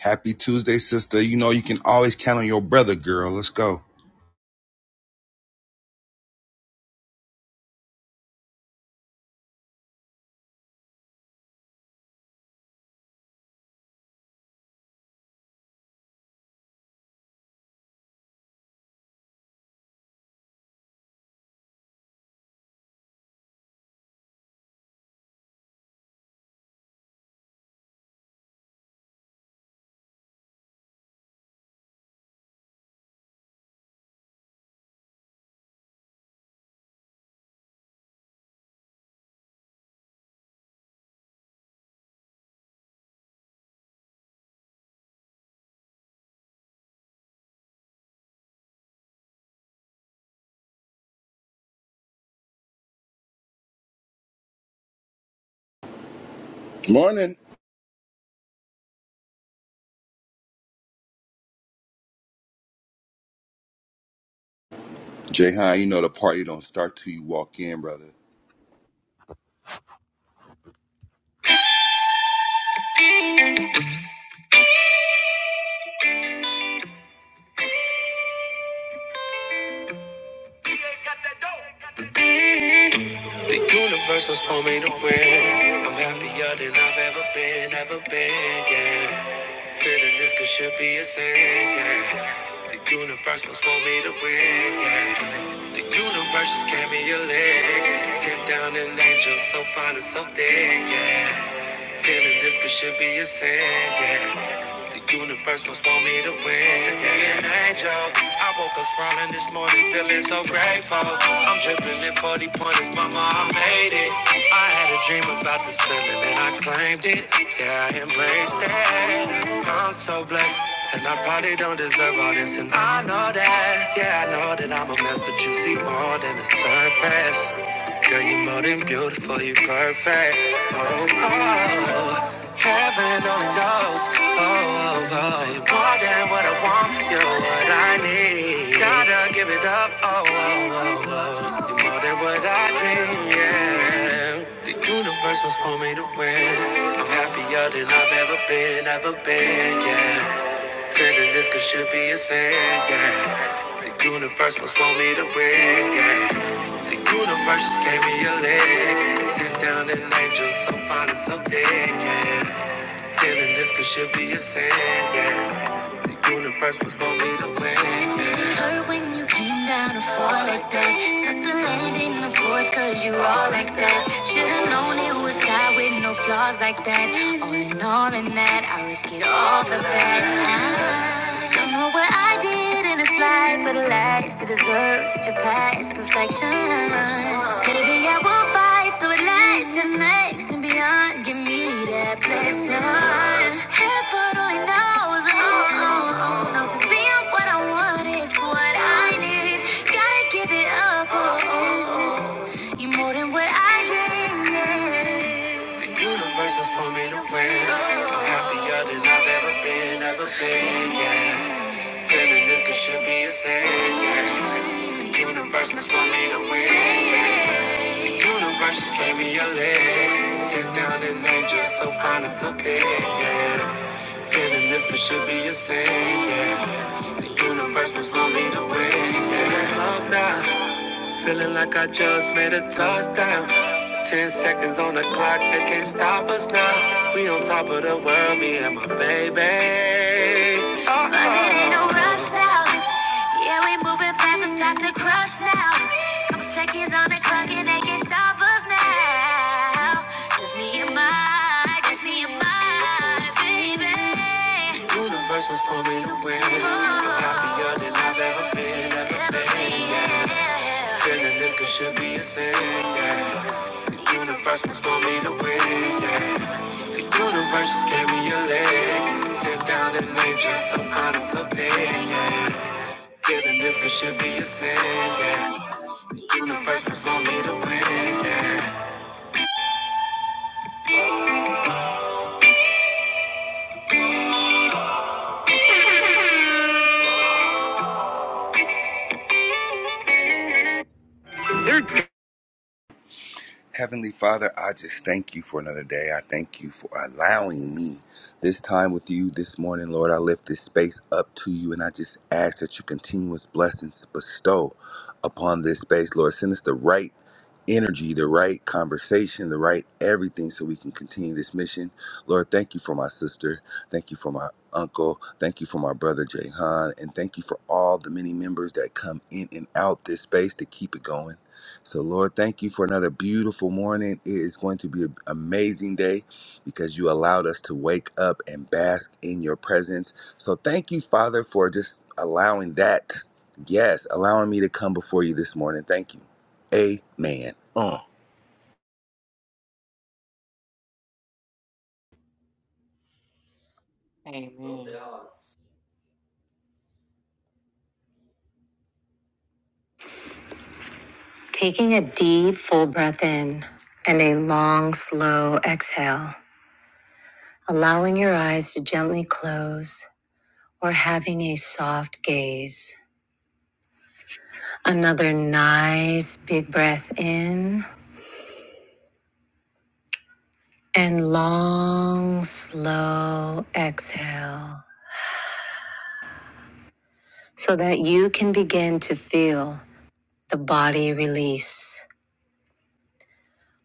Happy Tuesday, sister. You know you can always count on your brother, girl. Let's go. Morning. Jay Hine, you know the party don't start till you walk in, brother. The universe was for me to win. I'm happier than I've ever been, ever been, yeah. Feeling this could should be a sin, yeah. The universe was for me to win, yeah. The universe just gave me a leg. Sit down an angel so fine and so thick, yeah. Feeling this could should be a sin, yeah. The universe must want me to win. Send me an angel. I woke up smiling this morning, feeling so grateful. I'm dripping in 40 pointers, mama, I made it. I had a dream about this feeling and I claimed it. Yeah, I embraced it. I'm so blessed. And I probably don't deserve all this, and I know that. Yeah, I know that I'm a mess, but you see more than the surface. Girl, you are more than beautiful, you are perfect. Oh, oh, oh. heaven only knows. Oh, oh, oh, you more than what I want, you're what I need. Gotta give it up. Oh, oh, oh, oh, you more than what I dream. Yeah, the universe was for me to win. I'm happier than I've ever been, ever been. Yeah. Feeling this could should be a sin, yeah. The universe must want me to win, yeah. The universe just gave me a leg. Sit down an angel so fine and so dead, yeah. Feeling this could should be a sin, yeah. The universe was gonna be the win, yeah. Did it hurt when you came down to fall like that? Suck the landing, of course, cause you all like that. Should've known it was God with no flaws like that. All in all, in that, I risk it all for that. I don't know what I did in this life for the last to deserve such a past perfection. Maybe I will fight so it lasts and makes and beyond. Give me that blessing. Heaven only knows, oh, oh, oh, knows it's being what I want is what I need. Gotta give it up, oh, oh, oh. you are more than what I dreamed. Yeah. The universe was for me to win. I'm happier than I've ever been, ever been, yeah. Feeling this could should be a sin. yeah. Universe must want me to win. yeah. Universe just gave me a leg. Sit down and angel, so fine and so big. Yeah. Feeling this could should be a sin. yeah. Universe must want me to win. Yeah. love now. Feeling like I just made a touchdown. Ten seconds on the clock, they can't stop us now. We on top of the world, me and my baby. Oh, but it ain't no rush now. Yeah, we moving fast, it's starts to crush now. Couple seconds on the clock, and they can't stop us now. Just me and my, just me and my baby. The universe was for me to win. I'm happier than I've ever been, ever been. Yeah. Feeling this could should be a sin, yeah. The universe must want me to win, yeah. The universe just gave me a leg. Sit down and name just some kind of something, yeah. Feeling this could should be a sin, yeah. The universe must want me to win, yeah. Heavenly Father, I just thank you for another day. I thank you for allowing me this time with you this morning, Lord. I lift this space up to you and I just ask that you continuous blessings to bestow upon this space, Lord. Send us the right energy, the right conversation, the right everything so we can continue this mission. Lord, thank you for my sister. Thank you for my uncle. Thank you for my brother Jay Han. And thank you for all the many members that come in and out this space to keep it going. So, Lord, thank you for another beautiful morning. It is going to be an amazing day because you allowed us to wake up and bask in your presence. So, thank you, Father, for just allowing that. Yes, allowing me to come before you this morning. Thank you. Amen. Uh. Amen. Taking a deep, full breath in and a long, slow exhale, allowing your eyes to gently close or having a soft gaze. Another nice big breath in and long, slow exhale so that you can begin to feel the body release.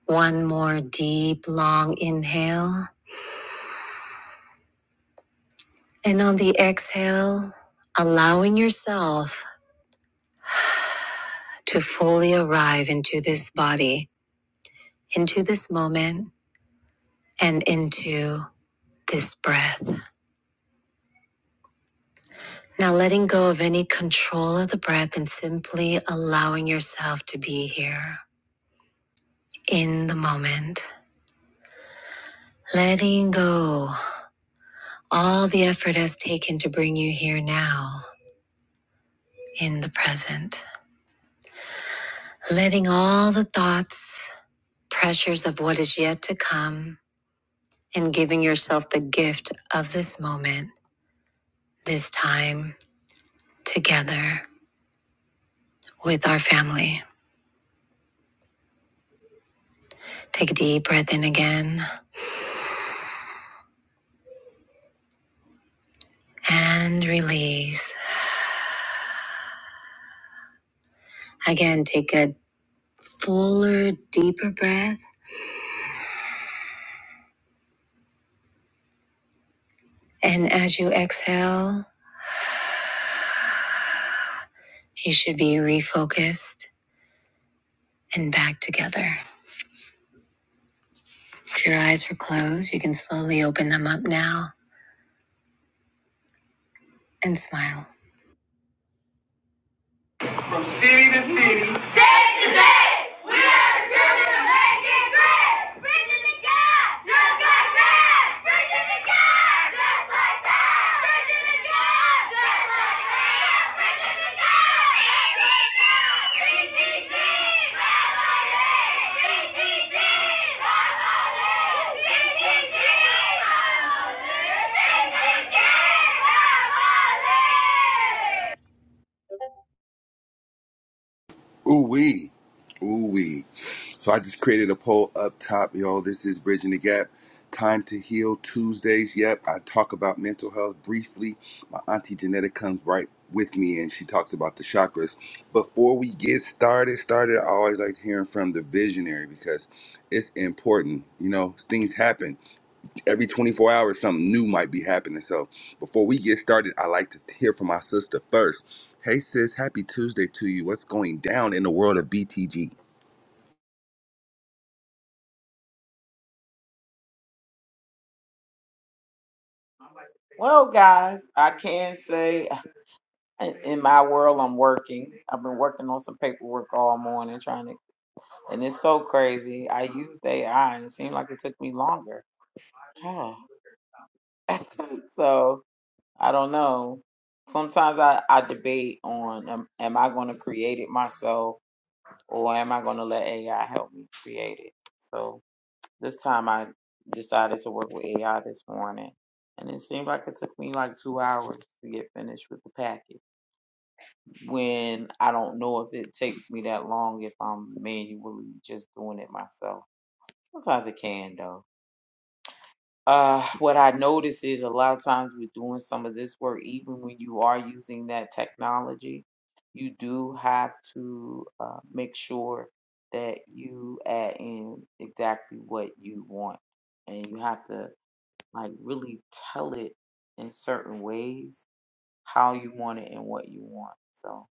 One more deep, long inhale. And on the exhale, allowing yourself to fully arrive into this body, into this moment, and into this breath. Now letting go of any control of the breath and simply allowing yourself to be here in the moment. Letting go all the effort has taken to bring you here now in the present. Letting all the thoughts, pressures of what is yet to come, and giving yourself the gift of this moment, this time together with our family. Take a deep breath in again and release. Again, take a fuller, deeper breath. And as you exhale, you should be refocused and back together. If your eyes were closed, you can slowly open them up now and smile. from city to city, State to state, we are the children of making great. Virginia to God, just like that. Virginia to God, just like that. Virginia to God, just like that. Virginia to God. BTG, family. BTG, family. BTG, family. BTG, family. Ooh wee. Ooh wee. So I just created a poll up top, y'all. This is Bridging the Gap. Time to heal Tuesdays. Yep, I talk about mental health briefly. My auntie Janetta comes right with me and she talks about the chakras. Before we get started, started, I always like hearing from the visionary because it's important. You know, things happen every 24 hours something new might be happening so before we get started i like to hear from my sister first hey sis happy tuesday to you what's going down in the world of btg Well, guys, I can say in in my world, I'm working. I've been working on some paperwork all morning, trying to, and it's so crazy. I used AI, and it seemed like it took me longer. Huh. so I don't know. Sometimes I, I debate on am, am I going to create it myself or am I going to let AI help me create it? So. This time I decided to work with AI this morning. And it seemed like it took me like two hours to get finished with the package. When I don't know if it takes me that long if I'm manually just doing it myself. Sometimes it can though. Uh, what I notice is a lot of times with doing some of this work, even when you are using that technology, you do have to uh, make sure that you add in exactly what you want. And you have to like really tell it in certain ways how you want it and what you want. So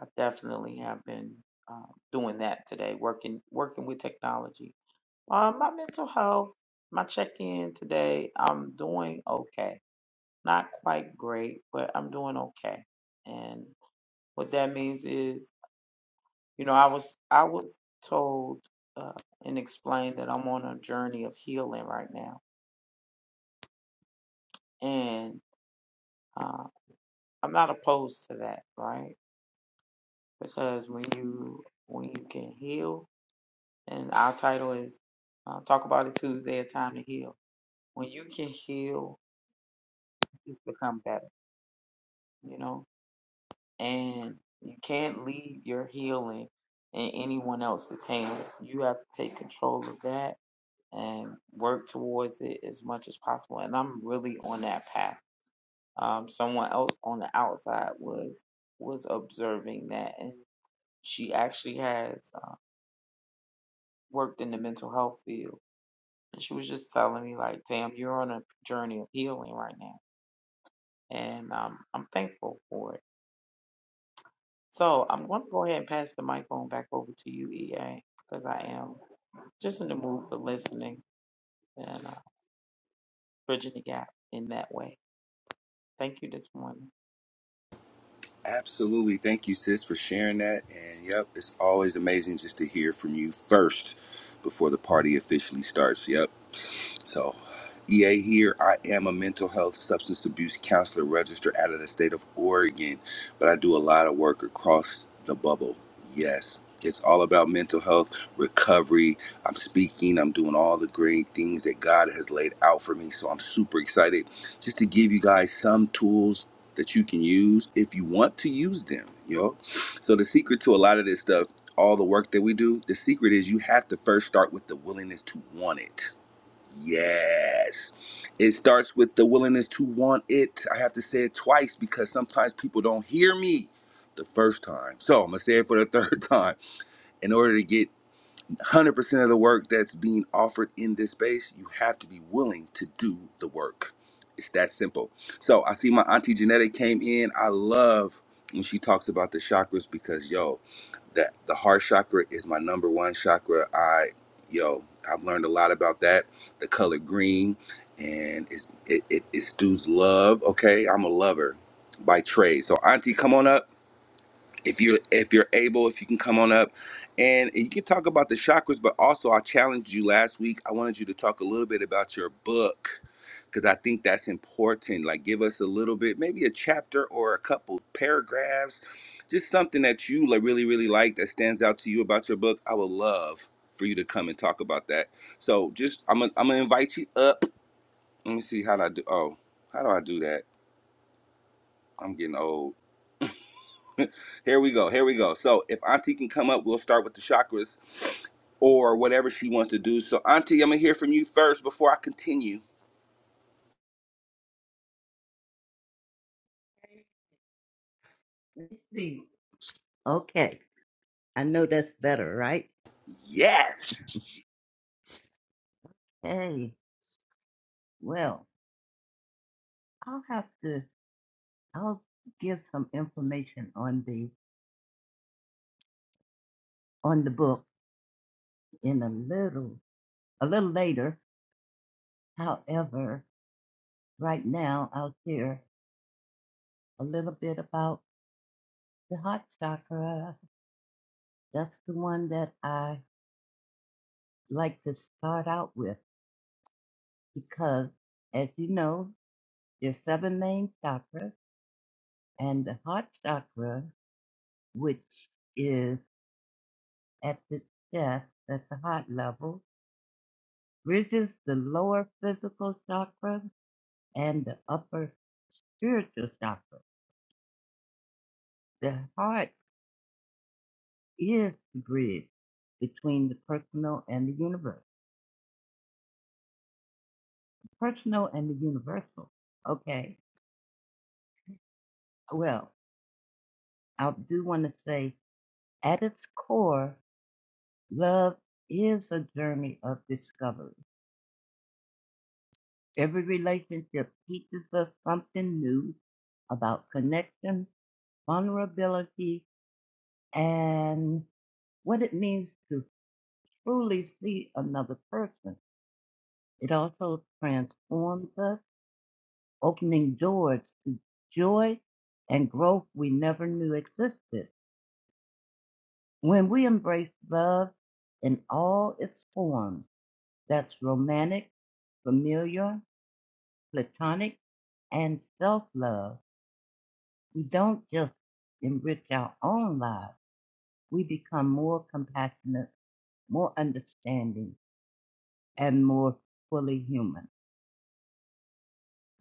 I definitely have been um, doing that today, working working with technology. Uh, my mental health, my check in today, I'm doing okay. Not quite great, but I'm doing okay. And what that means is, you know, I was I was told uh, and explained that I'm on a journey of healing right now, and um, I'm not opposed to that, right? Because when you when you can heal, and our title is uh, "Talk About It Tuesday: A Time to Heal." When you can heal, it's become better, you know. And you can't leave your healing in anyone else's hands. You have to take control of that and work towards it as much as possible. And I'm really on that path. Um, someone else on the outside was was observing that, and she actually has. worked in the mental health field. And she was just telling me, like, damn, you're on a journey of healing right now. And um, I'm thankful for it. So I'm going to go ahead and pass the mic on back over to you, EA, because I am just in the mood for listening and uh, bridging the gap in that way. Thank you this morning. absolutely thank you sis for sharing that and yep it's always amazing just to hear from you first before the party officially starts yep So, EA here. I am a mental health substance abuse counselor registered out of the state of Oregon, but I do a lot of work across the bubble. Yes, it's all about mental health recovery. I'm speaking, I'm doing all the great things that God has laid out for me. So, I'm super excited just to give you guys some tools that you can use if you want to use them, yo. So, the secret to a lot of this stuff, all the work that we do, the secret is you have to first start with the willingness to want it Yes. It starts with the willingness to want it. I have to say it twice because sometimes people don't hear me the first time. So I'm going to say it for the third time. In order to get 100% of the work that's being offered in this space, you have to be willing to do the work. It's that simple. So I see my auntie Genetic came in. I love when she talks about the chakras because yo, that the heart chakra is my number one chakra. I yo, I've learned a lot about that. The color green and it's it it, it stews love. Okay, I'm a lover by trade. So auntie, come on up if you are if you're able if you can come on up and, and you can talk about the chakras but also i challenged you last week i wanted you to talk a little bit about your book because i think that's important like give us a little bit maybe a chapter or a couple paragraphs just something that you like really really like that stands out to you about your book i would love for you to come and talk about that so just i'm gonna I'm gonna invite you up let me see how do i do oh how do i do that i'm getting old Here we go. Here we go. So if Auntie can come up, we'll start with the chakras or whatever she wants to do. So Auntie, I'm gonna hear from you first before I continue. Let's See, okay, I know that's better, right? Yes. Hey, well, I'll have to. I'll give some information on the on the book in a little a little later. However, right now I'll share a little bit about the heart chakra. That's the one that I like to start out with because, as you know, there's seven main chakras, and the heart chakra, which is at the chest at the heart level, bridges the lower physical chakra and the upper spiritual chakra. The heart is the bridge between the personal and the universe, personal and the universal. Okay, well, I do want to say at its core, love is a journey of discovery. Every relationship teaches us something new about connection, vulnerability, and what it means to truly see another person. It also transforms us, opening doors to joy and growth we never knew existed. When we embrace love in all its forms, that's romantic, familiar, platonic, and self love, we don't just enrich our own lives, we become more compassionate, more understanding and more fully human.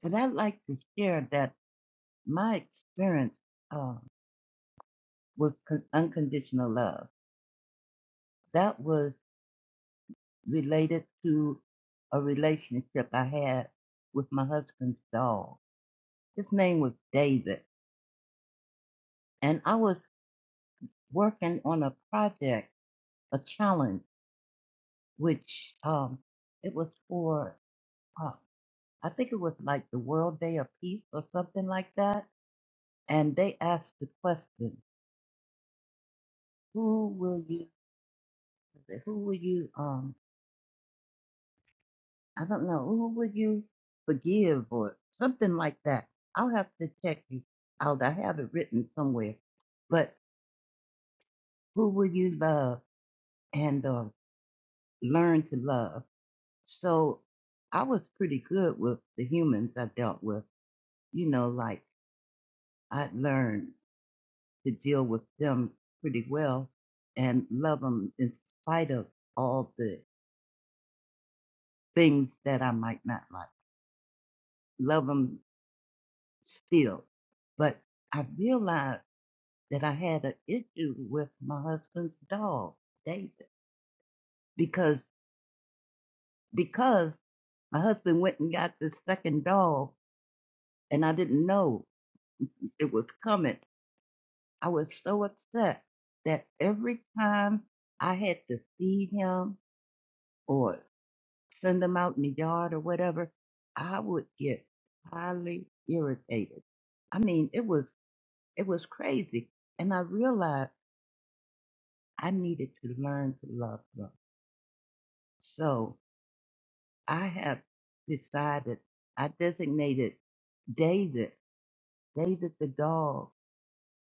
And I'd like to share that my experience uh, with con- unconditional love, that was related to a relationship I had with my husband's dog. His name was David. And I was working on a project, a challenge, which um, it was for, uh, I think it was like the World Day of Peace or something like that. And they asked the question, who will you said, Who would you um I don't know, who would you forgive or something like that? I'll have to check you out. I have it written somewhere. But who would you love and uh, learn to love? So I was pretty good with the humans I dealt with. You know, like I learned to deal with them pretty well and love them in spite of all the things that I might not like. Love them. still. But I realized that I had an issue with my husband's dog, David, because because my husband went and got this second dog, and I didn't know it was coming. I was so upset that every time I had to feed him or send him out in the yard or whatever, I would get highly irritated. I mean, it was it was crazy, and I realized. I needed to learn to love them. So I have decided, I designated David, David the dog,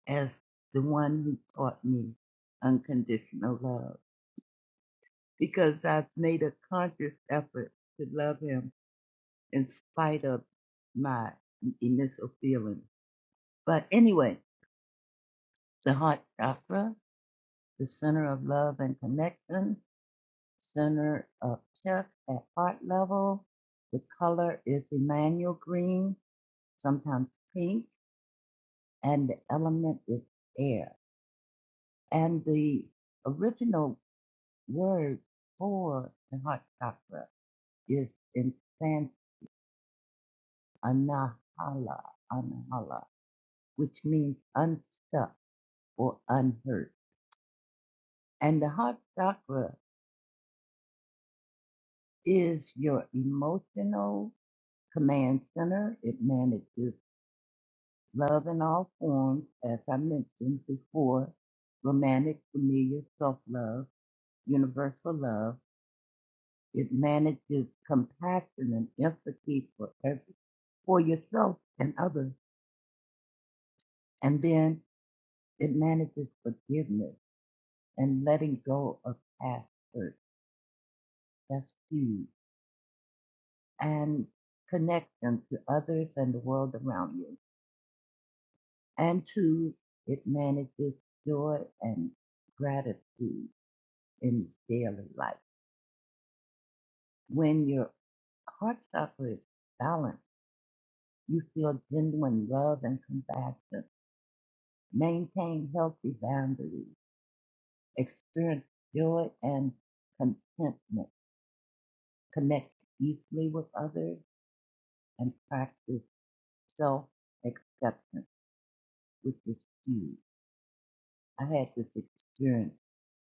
as the one who taught me unconditional love because I've made a conscious effort to love him in spite of my initial feelings. But anyway, the heart chakra, the center of love and connection, center of chest at heart level. The color is Emmanuel green, sometimes pink, and the element is air. And the original word for the heart chakra is in Sanskrit anahala, anahala, which means unstuck or unhurt. And the heart chakra is your emotional command center. It manages Love in all forms, as I mentioned before, romantic, familiar, self love, universal love. It manages compassion and empathy for, every, for yourself and others. And then it manages forgiveness and letting go of past hurt. That's huge. And connection to others and the world around you. And two, it manages joy and gratitude in daily life. When your heart chakra is balanced, you feel genuine love and compassion, maintain healthy boundaries, experience joy and contentment, connect deeply with others, and practice self acceptance, which is huge. I had this experience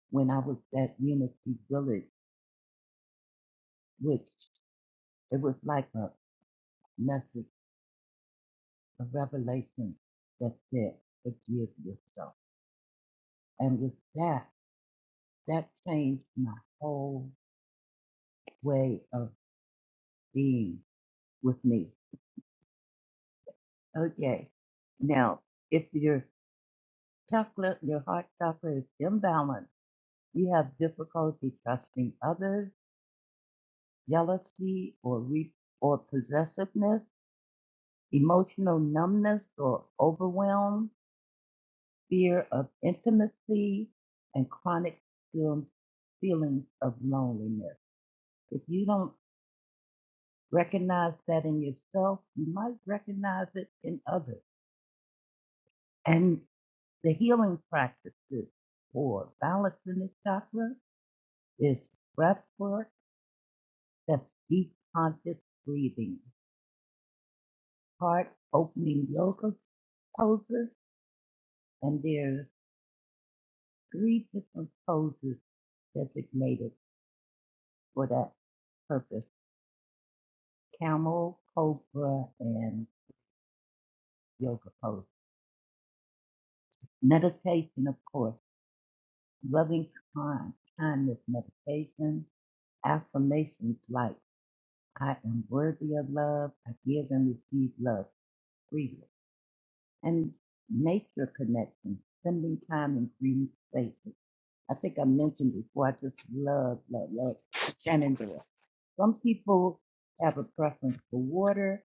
when I was at Unity Village, which it was like a message, a revelation that said, forgive yourself. And with that, That changed my whole way of being with me. Okay. Now, if your chocolate, your heart chakra is imbalanced, you have difficulty trusting others, jealousy or re- or possessiveness, emotional numbness or overwhelm, fear of intimacy, and chronic feel- feelings of loneliness. If you don't Recognize that in yourself. You might recognize it in others. And the healing practices for balancing the chakra is breath work, that's deep conscious breathing, heart opening yoga poses, and there's three different poses designated for that purpose. Camel, cobra, and yoga pose. Meditation, of course, loving kind, kindness meditation, affirmations like I am worthy of love, I give and receive love freely, and nature connections, spending time in green spaces. I think I mentioned before, I just love, love, love Shenandoah. Some people have a preference for water.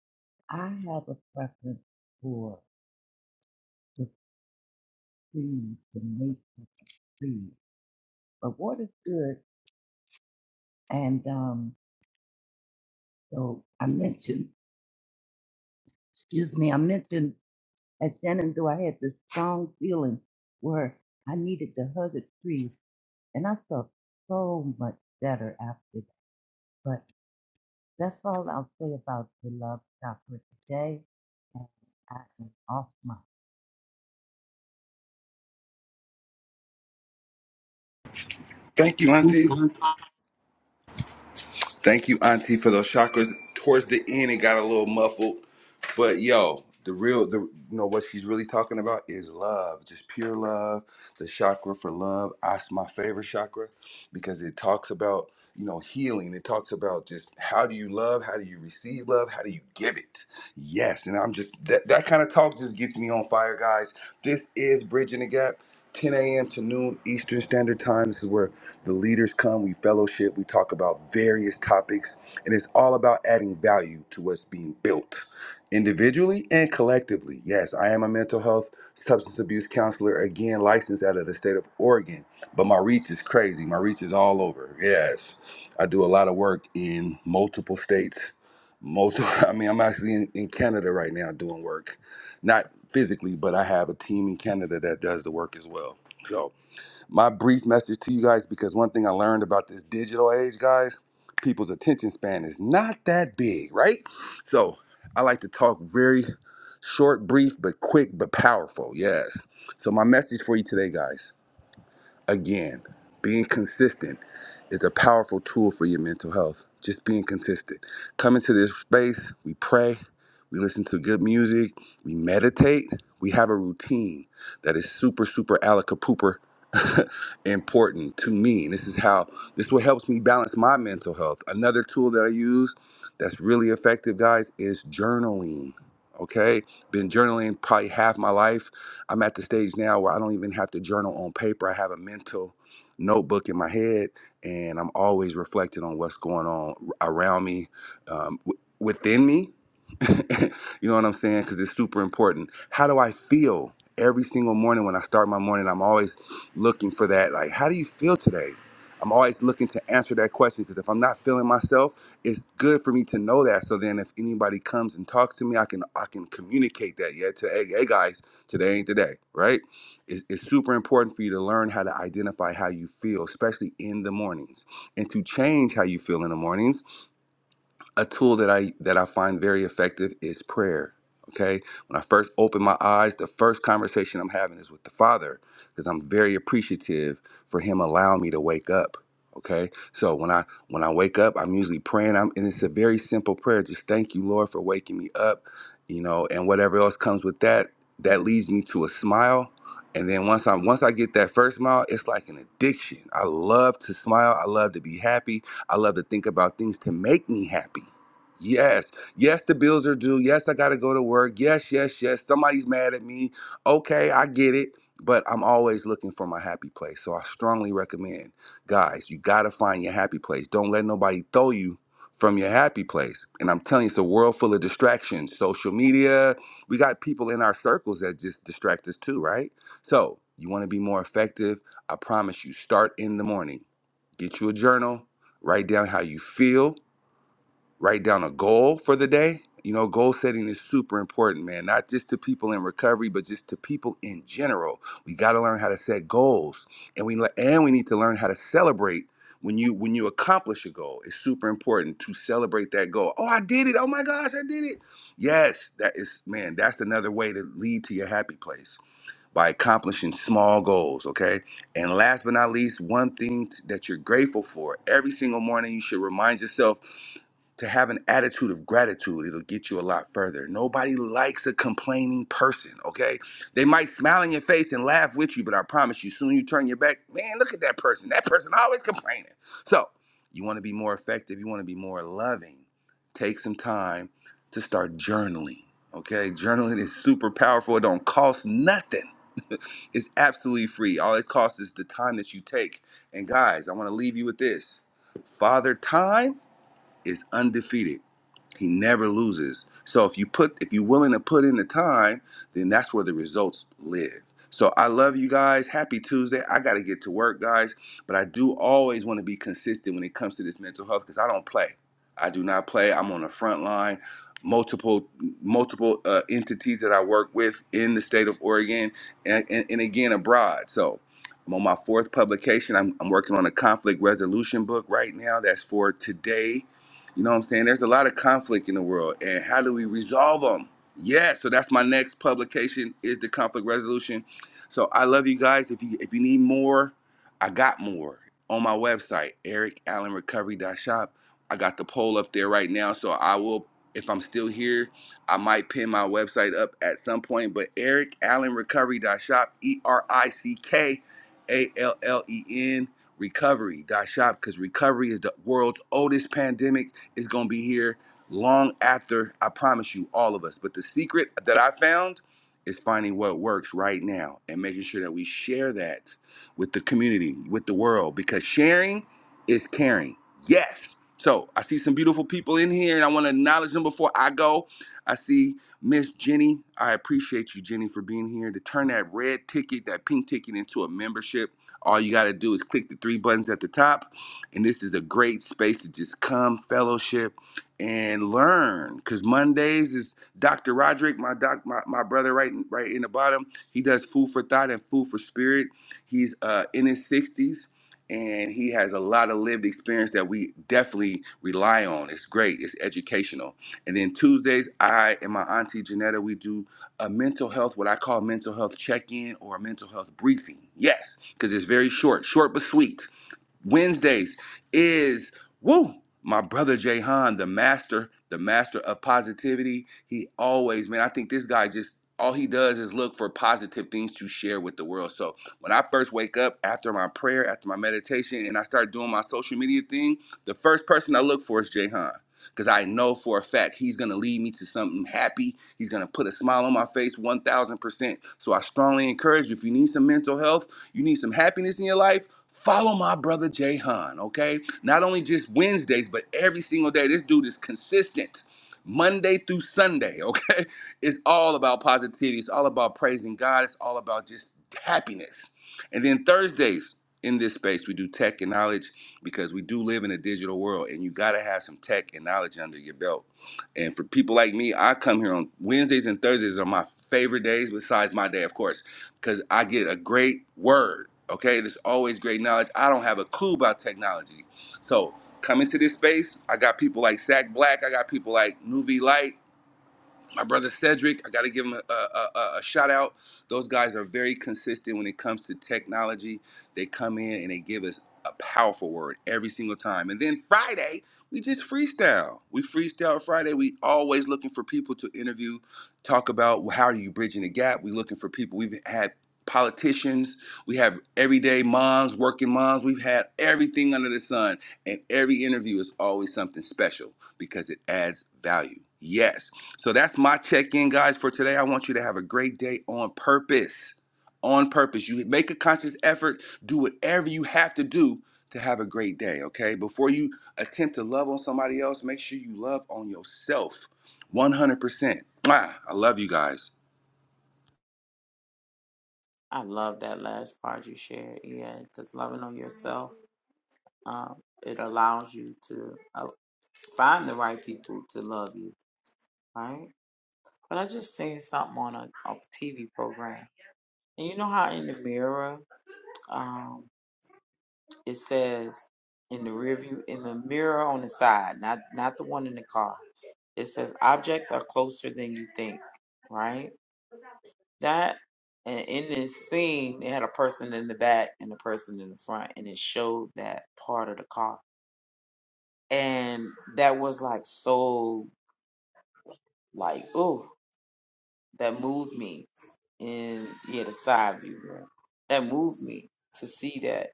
I have a preference for the trees, the nature trees. But water's good. And um, so I mentioned, excuse me, I mentioned At Shenandoah, I had this strong feeling where I needed to hug a tree, and I felt so much better after that. But that's all I'll say about the love chakra today. And I am off my. Thank you, Auntie. Thank you, Auntie, for those chakras. Towards the end, it got a little muffled, but yo, the real, the you know what she's really talking about is love, just pure love. The chakra for love. That's my favorite chakra because it talks about you know healing. It talks about just how do you love, how do you receive love, how do you give it. Yes, and I'm just that that kind of talk just gets me on fire, guys. This is bridging the gap. 10 a.m. to noon Eastern Standard Time. This is where the leaders come, we fellowship, we talk about various topics, and it's all about adding value to what's being built individually and collectively. Yes, I am a mental health substance abuse counselor, again, licensed out of the state of Oregon, but my reach is crazy. My reach is all over. Yes, I do a lot of work in multiple states. Multiple, I mean, I'm actually in, in Canada right now doing work, not physically, but I have a team in Canada that does the work as well. So my brief message to you guys because one thing I learned about this digital age, guys, people's attention span is not that big, right? So I like to talk very short, brief, but quick, but powerful. Yes. So my message for you today, guys. Again, being consistent is a powerful tool for your mental health. Just being consistent. Come into this space, we pray, we listen to good music, we meditate, we have a routine that is super, super alaka pooper important to me. And this is how this is what helps me balance my mental health. Another tool that I use that's really effective, guys, is journaling. Okay. Been journaling probably half my life I'm at the stage now where I don't even have to journal on paper. I have a mental notebook in my head, and I'm always reflecting on what's going on around me, um, w- within me. you know what I'm saying? Because it's super important. How do I feel every single morning when I start my morning? I'm always looking for that. Like, how do you feel today? I'm always looking to answer that question because if I'm not feeling myself, it's good for me to know that. So then, if anybody comes and talks to me, I can I can communicate that. Yeah, to hey, hey guys. Today ain't the day, right? It's, it's super important for you to learn how to identify how you feel, especially in the mornings, and to change how you feel in the mornings a tool that I that I find very effective is prayer. Okay, when I first open my eyes, the first conversation I'm having is with the Father because I'm very appreciative for Him allowing me to wake up. Okay, so when I when I wake up, I'm usually praying. I'm and it's a very simple prayer. Just thank you, Lord, for waking me up. You know, and whatever else comes with that, that leads me to a smile. And then once I once I get that first smile, it's like an addiction. I love to smile. I love to be happy. I love to think about things to make me happy. Yes, yes, the bills are due. Yes, I got to go to work. Yes, yes, yes. Somebody's mad at me. Okay, I get it. But I'm always looking for my happy place. So I strongly recommend, guys, you got to find your happy place. Don't let nobody throw you from your happy place. And I'm telling you, it's a world full of distractions. Social media, we got people in our circles that just distract us too, right? So you want to be more effective. I promise you, start in the morning. Get you a journal, write down how you feel, write down a goal for the day. You know, goal setting is super important, man, not just to people in recovery, but just to people in general. We got to learn how to set goals and we le- and we need to learn how to celebrate when you when you accomplish a goal. It's super important to celebrate that goal. Oh, I did it. Oh my gosh, I did it. Yes, that is man, that's another way to lead to your happy place by accomplishing small goals, okay? And last but not least, one thing t- that you're grateful for every single morning, you should remind yourself to have an attitude of gratitude it'll get you a lot further nobody likes a complaining person okay they might smile in your face and laugh with you but i promise you soon you turn your back man look at that person that person always complaining so you want to be more effective you want to be more loving take some time to start journaling okay journaling is super powerful it don't cost nothing it's absolutely free all it costs is the time that you take and guys i want to leave you with this father time is undefeated. He never loses. So if you put if you're willing to put in the time, then that's where the results live. So I love you guys. Happy Tuesday. I got to get to work, guys, but I do always want to be consistent when it comes to this mental health cuz I don't play. I do not play. I'm on the front line. Multiple multiple uh, entities that I work with in the state of Oregon and, and, and again abroad. So I'm on my fourth publication. I'm, I'm working on a conflict resolution book right now. That's for today you know what I'm saying? There's a lot of conflict in the world, and how do we resolve them? Yeah, so that's my next publication is the conflict resolution. So I love you guys. If you if you need more, I got more on my website, ericallenrecovery.shop. I got the poll up there right now, so I will if I'm still here, I might pin my website up at some point, but ericallenrecovery.shop, E R I C K A L L E N recovery.shop because recovery is the world's oldest pandemic is going to be here long after, I promise you, all of us. But the secret that I found is finding what works right now and making sure that we share that with the community, with the world, because sharing is caring. Yes. So I see some beautiful people in here and I want to acknowledge them before I go. I see Miss Jenny. I appreciate you, Jenny, for being here to turn that red ticket, that pink ticket into a membership. All you got to do is click the three buttons at the top and this is a great space to just come, fellowship, and learn. Cause Mondays is Dr. Roderick, my doc, my, my brother right right in the bottom. He does food for thought and food for spirit. He's uh, in his 60s and he has a lot of lived experience that we definitely rely on. It's great. It's educational. And then Tuesdays, I and my auntie Janetta, we do a mental health, what I call mental health check-in or a mental health briefing. Yes, because it's very short, short but sweet Wednesdays is woo, my brother Jay Han, the master, the master of positivity. He always, man, I think this guy just all he does is look for positive things to share with the world. So when I first wake up after my prayer, after my meditation, and I start doing my social media thing, the first person I look for is Jay Han. Because I know for a fact he's going to lead me to something happy. He's going to put a smile on my face 1000%. So I strongly encourage you if you need some mental health, you need some happiness in your life, Follow my brother Jay Han, okay? Not only just Wednesdays, but every single day. This dude is consistent. Monday through Sunday, okay? It's all about positivity. It's all about praising God. It's all about just happiness. And then Thursdays in this space, we do tech and knowledge because we do live in a digital world and you got to have some tech and knowledge under your belt. And for people like me, I come here on Wednesdays and Thursdays are my favorite days besides my day, of course because I get a great word. Okay, there's always great knowledge. I don't have a clue about technology. So come into this space. I got people like Zach Black. I got people like Nuvi Light my brother Cedric, I got to give him a, a, a, a shout out. Those guys are very consistent when it comes to technology. They come in and they give us a powerful word every single time. And then Friday, we just freestyle. We freestyle Friday. We always looking for people to interview, talk about how are you bridging the gap. We looking for people. We've had politicians. We have everyday moms, working moms. We've had everything under the sun. And every interview is always something special because it adds value. Yes so that's my check-in, guys, for today. I want you to have a great day on purpose. On purpose. You make a conscious effort, do whatever you have to do to have a great day, okay? Before you attempt to love on somebody else, make sure you love on yourself 100%. Mwah. I love you guys. I love that last part you shared, EA, because loving on yourself, um, it allows you to uh, find the right people to love you, right? But I just seen something on a, a TV program And you know how in the mirror, um, it says in the rear view, in the mirror on the side, not not the one in the car. It says objects are closer than you think, right? That and in this scene, they had a person in the back and a person in the front, and it showed that part of the car, and that was like so like ooh, that moved me in yeah the side view, right? that moved me to see that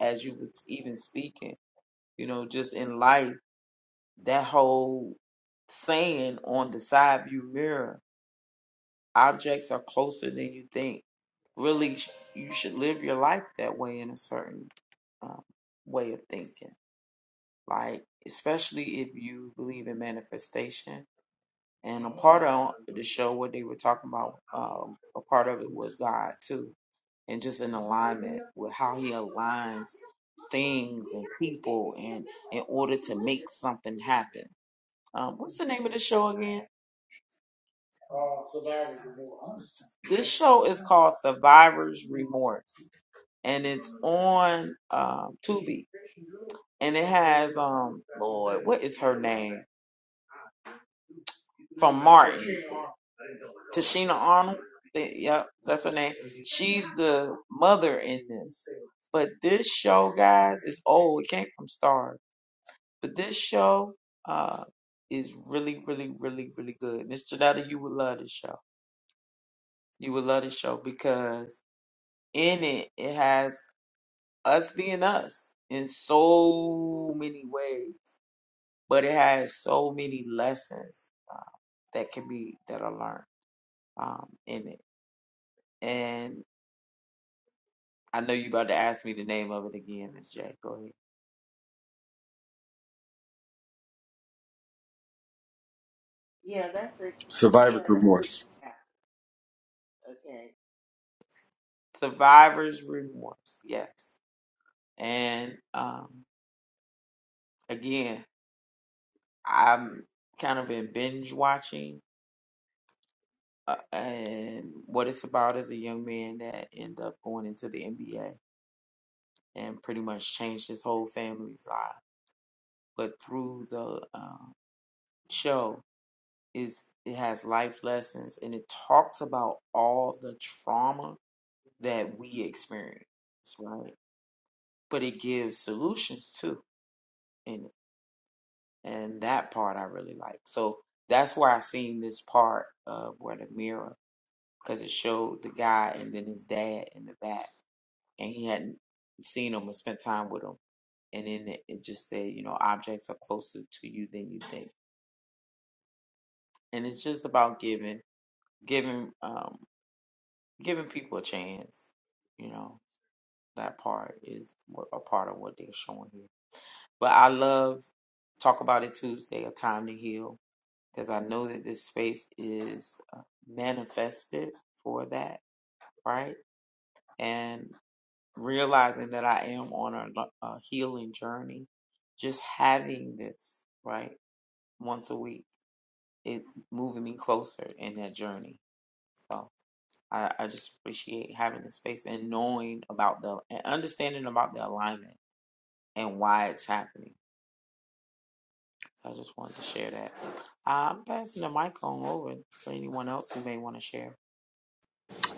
as you was even speaking. you know, just in life, that whole saying on the side view mirror, objects are closer than you think. Really, you should live your life that way in a certain um, way of thinking. Like, especially if you believe in manifestation. And a part of the show, what they were talking about, um, a part of it was God too, and just in alignment with how He aligns things and people, and in order to make something happen Um, what's the name of the show again? This show is called Survivor's Remorse, and it's on um, Tubi, and it has um, Lord, what is her name from Martin? Tashina Arnold. Th- Yep, that's her name. She's the mother in this. But this show, guys, is old. It came from Star, but this show uh, is really, really, really, really good. Mr. Janetta, you would love this show. You would love this show because in it it has us being us in so many ways, but it has so many lessons uh, that can be that are learned um, in it. And I know you about to ask me the name of it again, Miss J. Go ahead. Yeah, that's it. Survivor's remorse. Yeah, Okay. Survivor's remorse, yes. And um, again, I'm kind of been binge watching. Uh, and what it's about is a young man that ended up going into the NBA and pretty much changed his whole family's lives but through the um, show is it has life lessons and it talks about all the trauma that we experience, right? But it gives solutions too, and and that part I really like. So that's why I seen this part of where the mirror because it showed the guy and then his dad in the back, and he hadn't seen him and spent time with him. And then it, it just said, you know, objects are closer to you than you think. And it's just about giving giving um giving people a chance you know that part is what- a part of what they're showing here but i love talk about it tuesday a time to heal because i know that this space is uh, manifested for that right and realizing that i am on a, lo- a healing journey just having this right once a week it's moving me closer in that journey So. I, I just appreciate having the space and knowing about the and understanding about the alignment and why it's happening. So I just wanted to share that. I'm passing the mic on over for anyone else who may want to share.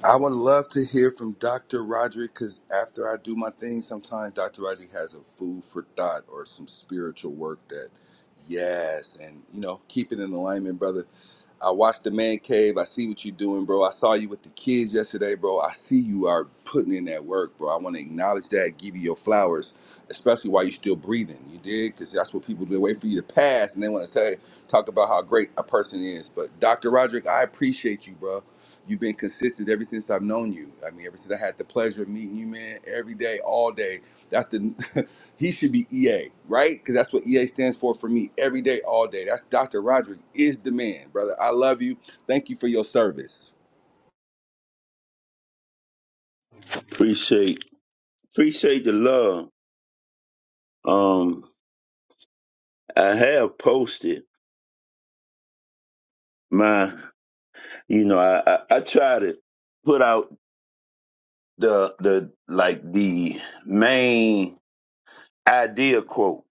I would love to hear from Dr. Roderick because after I do my thing, sometimes Dr. Roderick has a food for thought or some spiritual work that, yes, and you know, keep it in alignment, brother. I watched the man cave. I see what you're doing, bro. I saw you with the kids yesterday, bro. I see you are putting in that work, bro. I want to acknowledge that, give you your flowers, especially while you're still breathing. You did, because that's what people do. They wait for you to pass, and they want to say, talk about how great a person is. But Dr. Roderick, I appreciate you, bro. You've been consistent ever since I've known you. I mean, ever since I had the pleasure of meeting you, man, every day, all day. That's the he should be EA, right? Because that's what EA stands for for me. Every day, all day. That's Dr. Roderick is the man, brother. I love you. Thank you for your service. Appreciate appreciate the love. Um, I have posted my, you know, I, I I try to put out the the like the main idea quote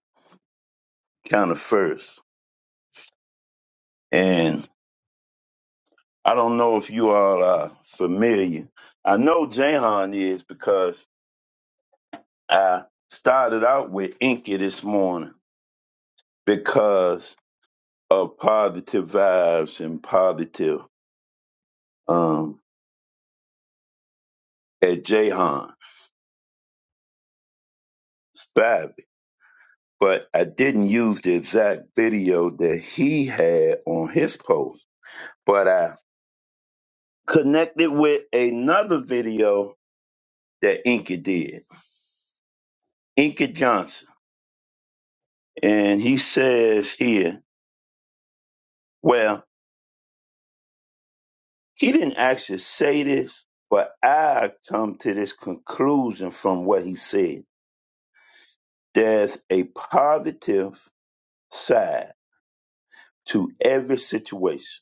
kind of first, and I don't know if you all are familiar. I know Jahan is because I started out with Inky this morning because of positive vibes and positive um at Jahan Stop. But I didn't use the exact video that he had on his post, but I connected with another video that Inky did, Inky Johnson. And he says here, well, he didn't actually say this, but I come to this conclusion from what he said. There's a positive side to every situation.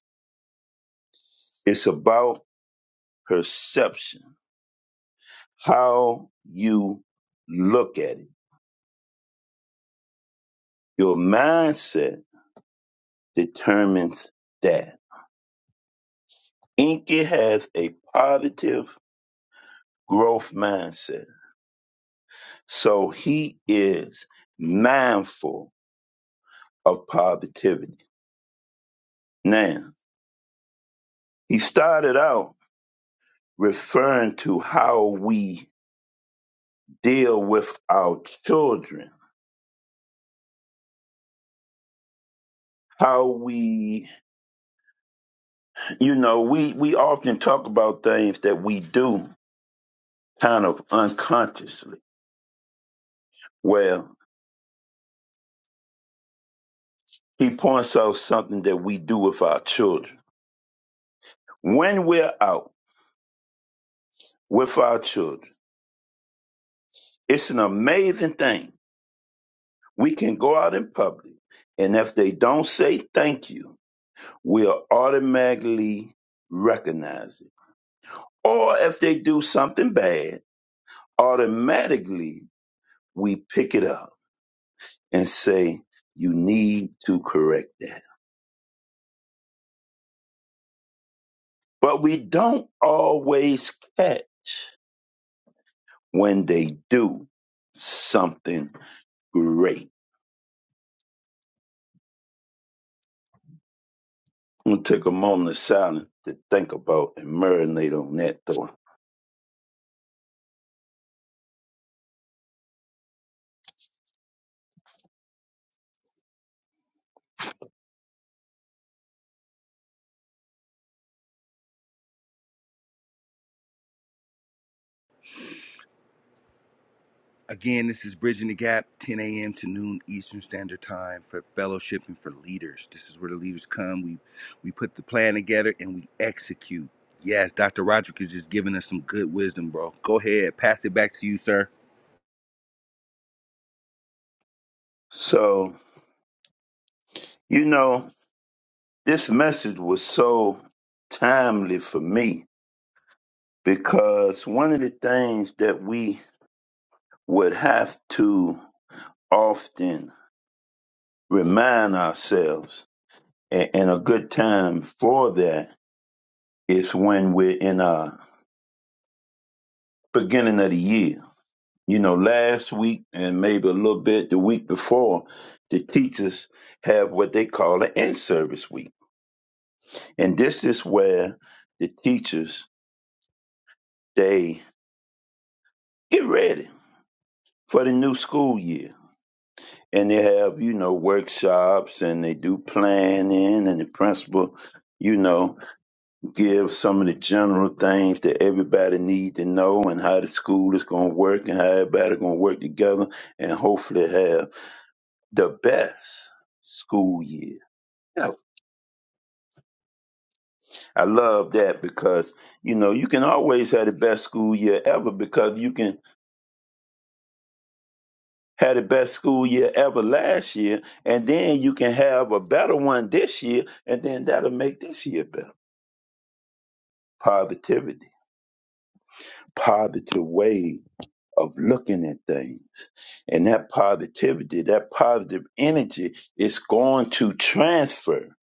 It's about perception how you look at it. Your mindset determines that. Inky has a positive growth mindset. So he is mindful of positivity. Now, he started out referring to how we deal with our children, how we, you know, we, we often talk about things that we do kind of unconsciously. Well. he points out something that we do with our children. When we're out with our children, it's an amazing thing. We can go out in public, and if they don't say thank you, we'll automatically recognize it. Or if they do something bad, automatically we pick it up and say, You need to correct that. But we don't always catch when they do something great I'm gonna take a moment of silence to think about and marinate on that thought. Again, this is Bridging the Gap, 10 a.m. to noon Eastern Standard Time for fellowship and for leaders. This is where the leaders come. We we put the plan together and we execute. Yes, Dr. Roderick is just giving us some good wisdom, bro. Go ahead, pass it back to you, sir. So, you know, this message was so timely for me because one of the things that we would have to often remind ourselves, a- and a good time for that is when we're in our beginning of the year you know, last week and maybe a little bit the week before, the teachers have what they call an in-service week. And this is where the teachers, they get ready for the new school year. And they have, you know, workshops and they do planning and the principal, you know, gives some of the general things that everybody need to know and how the school is going to work and how everybody going to work together and hopefully have the best school year No. I love that because you know you can always have the best school year ever because you can have the best school year ever last year, and then you can have a better one this year, and then that'll make this year better. Positivity, positive way of looking at things, and that positivity, that positive energy is going to transfer.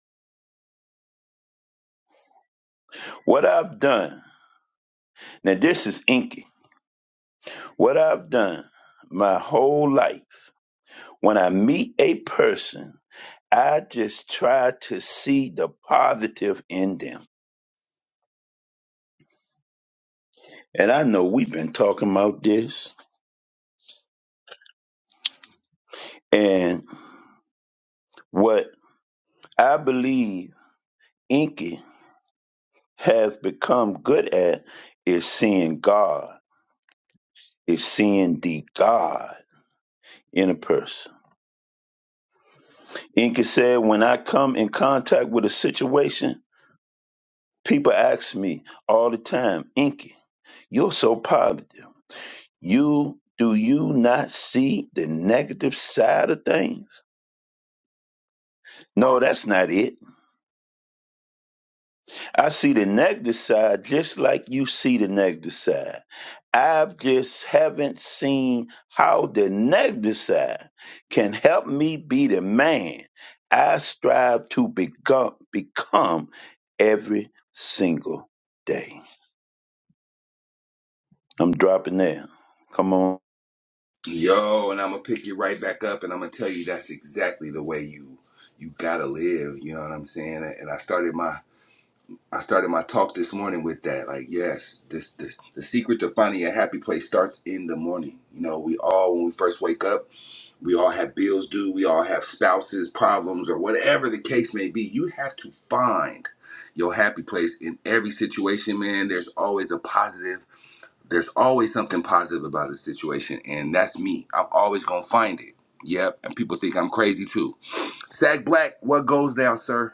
What I've done now, this is inky. What I've done my whole life. When I meet a person, I just try to see the positive in them. And I know we've been talking about this and what I believe Inky has become good at is seeing God, is seeing the God in a person. Inky said, when I come in contact with a situation, people ask me all the time, Inky, you're so positive. You do you not see the negative side of things? No, that's not it. I see the negative side just like you see the negative side. I've just haven't seen how the negative side can help me be the man I strive to become become every single day. I'm dropping there. Come on. Yo, and I'm gonna pick you right back up, and I'm gonna tell you that's exactly the way you you gotta live. You know what I'm saying? And I started my I started my talk this morning with that. Like, yes, this, this the secret to finding a happy place starts in the morning. You know, we all when we first wake up, we all have bills due, we all have spouses problems or whatever the case may be. You have to find your happy place in every situation, man. There's always a positive there's always something positive about the situation, and that's me. I'm always gonna find it. Yep, and people think I'm crazy too. Sack Black, what goes down, sir?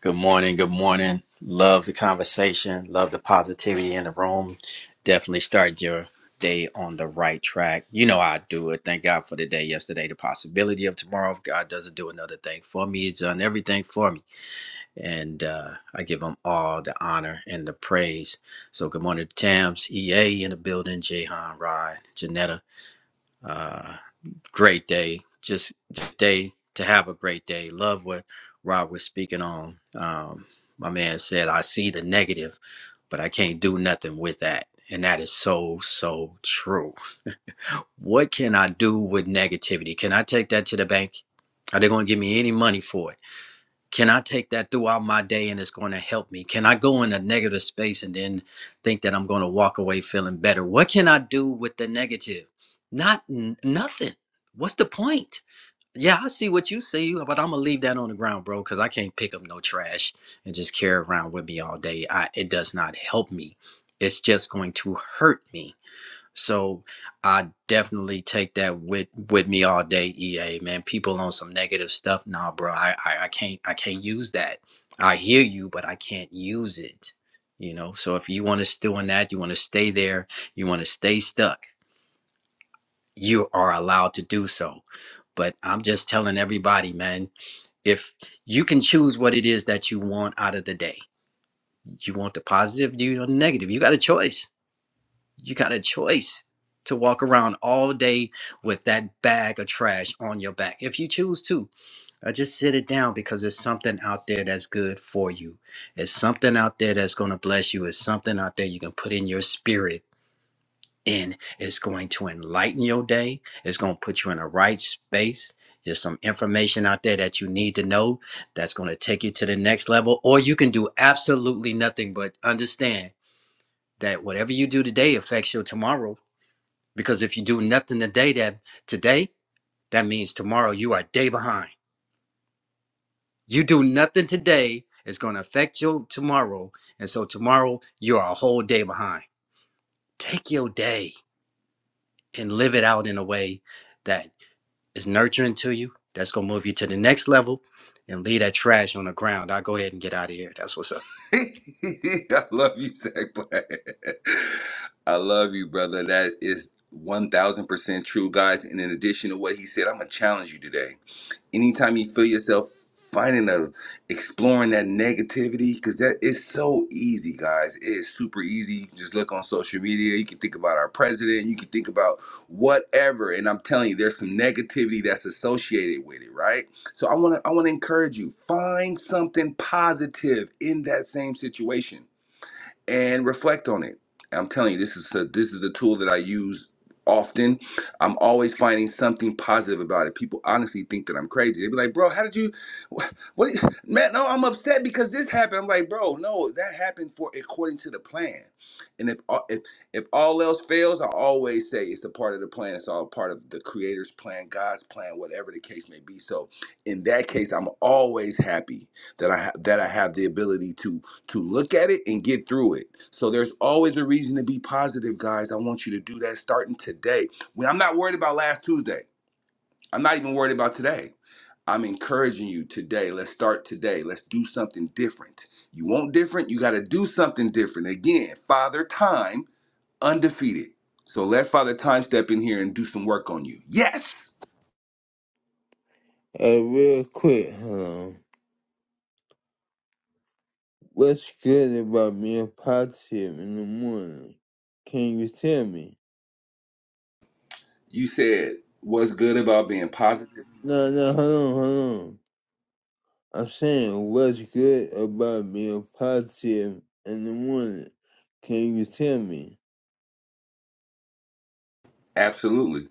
Good morning. Good morning. Love the conversation. Love the positivity in the room. Definitely start your day on the right track. You know how I do it. Thank God for the day yesterday, the possibility of tomorrow. If God doesn't do another thing for me, He's done everything for me. And uh, I give Him all the honor and the praise. So good morning to Tams, EA in the building, Jahan, Rod, Janetta. Uh, great day. Just day to have a great day. Love what Rob was speaking on. Um, my man said, I see the negative, but I can't do nothing with that. And that is so, so true. What can I do with negativity? Can I take that to the bank? Are they going to give me any money for it? Can I take that throughout my day and it's going to help me? Can I go in a negative space and then think that I'm going to walk away feeling better? What can I do with the negative? Not n- nothing. What's the point? Yeah, I see what you see, but I'm gonna leave that on the ground, bro, because I can't pick up no trash and just carry it around with me all day. I, it does not help me. It's just going to hurt me. So I definitely take that with with me all day, EA man. People on some negative stuff, nah, bro. I I, I can't I can't use that. I hear you, but I can't use it. You know. So if you want to still in that, you want to stay there, you want to stay stuck. You are allowed to do so. But I'm just telling everybody, man if you can choose what it is that you want out of the day you want the positive do you want the negative you got a choice you got a choice to walk around all day with that bag of trash on your back if you choose to Uh, just sit it down because there's something out there that's good for you it's something out there that's going to bless you it's something out there you can put in your spirit and it's going to enlighten your day. It's going to put you in a right space. There's some information out there that you need to know that's going to take you to the next level, or you can do absolutely nothing but understand that whatever you do today affects your tomorrow. Because if you do nothing today, that today, that means tomorrow you are a day behind. You do nothing today, it's going to affect your tomorrow. And so tomorrow you are a whole day behind. Take your day and live it out in a way that is nurturing to you. That's gonna move you to the next level and leave that trash on the ground. I'll go ahead and get out of here. That's what's up. I love you, Sack Black. I love you, brother. That is one thousand percent true, guys. And in addition to what he said, I'm gonna challenge you today. anytime you feel yourself finding a exploring that negativity because that is so easy guys it is super easy you can just look on social media you can think about our president you can think about whatever and i'm telling you there's some negativity that's associated with it right so i want to i want to encourage you find something positive in that same situation and reflect on it. I'm telling you, this is a, this is a tool that I use often. I'm always finding something positive about it. People honestly think that I'm crazy. They be like, "Bro, how did you? What, what man? No, I'm upset because this happened." I'm like, "Bro, no, that happened for according to the plan." And if all- if if all else fails, I always say it's a part of the plan. It's all part of the Creator's plan, God's plan, whatever the case may be. So in that case, I'm always happy that I ha- that I have the ability to to look at it and get through it. So there's always a reason to be positive, guys. I want you to do that starting today. When I'm not worried about last Tuesday. I'm not even worried about today. I'm encouraging you today. Let's start today. Let's do something different. You want different? You got to do something different. Again, Father Time undefeated. So let Father Time step in here and do some work on you. Yes. Hey, real quick, hold on. what's good about being positive in the morning? Can you tell me? You said what's good about being positive? No, no, hold on, hold on. I'm saying, what's good about being positive in the morning? Can you tell me? Absolutely.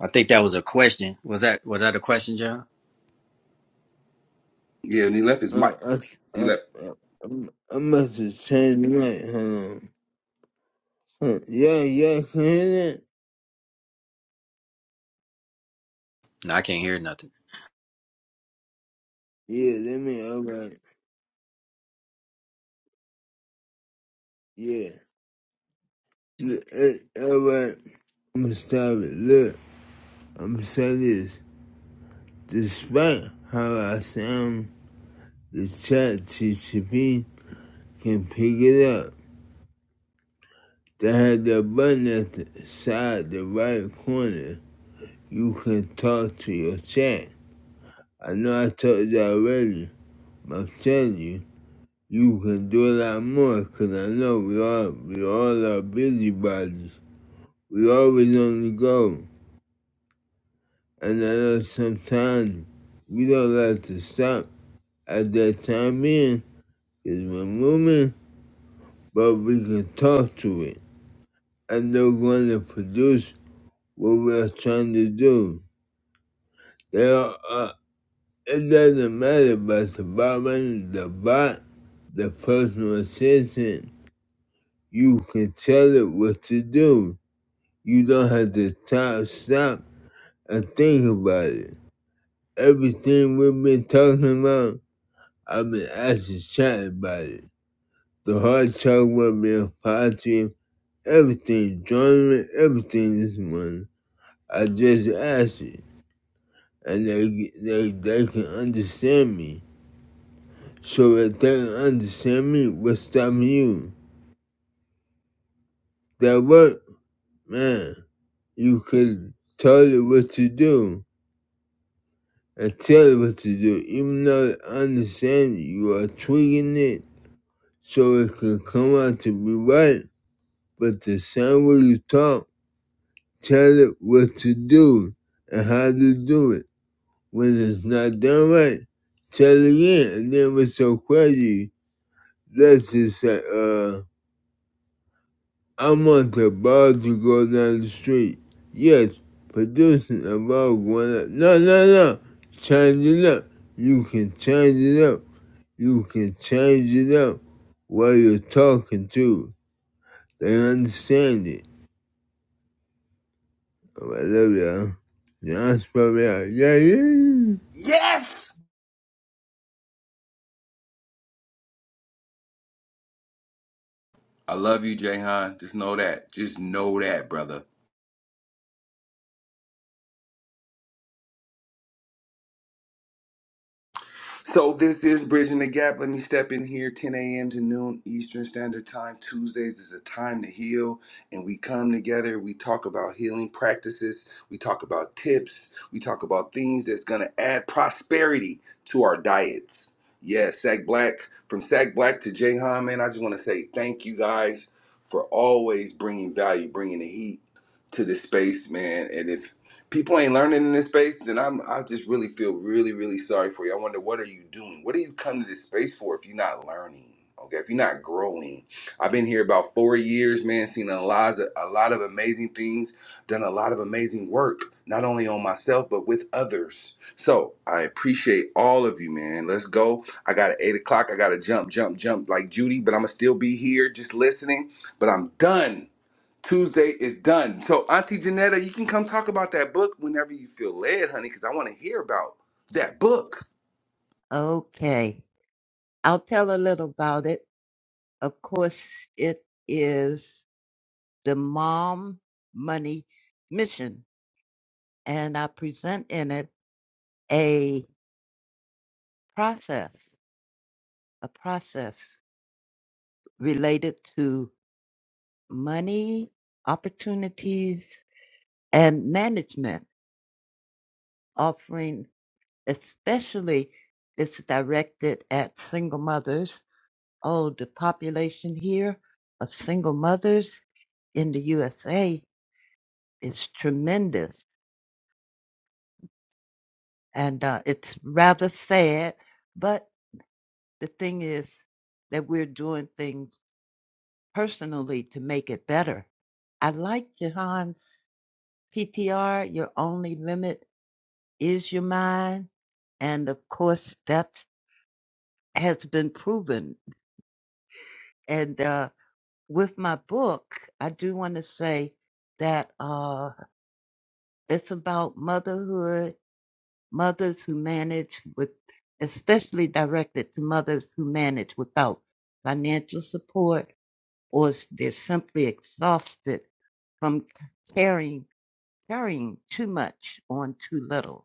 I think that was a question. Was that was that a question, John? Yeah, and he left his mic. Uh, I, He I, left. I, i I must have changed the light, hold on. Huh, Yeah, yeah, can you hear that? No, I can't hear nothing. Yeah, let me, alright, yeah. Look, eh, Alright, I'm gonna stop it. Look, I'm gonna say this. Despite how I sound, the chat GTP can pick it up. They had the button at the side, the right corner. You can talk to your chat. I know I told you already, but I'm telling you, you can do a lot more 'cause I know we all, we all are busybodies. We always on the go. And I know sometimes we don't like to stop at that time being 'cause we're moving but we can talk to it. And they're going to produce what we're trying to do. They are, uh, it doesn't matter about the barman, the bot, the personal assistant. You can tell it what to do. You don't have to stop, stop and think about it. Everything we've been talking about, I've been asking chat about it. The hard talk about being positive, everything, joining everything this morning. I just ask it, and they, they, they can understand me. So if they can understand me, what's stopping you? That work, man, you could tell it what to do and tell it what to do, even though I understand you are tweaking it so it can come out to be right. But the same way you talk, tell it what to do and how to do it. When it's not done right, tell it again, and then what's so crazy? Let's just say, uh, I want the ball to go down the street. Yes, producing a ball going up. No, no, no. Change it up. You can change it up. You can change it up while you're talking to. They understand it. Oh, I love y'all. That's probably out. Yeah, yeah. yeah. Yes. I love you, Jahan. Just know that. Just know that, brother. So this is Bridging the Gap. Let me step in here, 10 a.m. to noon Eastern Standard Time. Tuesdays is a time to heal, and we come together. We talk about healing practices. We talk about tips. We talk about things that's gonna add prosperity to our diets. Yeah, Sack Black. From Sack Black to Jahan, man, I just want to say thank you guys for always bringing value, bringing the heat to this space, man. And if people ain't learning in this space, then I'm I just really feel really really sorry for you. I wonder what are you doing? What do you come to this space for if you're not learning? Okay, if you're not growing. I've been here about four years, man. Seen a lot of, a lot of amazing things, done a lot of amazing work, not only on myself but with others. So I appreciate all of you, man. Let's go. I got at eight o'clock. I got to jump, jump, jump like Judy, but I'm gonna still be here just listening. But I'm done. Tuesday is done. So, Auntie Janetta, you can come talk about that book whenever you feel led, honey, because I want to hear about that book. Okay, I'll tell a little about it. Of course, it is the Mom Money Mission, and I present in it a process. a process related to money, opportunities, and management, offering especially it's directed at single mothers. Oh, the population here of single mothers in the USA is tremendous, and uh, it's rather sad. But the thing is that we're doing things personally to make it better. I like Jahan's PTR, your only limit is your mind. And of course, that has been proven. And uh, with my book, I do want to say that uh, it's about motherhood, mothers who manage with, especially directed to mothers who manage without financial support or s- they're simply exhausted from carrying, carrying too much on too little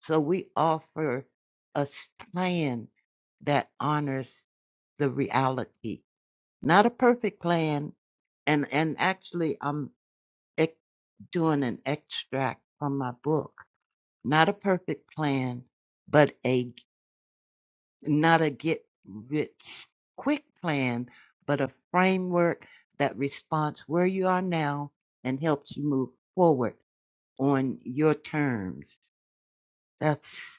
So we offer a s- plan that honors the reality, not a perfect plan. And and actually, I'm ex- doing an extract from my book. Not a perfect plan, but a not a get rich quick plan, but a framework that responds where you are now and helps you move forward on your terms. That's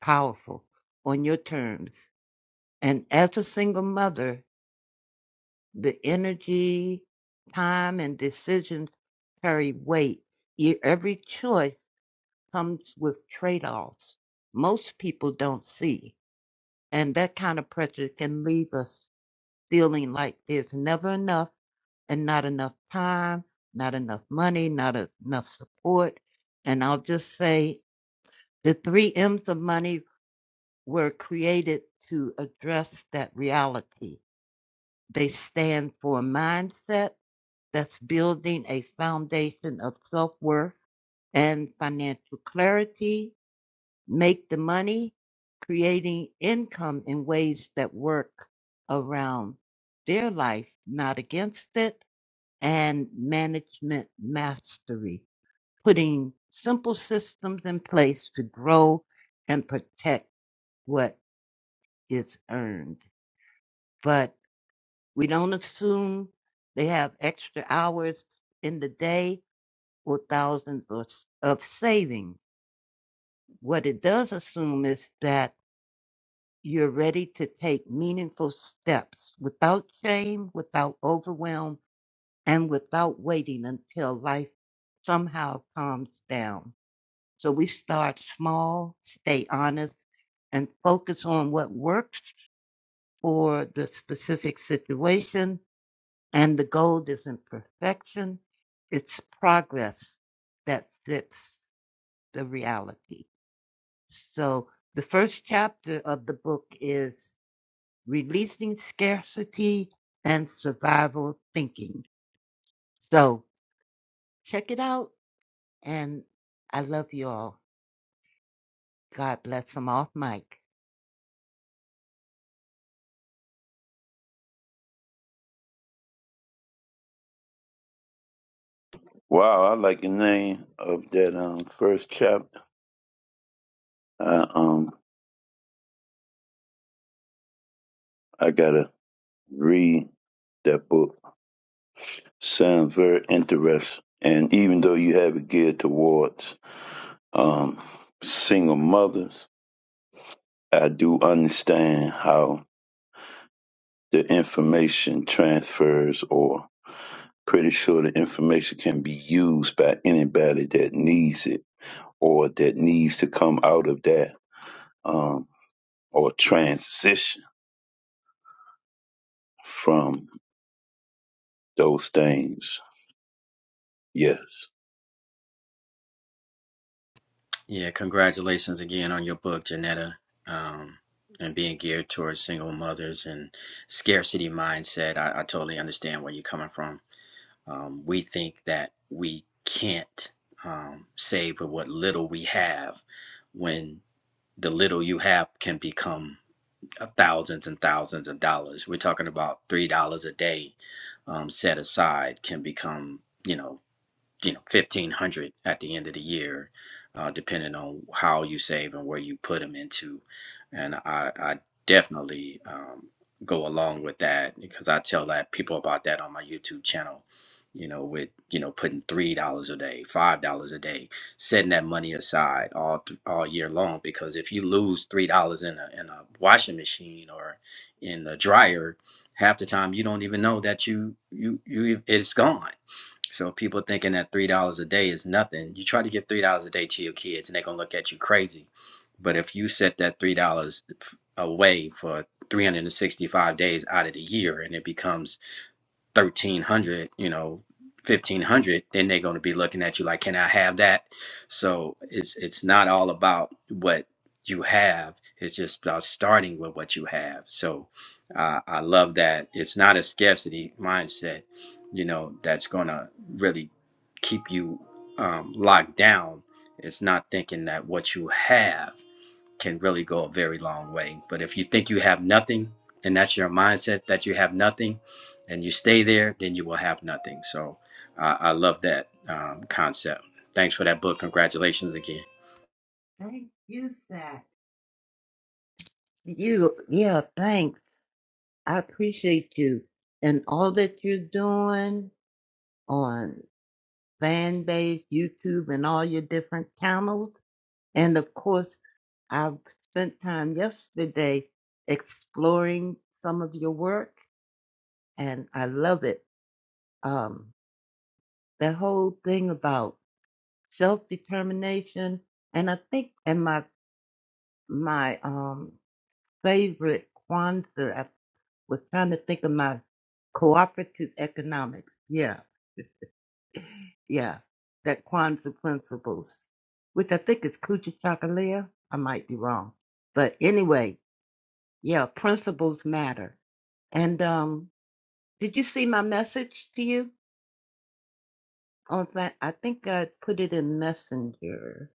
powerful on your terms. And as a single mother, the energy, time, and decisions carry weight. Your, every choice comes with trade offs most people don't see. And that kind of pressure can leave us feeling like there's never enough and not enough time, not enough money, not enough support. And I'll just say the three M's of money were created to address that reality. They stand for a mindset that's building a foundation of self worth and financial clarity, make the money, creating income in ways that work around their life, not against it, and management mastery, putting simple systems in place to grow and protect what is earned. But We don't assume they have extra hours in the day or thousands of, of savings. What it does assume is that you're ready to take meaningful steps without shame, without overwhelm, and without waiting until life somehow calms down. So we start small, stay honest, and focus on what works for the specific situation And the gold isn't perfection, it's progress that fits the reality. So the first chapter of the book is releasing scarcity and survival thinking. So check it out. And I love you all. God bless them off, Mike. Wow, I like the name of that um first chapter. Uh, um I gotta read that book. Sounds very interesting. And even though you have it geared towards um, single mothers, I do understand how the information transfers, or pretty sure the information can be used by anybody that needs it or that needs to come out of that um, or transition from those things. Yes. Yeah, congratulations again on your book, Janetta. Um and being geared towards single mothers and scarcity mindset. I, I totally understand where you're coming from. Um, we think that we can't um, save with what little we have when the little you have can become thousands and thousands of dollars. We're talking about three dollars a day um, set aside can become, you know, you know 1500 at the end of the year uh, depending on how you save and where you put them into and i, I definitely um, go along with that because i tell that people about that on my youtube channel you know with you know putting three dollars a day five dollars a day setting that money aside all th- all year long because if you lose three dollars in a, in a washing machine or in the dryer half the time you don't even know that you you you it's gone so people thinking that three dollars a day is nothing. You try to give three dollars a day to your kids, and they're gonna look at you crazy. But if you set that three dollars away for 365 days out of the year, and it becomes 1300 you know 1500 then they're going to be looking at you like can i have that so it's it's not all about what you have it's just about starting with what you have so uh, i love that it's not a scarcity mindset you know that's going to really keep you um, locked down it's not thinking that what you have can really go a very long way. But if you think you have nothing, and that's your mindset that you have nothing, and you stay there, then you will have nothing. So uh, I love that um, concept. Thanks for that book. Congratulations again. Thank you, Zach. You, yeah, thanks. I appreciate you and all that you're doing on. fan base, YouTube, and all your different channels. And of course, I've spent time yesterday exploring some of your work, and I love it. Um, that whole thing about self determination, and I think, and my my um favorite Kwanzaa I was trying to think of my cooperative economics. Yeah. yeah, that Kwanzaa principles, which I think is Kucha Chakalia. I might be wrong, but anyway, yeah, principles matter. And um, did you see my message to you? On that, I think I put it in Messenger.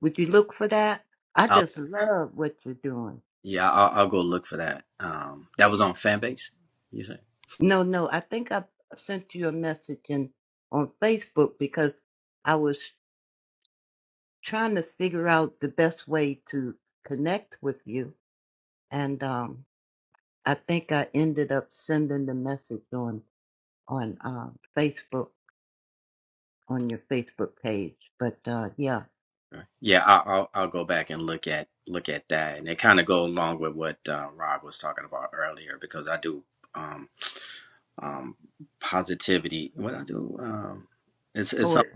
Would you look for that? I I'll, just love what you're doing. yeah, I'll, I'll go look for that. Um, that was on Fanbase. You say? No, no, I think I sent you a message in on Facebook because I was trying to figure out the best way to connect with you. And um, I think I ended up sending the message on on uh, Facebook on your Facebook page. But uh, yeah, Right. Yeah, I'll, I'll I'll go back and look at look at that, and it kind of go along with what uh, Rod was talking about earlier because I do um, um, positivity. What I do um, it's it's poet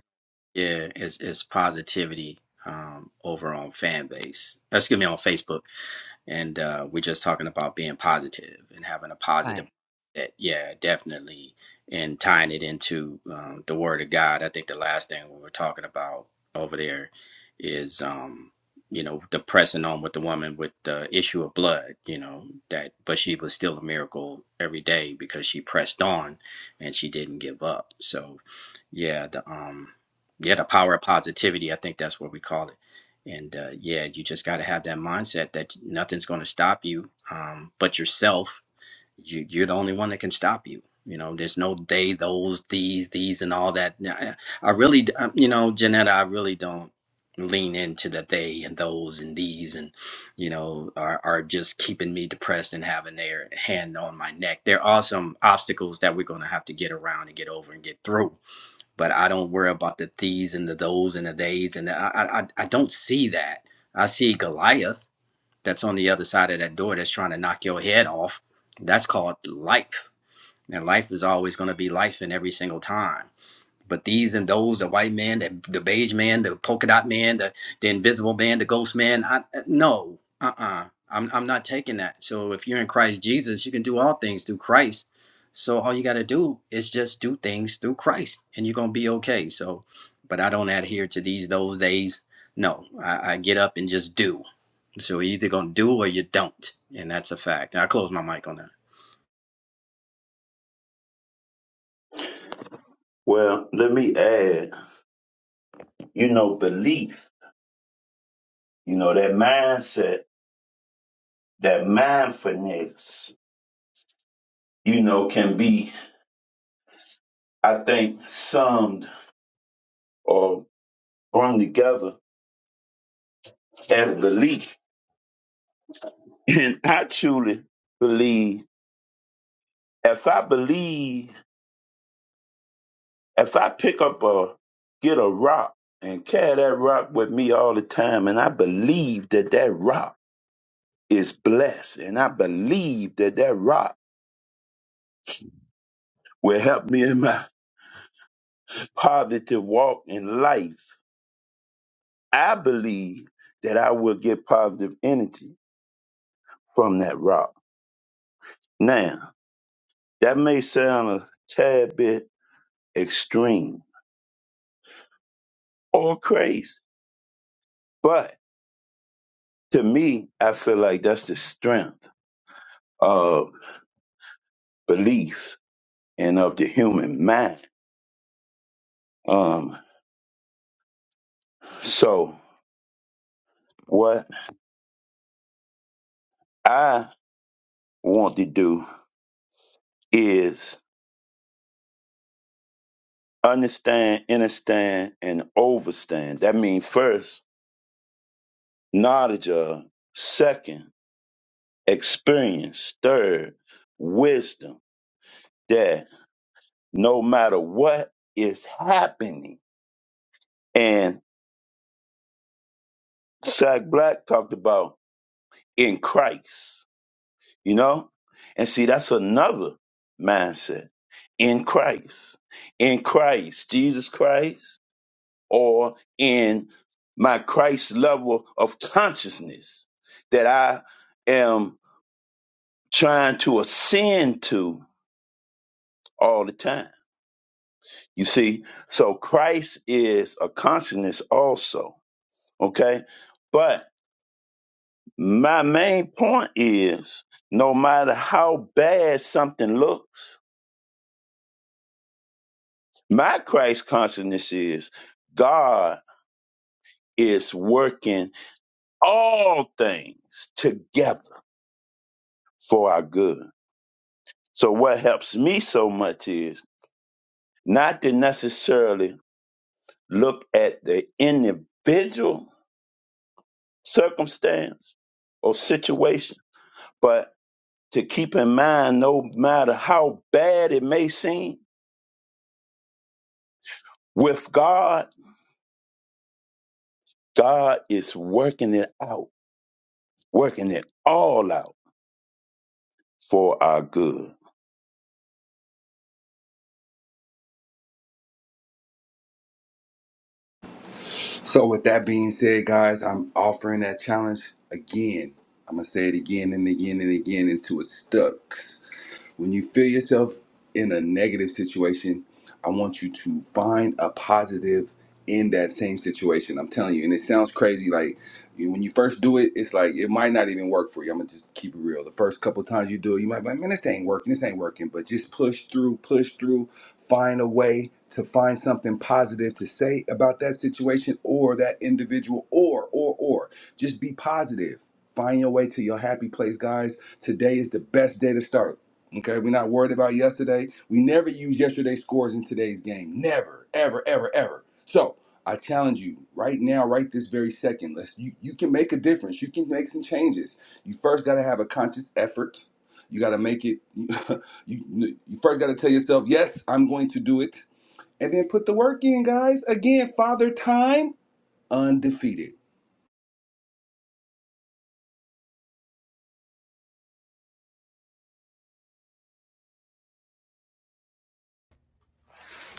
Yeah, it's it's positivity um, over on fan base. Excuse me, on Facebook and uh, we're just talking about being positive and having a positive right. mindset. yeah definitely and tying it into um, the word of god i think the last thing we were talking about over there is um, you know the pressing on with the woman with the issue of blood you know that but she was still a miracle every day because she pressed on and she didn't give up so yeah the um yeah the power of positivity i think that's what we call it and uh, yeah you just got to have that mindset that nothing's going to stop you um, but yourself you, you're the only one that can stop you you know there's no they those these these and all that Now, i, I really d- um, you know janetta i really don't lean into the they and those and these and you know are, are just keeping me depressed and having their hand on my neck there are some obstacles that we're going to have to get around and get over and get through but I don't worry about the these and the those and the days, and I, I I I don't see that. I see Goliath that's on the other side of that door that's trying to knock your head off. That's called life, and life is always going to be life in every single time. But these and those, the white man, the, the beige man, the polka dot man, the, the invisible man, the ghost man, I, uh, no, uh uh-uh. uh. i am I'm not taking that. So if you're in Christ Jesus, you can do all things through Christ. So all you got to do is just do things through Christ and you're going to be okay. So, but I don't adhere to these, those days. No, I, I get up and just do. So you're either going to do or you don't. And that's a fact. I close my mic on that. Well, let me add, you know, belief You know, that mindset, that mindfulness, you know, can be, I think, summed or brung together as belief. And I truly believe if I believe, if I pick up a, get a rock and carry that rock with me all the time, and I believe that that rock is blessed, and I believe that that rock will help me in my positive walk in life I believe that I will get positive energy from that rock. Now, that may sound a tad bit extreme or crazy, but to me, I feel like that's the strength of belief and of the human mind. Um, so what I want to do is understand, understand, and overstand. That means first, knowledge of, second, experience, third, wisdom that no matter what is happening. And Sack Black talked about in Christ, you know? And see, that's another mindset in Christ, in Christ, Jesus Christ, or in my Christ level of consciousness that I am trying to ascend to all the time You see, so Christ is a consciousness also, okay? But my main point is no matter how bad something looks, my Christ consciousness is God is working all things together for our good. So what helps me so much is not to necessarily look at the individual circumstance or situation, but to keep in mind no matter how bad it may seem, with God, God is working it out, working it all out for our good. So, with that being said, guys, I'm offering that challenge again. I'm going to say it again and again and again until it's stuck. When you feel yourself in a negative situation, I want you to find a positive in that same situation. I'm telling you, and it sounds crazy. Like you, when you first do it, it's like it might not even work for you. I'm gonna just keep it real. The first couple times you do it, you might be like, man, this ain't working. This ain't working. But just push through, push through. Find a way to find something positive to say about that situation or that individual, or or or just be positive. Find your way to your happy place, guys. Today is the best day to start. Okay, we're not worried about yesterday. We never use yesterday's scores in today's game. Never, ever, ever, ever. So I challenge you right now, right this very second. Let's you, you can make a difference. You can make some changes. You first gotta have a conscious effort. You gotta make it you you first gotta tell yourself, yes, I'm going to do it. And then put the work in, guys. Again, father time undefeated.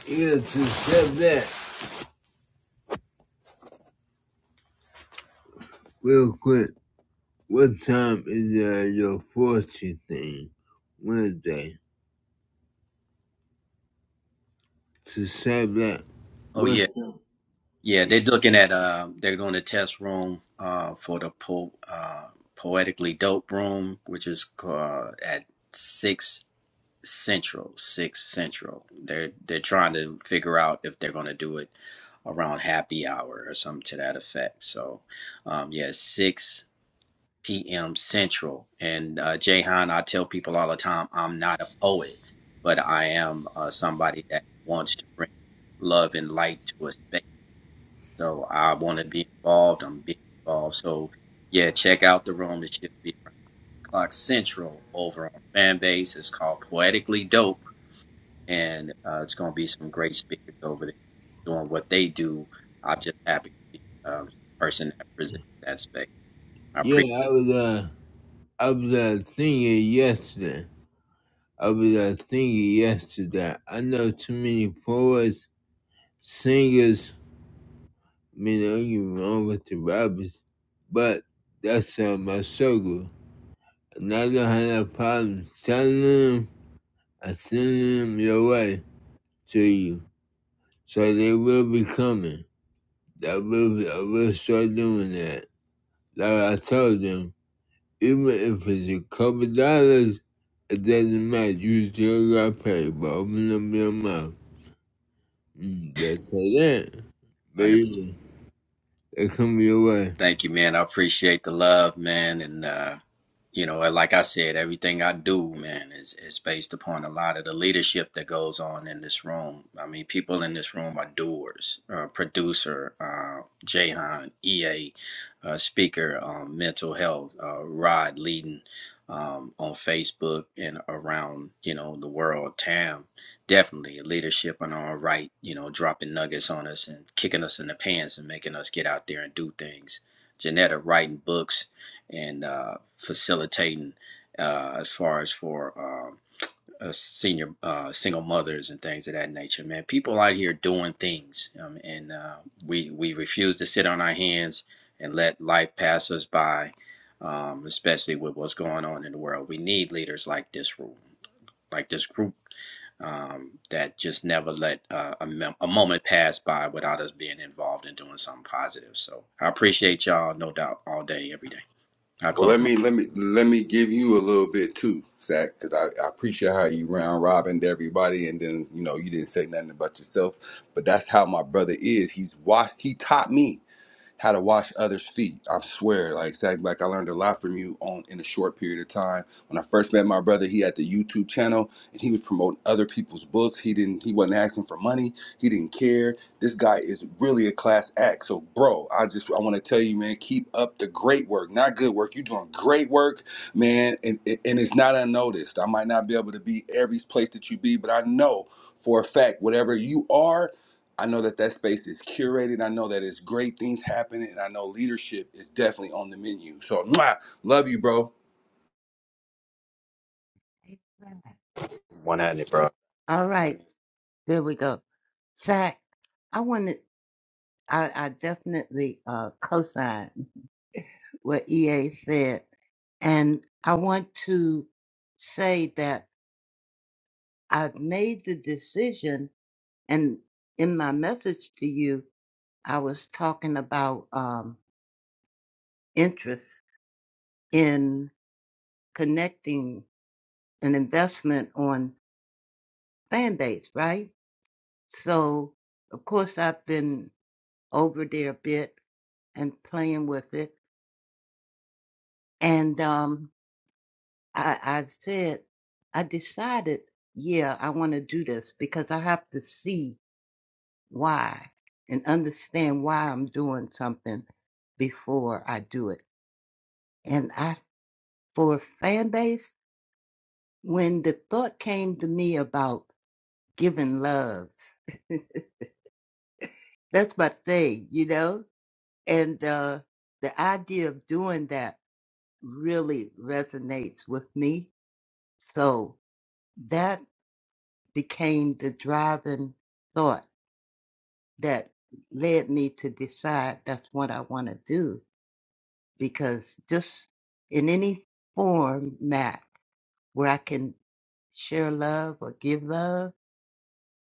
You got to step back. Real quick, what time is uh, your fortune thing? Wednesday. to say that Oh, yeah. what Yeah, they're looking at uh, they're doing a test room uh, for the po- uh, poetically dope room, which is uh, at six central. Six central. They're they're trying to figure out if they're going to do it around happy hour or something to that effect. So, um, yeah, six p.m. central. And uh, Jahan, I tell people all the time, I'm not a poet, but I am uh, somebody that wants to bring love and light to a space so I want to be involved. I'm being involved. So yeah, check out the room. It should be around the clock central over on Fanbase. It's called Poetically Dope, and uh, it's going to be some great speakers over there doing what they do. I'm just happy to be um, the person that presents that space. I yeah, appreciate. I was uh I was uh thinking yesterday. I was uh thinking yesterday. I know too many poets, singers, I mean don't get me wrong with the rappers, but that's uh, my struggle. And I don't have no problem telling them I send them your way to you. So they will be coming. That will I will start doing that. Like I told them. Even if it's a couple dollars, it doesn't matter. You still got paid by opening up your mouth. Mm, better say that. it. Baby, it come your way. Thank you, man. I appreciate the love, man. And, uh, you know, like I said, everything I do, man, is, is based upon a lot of the leadership that goes on in this room. I mean, people in this room are doers, uh, producer, uh, Jahan, EA, uh, speaker, um, mental health, uh, Rod leading um, on Facebook and around, you know, the world, Tam, definitely leadership in our right, you know, dropping nuggets on us and kicking us in the pants and making us get out there and do things Janetta writing books and uh, facilitating uh, as far as for um uh, senior uh, single mothers and things of that nature. Man, people out here doing things, um, and uh, we we refuse to sit on our hands and let life pass us by. Um, especially with what's going on in the world, we need leaders like this room like this group um, that just never let uh, a, mem- a moment pass by without us being involved in doing something positive. So I appreciate y'all, no doubt, all day, every day. I Well, let close my. me let me let me give you a little bit too, Zach, because I, I appreciate how you round robined everybody, and then you know you didn't say nothing about yourself. But that's how my brother is. He's wa- He taught me how to wash others' feet. I swear, like Zach, like I learned a lot from you on in a short period of time. When I first met my brother, he had the YouTube channel, and he was promoting other people's books. He didn't. He wasn't asking for money. He didn't care this guy is really a class act. So, bro, I just I want to tell you, man, keep up the great work. Not good work. You're doing great work, man, and and it's not unnoticed. I might not be able to be every place that you be, but I know for a fact whatever you are, I know that that space is curated. I know that it's great things happening, and I know leadership is definitely on the menu. So, mwah, love you, bro. One hundred, bro. All right, there we go. Zach, I wanted I, I definitely uh, co-sign what EA said, and I want to say that I've made the decision, and in my message to you, I was talking about um, interest in connecting an investment on Band-Aids, right? So, of course, I've been over there a bit and playing with it. And um, I, I said, I decided, yeah, I want to do this because I have to see why and understand why I'm doing something before I do it. And I, for fan base, when the thought came to me about giving loves, That's my thing, you know? And uh, the idea of doing that really resonates with me. So that became the driving thought that led me to decide that's what I want to do. Because just in any format where I can share love or give love,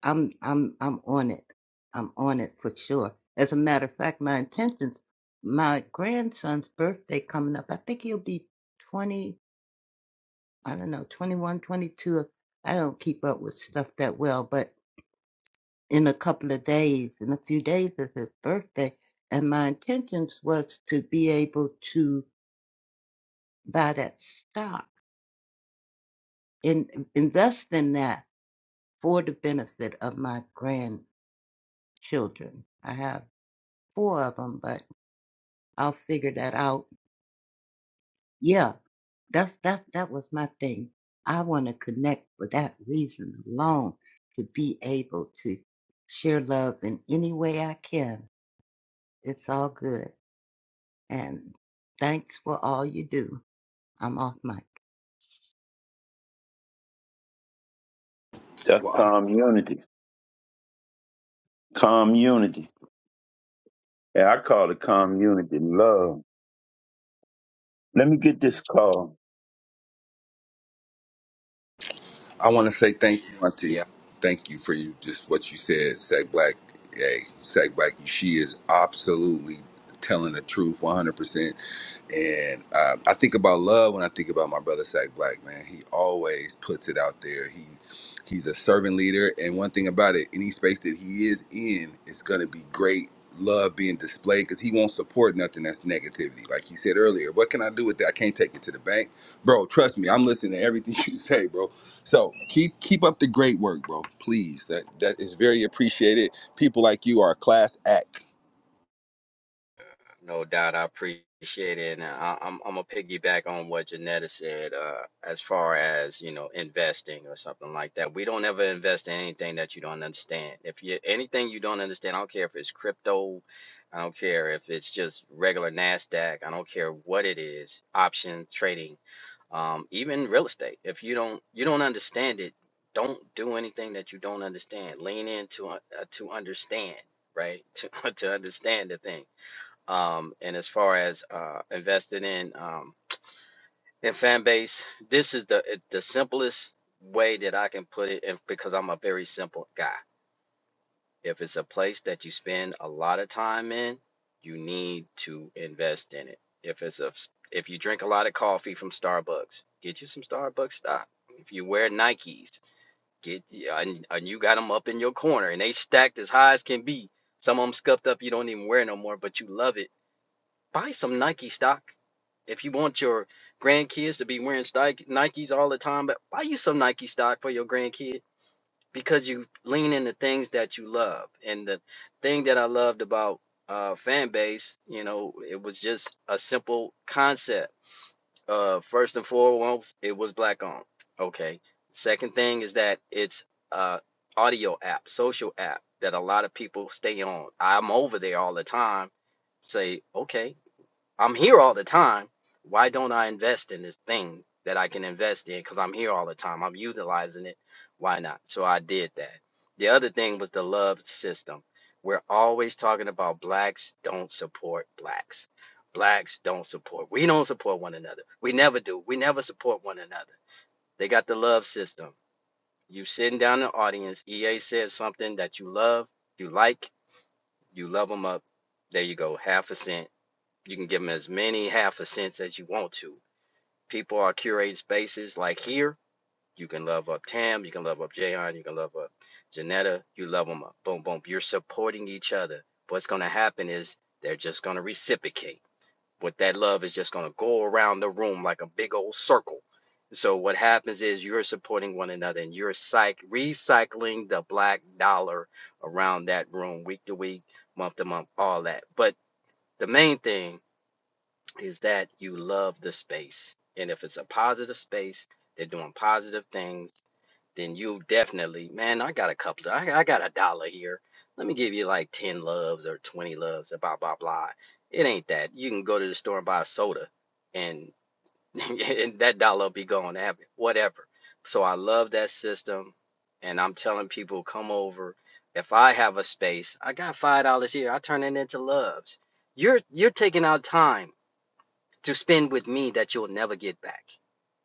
I'm I'm I'm on it. I'm on it for sure. As a matter of fact, my intentions, my grandson's birthday coming up. I think he'll be 20, I don't know, 21, 22. I don't keep up with stuff that well, but in a couple of days, in a few days is his birthday, and my intentions was to be able to buy that stock and invest in that for the benefit of my grandchildren. I have four of of 'em, I'll figure that out. Yeah, that's that that was my thing. I want to connect for that reason alone to be able to share love in any way I can. It's all good. And thanks for all you do. I'm off mic. That's Well, community. Community. And I call it community love. Let me get this call. I want to say thank you, Auntie. Thank you for you just what you said, Sag Black. Hey, Sag Black, she is absolutely telling the truth, one hundred percent. And uh, I think about love when I think about my brother Sack Black, man. He always puts it out there. He he's a servant leader, and one thing about it, any space that he is in, it's gonna be great love being displayed because he won't support nothing that's negativity. Like he said earlier, what can I do with that? I can't take it to the bank, bro. Trust me, I'm listening to everything you say, bro. So keep keep up the great work, bro. Please, that that is very appreciated. People like you are a class act. No doubt, I appreciate it, and I, I'm I'm gonna piggyback on what Janetta said. Uh, as far as you know, investing or something like that, we don't ever invest in anything that you don't understand. If you anything you don't understand, I don't care if it's crypto, I don't care if it's just regular Nasdaq, I don't care what it is, option trading, um, even real estate. If you don't you don't understand it, don't do anything that you don't understand. Lean in to un- uh, to understand, right? To to understand the thing um, and as far as uh, investing in um, in fan base, this is the it- the simplest way that I can put it, and because I'm a very simple guy. If it's a place that you spend a lot of time in, you need to invest in it. If it's a s- if you drink a lot of coffee from Starbucks, get you some Starbucks stock. If you wear Nikes, get yeah, and, and you got them up in your corner and they stacked as high as can be. Some of them scuffed up, you don't even wear no more, but you love it Buy some Nike stock. If you want your grandkids to be wearing Nikes all the time, but buy you some Nike stock for your grandkid because you lean into things that you love. And the thing that I loved about uh, fan base, you know, it was just a simple concept. Uh, first and foremost, it was black on. Okay. Second thing is that it's uh audio app, social app that a lot of people stay on. I'm over there all the time. Say, okay, I'm here all the time. Why don't I invest in this thing that I can invest in? Because I'm here all the time. I'm utilizing it. Why not? So I did that. The other thing was the love system. We're always talking about blacks don't support blacks. Blacks don't support. We don't support one another. We never do. We never support one another. They got the love system. You sitting down in the audience, EA says something that you love, you like, you love them up. There you go. Half a cent you can give them as many half a cents as you want to. People are curating spaces like here. You can love up Tam, you can love up Jayon, you can love up Janetta, you love them up. Boom, boom. You're supporting each other. What's going to happen is they're just going to reciprocate. What that love is just going to go around the room like a big old circle. So what happens is you're supporting one another and you're psych recycling the black dollar around that room week to week, month to month, all that. But the main thing is that you love the space. And if it's a positive space, they're doing positive things, then you definitely, man, I got a couple, I, I got a dollar here. Let me give you like 10 loves or 20 loves, or blah, blah, blah. It ain't that. You can go to the store and buy a soda and, and that dollar will be gone. whatever. So I love that system. And I'm telling people, come over. If I have a space, I got $5 here. I turn it into loves. You're, you're taking out time to spend with me that you'll never get back.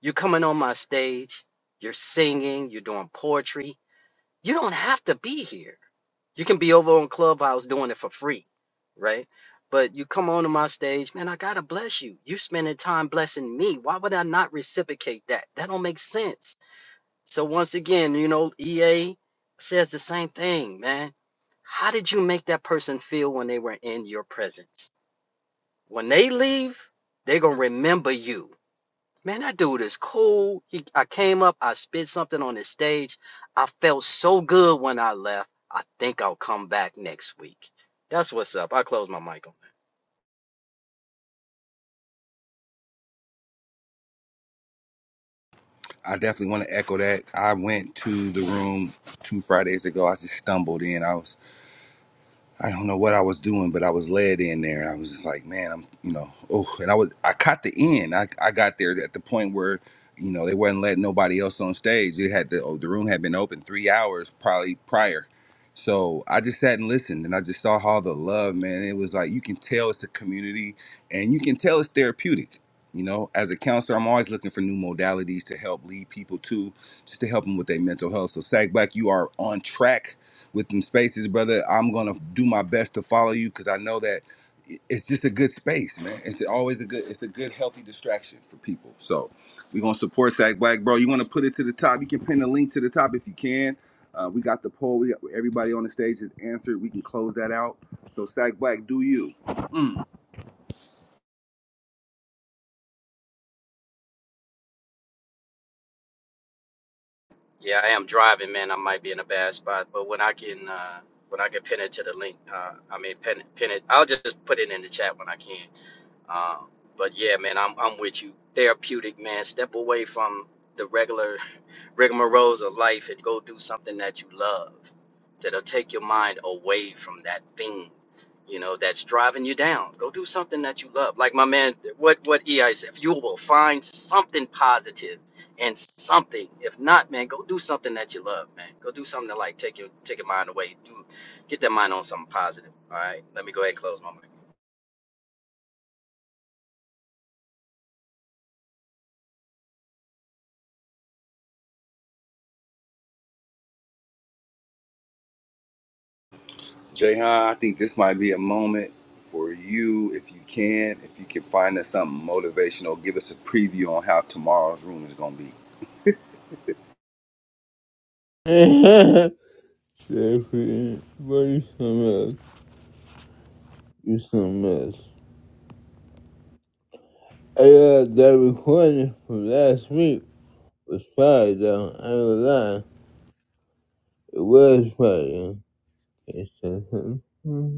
You're coming on my stage, you're singing, you're doing poetry. You don't have to be here. You can be over on Clubhouse doing it for free, right? But you come onto my stage, man, I gotta bless you. You spending time blessing me. Why would I not reciprocate that? That don't make sense. So once again, you know, EA says the same thing, man. How did you make that person feel when they were in your presence? When they leave, they're gonna remember you Man, that dude is cool. He, I came up, I spit something on the stage. I felt so good when I left. I think I'll come back next week. That's what's up. I close my mic on that. I definitely want to echo that. I went to the room two Fridays ago. I just stumbled in. I was. I don't know what I was doing, but I was led in there. I was just like, man, I'm, you know, oh, and I was, I caught the end. I, I got there at the point where, you know, they weren't letting nobody else on stage. They had the, oh, the room had been open three hours probably prior. So I just sat and listened and I just saw all the love, man. It was like, you can tell it's a community and you can tell it's therapeutic. You know, as a counselor, I'm always looking for new modalities to help lead people to, just to help them with their mental health. So, Sag Black, you are on track with them spaces, brother. I'm gonna do my best to follow you because I know that it- it's just a good space, man. It's always a good, it's a good healthy distraction for people. So we're gonna support Sack Black, bro. You want to put it to the top? You can pin the link to the top if you can. Uh, we got the poll. We got everybody on the stage has answered. We can close that out. So Sack Black, do you? Mm. Yeah, I am driving, man. I might be in a bad spot, but when I can, uh, when I can pin it to the link, uh, I mean, pin, pin it. I'll just put it in the chat when I can. Um, but yeah, man, I'm I'm with you. Therapeutic, man. Step away from the regular rigmaroles of life and go do something that you love. That'll take your mind away from that thing, you know, that's driving you down. Go do something that you love. Like my man, what what EI said, you will find something positive and something. If not, man, go do something that you love, man. Go do something to like take your take your mind away. Do get that mind on something positive. All right. Let me go ahead and close my mic. Jayhan, I think this might be a moment for you if you can. If you can find us something motivational, give us a preview on how tomorrow's room is gonna be. Jeffrey, boy, you something else. You something else. I uh, that recording from last week It was fire, though. I ain't gonna lie. It was fire. Okay, so,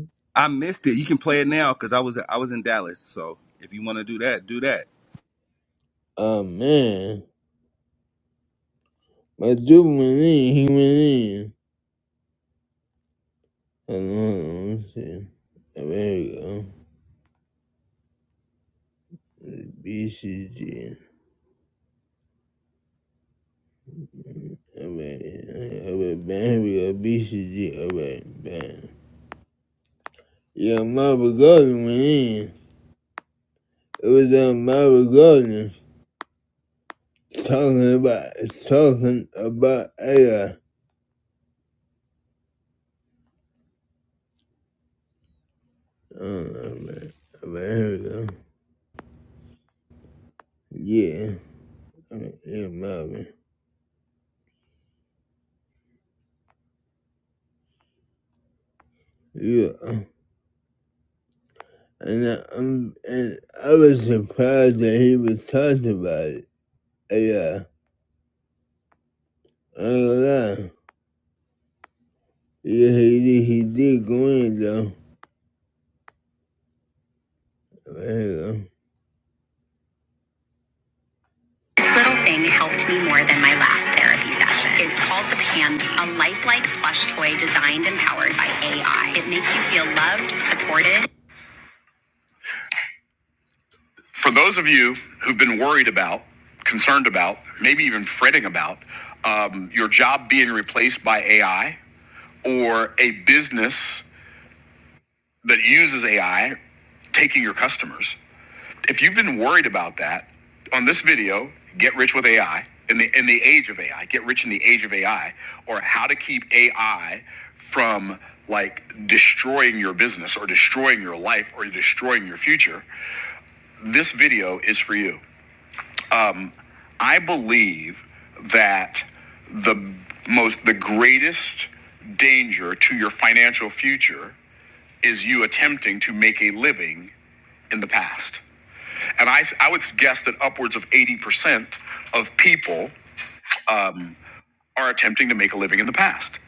I missed it. You can play it now because I was I was in Dallas. So if you want to do that, do that. Oh, man. My dude went in. He went in. Hello, see. There we go. BCG. Alright, alright, man. Here we go. BCG. Alright, man. Yeah, Marvel Golden went in. It was on Marvel Golden talking about talking about AI. Oh, man. Alright, here we go. Yeah. Alright, yeah, Marvin. Yeah. And I, um, and I was surprised that he was talking about it. AI. ain't gonna lie. Yeah, he did, he did go in though. There This little thing helped me more than my last therapy session. It's called the Pand, a lifelike plush toy designed and powered by AI. It makes you feel loved, supported. For those of you who've been worried about, concerned about, maybe even fretting about um, your job being replaced by AI or a business that uses AI taking your customers. If you've been worried about that, on this video, get rich with AI in the in the age of AI, get rich in the age of AI, or how to keep AI from like destroying your business or destroying your life or destroying your future. This video is for you. I believe that the most the greatest danger to your financial future is you attempting to make a living in the past. And I, I would guess that upwards of 80% of people are attempting to make a living in the past.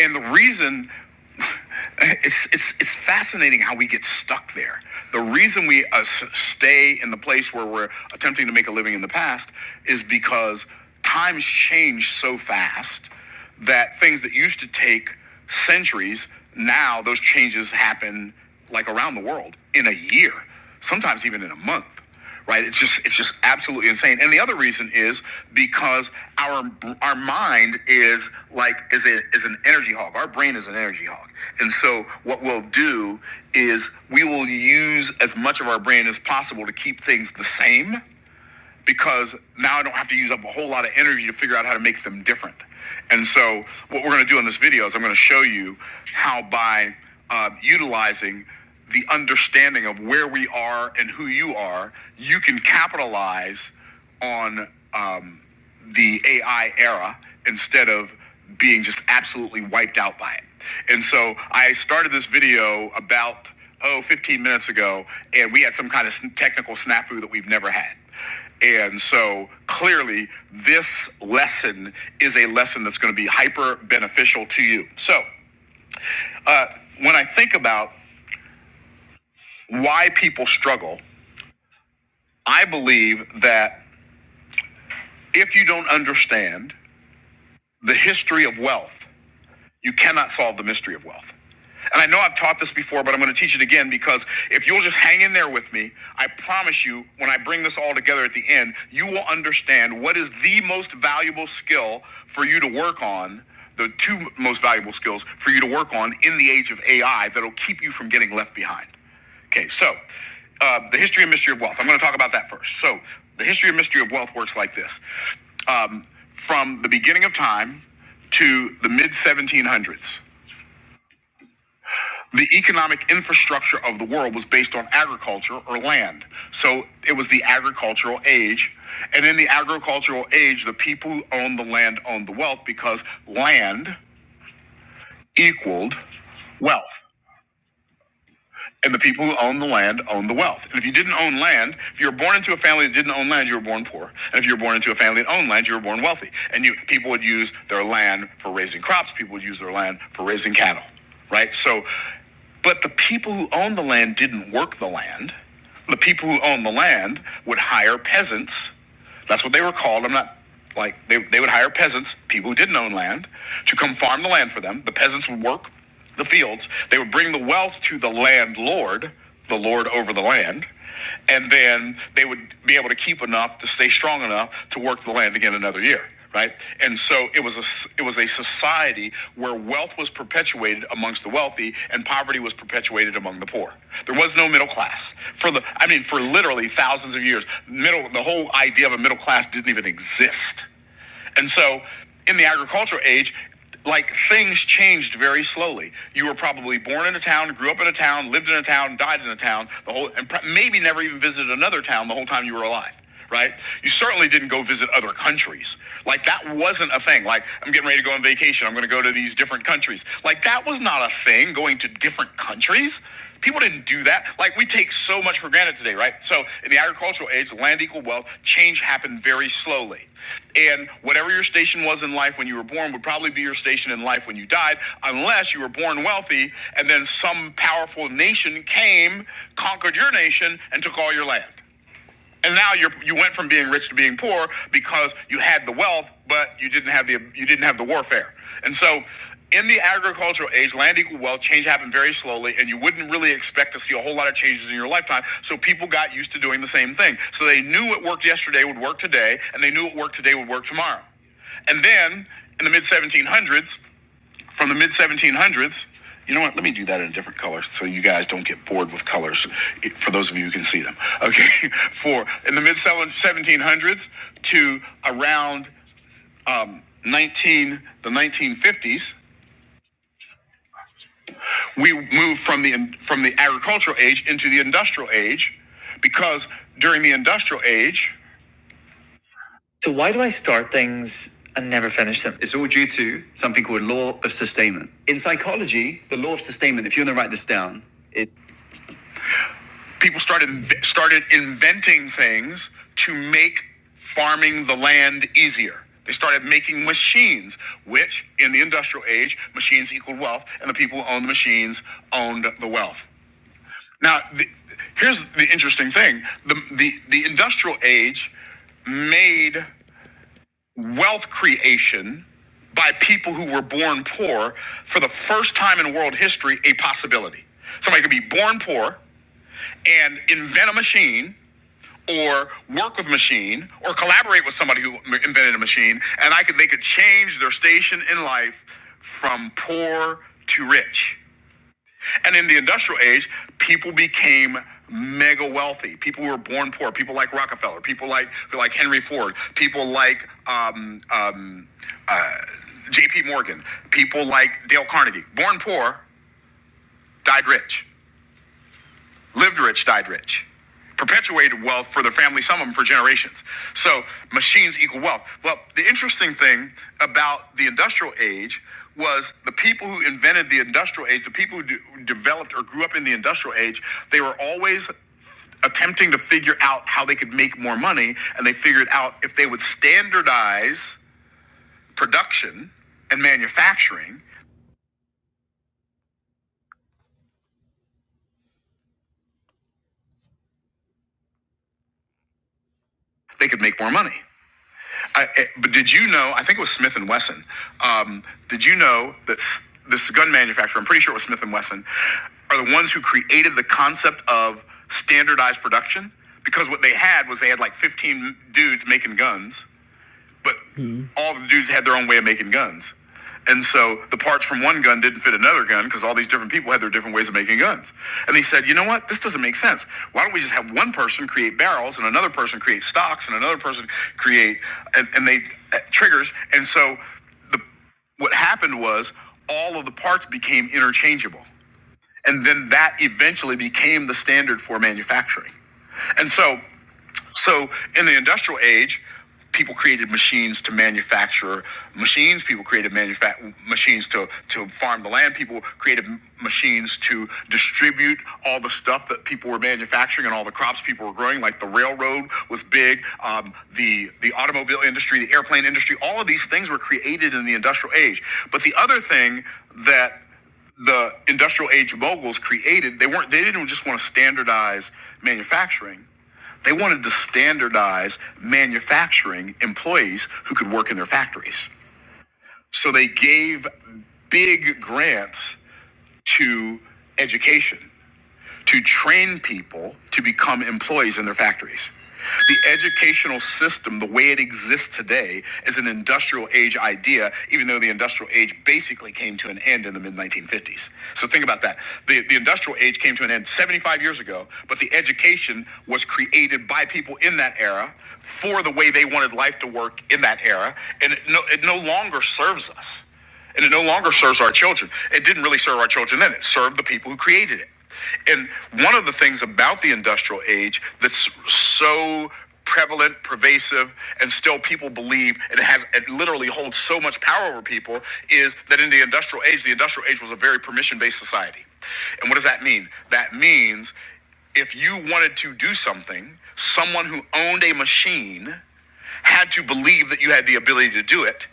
And the reason, it's, it's, it's fascinating how we get stuck there. The reason we uh, stay in the place where we're attempting to make a living in the past is because times change so fast that things that used to take centuries, now those changes happen like around the world in a year, sometimes even in a month right? It's just it's just absolutely insane. And the other reason is because our our mind is like is a is an energy hog. Our brain is an energy hog, and so what we'll do is we will use as much of our brain as possible to keep things the same because now I don't have to use up a whole lot of energy to figure out how to make them different. And so, what we're going to do in this video is I'm going to show you how by uh, utilizing the understanding of where we are and who you are, you can capitalize on um, the AI era instead of being just absolutely wiped out by it. And so I started this video about, oh, 15 minutes ago, and we had some kind of technical snafu that we've never had. And so clearly, this lesson is a lesson that's going to be hyper beneficial to you. So uh, when I think about why people struggle, I believe that if you don't understand the history of wealth, You cannot solve the mystery of wealth. And I know I've taught this before, but I'm going to teach it again because if you'll just hang in there with me, I promise you, when I bring this all together at the end, you will understand what is the most valuable skill for you to work on, the two most valuable skills for you to work on in the age of AI that'll keep you from getting left behind. Okay, so uh, the history and mystery of wealth. I'm going to talk about that first. So the history and mystery of wealth works like this from the beginning of time to the mid 1700s. the economic infrastructure of the world was based on agriculture or land. So it was the agricultural age. And in the agricultural age, the people who owned the land owned the wealth because land equaled wealth and the people who own the land own the wealth. And if you didn't own land, if you were born into a family that didn't own land, you were born poor. And if you were born into a family that owned land, you were born wealthy. And you people would use their land for raising crops, people would use their land for raising cattle, right? So, but the people who owned the land didn't work the land. The people who owned the land would hire peasants. That's what they were called. I'm not like they, they would hire peasants, people who didn't own land, to come farm the land for them. The peasants would work the fields. They would bring the wealth to the landlord, the lord over the land, and then they would be able to keep enough to stay strong enough to work the land again another year. Right, and so it was a it was a society where wealth was perpetuated amongst the wealthy and poverty was perpetuated among the poor. There was no middle class for the I mean for literally thousands of years. Middle the whole idea of a middle class didn't even exist. And so in the agricultural age, like things changed very slowly. You were probably born in a town, grew up in a town, lived in a town, died in a town, the whole, and maybe never even visited another town the whole time you were alive. Right? You certainly didn't go visit other countries. Like, that wasn't a thing. Like, I'm getting ready to go on vacation. I'm going to go to these different countries. Like, that was not a thing, going to different countries. People didn't do that. Like we take so much for granted today, right? So in the agricultural age, land equal wealth, change happened very slowly. And whatever your station was in life when you were born would probably be your station in life when you died, unless you were born wealthy and then some powerful nation came, conquered your nation, and took all your land. And now you you went from being rich to being poor because you had the wealth, but you didn't have the you didn't have the warfare. And so in the agricultural age, land equal wealth, change happened very slowly, and you wouldn't really expect to see a whole lot of changes in your lifetime. So people got used to doing the same thing. So they knew what worked yesterday would work today, and they knew what worked today would work tomorrow. And then in the mid 1700s, from the mid 1700s. You know what? Let me do that in a different color so you guys don't get bored with colors for those of you who can see them. Okay. For in the mid 1700s to around 19 the 1950s, we moved from the from the agricultural age into the industrial age because during the industrial age, Our things. people started started inventing things to make farming the land easier. They started making machines, which in the industrial age, machines equaled wealth, and the people who owned the machines owned the wealth. Now, the, here's the interesting thing: the, the the industrial age made wealth creation by people who were born poor for the first time in world history a possibility. Somebody could be born poor and invent a machine or work with machine or collaborate with somebody who invented a machine and I could they could change their station in life from poor to rich. And in the industrial age, people became mega wealthy. People who were born poor, people like Rockefeller, people like like Henry Ford, people like um, um, JP Morgan, people like Dale Carnegie, born poor, died rich, lived rich, died rich, perpetuated wealth for their family, some of them for generations. So machines equal wealth. Well, the interesting thing about the industrial age was the people who invented the industrial age, the people who de- developed or grew up in the industrial age, they were always attempting to figure out how they could make more money and they figured out if they would standardize production and manufacturing they could make more money I, I- but did you know? I think it was Smith and Wesson. Um, did you know that s- this gun manufacturer? I'm pretty sure it was Smith and Wesson. Are the ones who created the concept of standardized production because what they had was they had like 15 dudes making guns but mm-hmm. all the dudes had their own way of making guns. And so the parts from one gun didn't fit another gun because all these different people had their different ways of making guns. And they said, you know what? This doesn't make sense. Why don't we just have one person create barrels and another person create stocks and another person create and, and they uh, triggers. And so the what happened was all of the parts became interchangeable. And then that eventually became the standard for manufacturing. And so so in the industrial age, people created machines to manufacture machines. People created manufa- machines to, to farm the land. People created m- machines to distribute all the stuff that people were manufacturing and all the crops people were growing. Like the railroad was big, um, the the automobile industry, the airplane industry. All of these things were created in the industrial age. But the other thing that the industrial age moguls created, they weren't they didn't just want to standardize manufacturing they wanted to standardize manufacturing employees who could work in their factories. So they gave big grants to education to train people to become employees in their factories. The educational system, the way it exists today, is an industrial age idea, even though the industrial age basically came to an end in the mid 1950s. So think about that. The, the industrial age came to an end 75 years ago, but the education was created by people in that era for the way they wanted life to work in that era, and it no, it no longer serves us and it no longer serves our children. It didn't really serve our children then. It served the people who created it. And one of the things about the industrial age that's so prevalent, pervasive, and still people believe, and it has it literally holds so much power over people, is that in the industrial age, the industrial age was a very permission-based society. And what does that mean? That means if you wanted to do something, someone who owned a machine had to believe that you had the ability to do it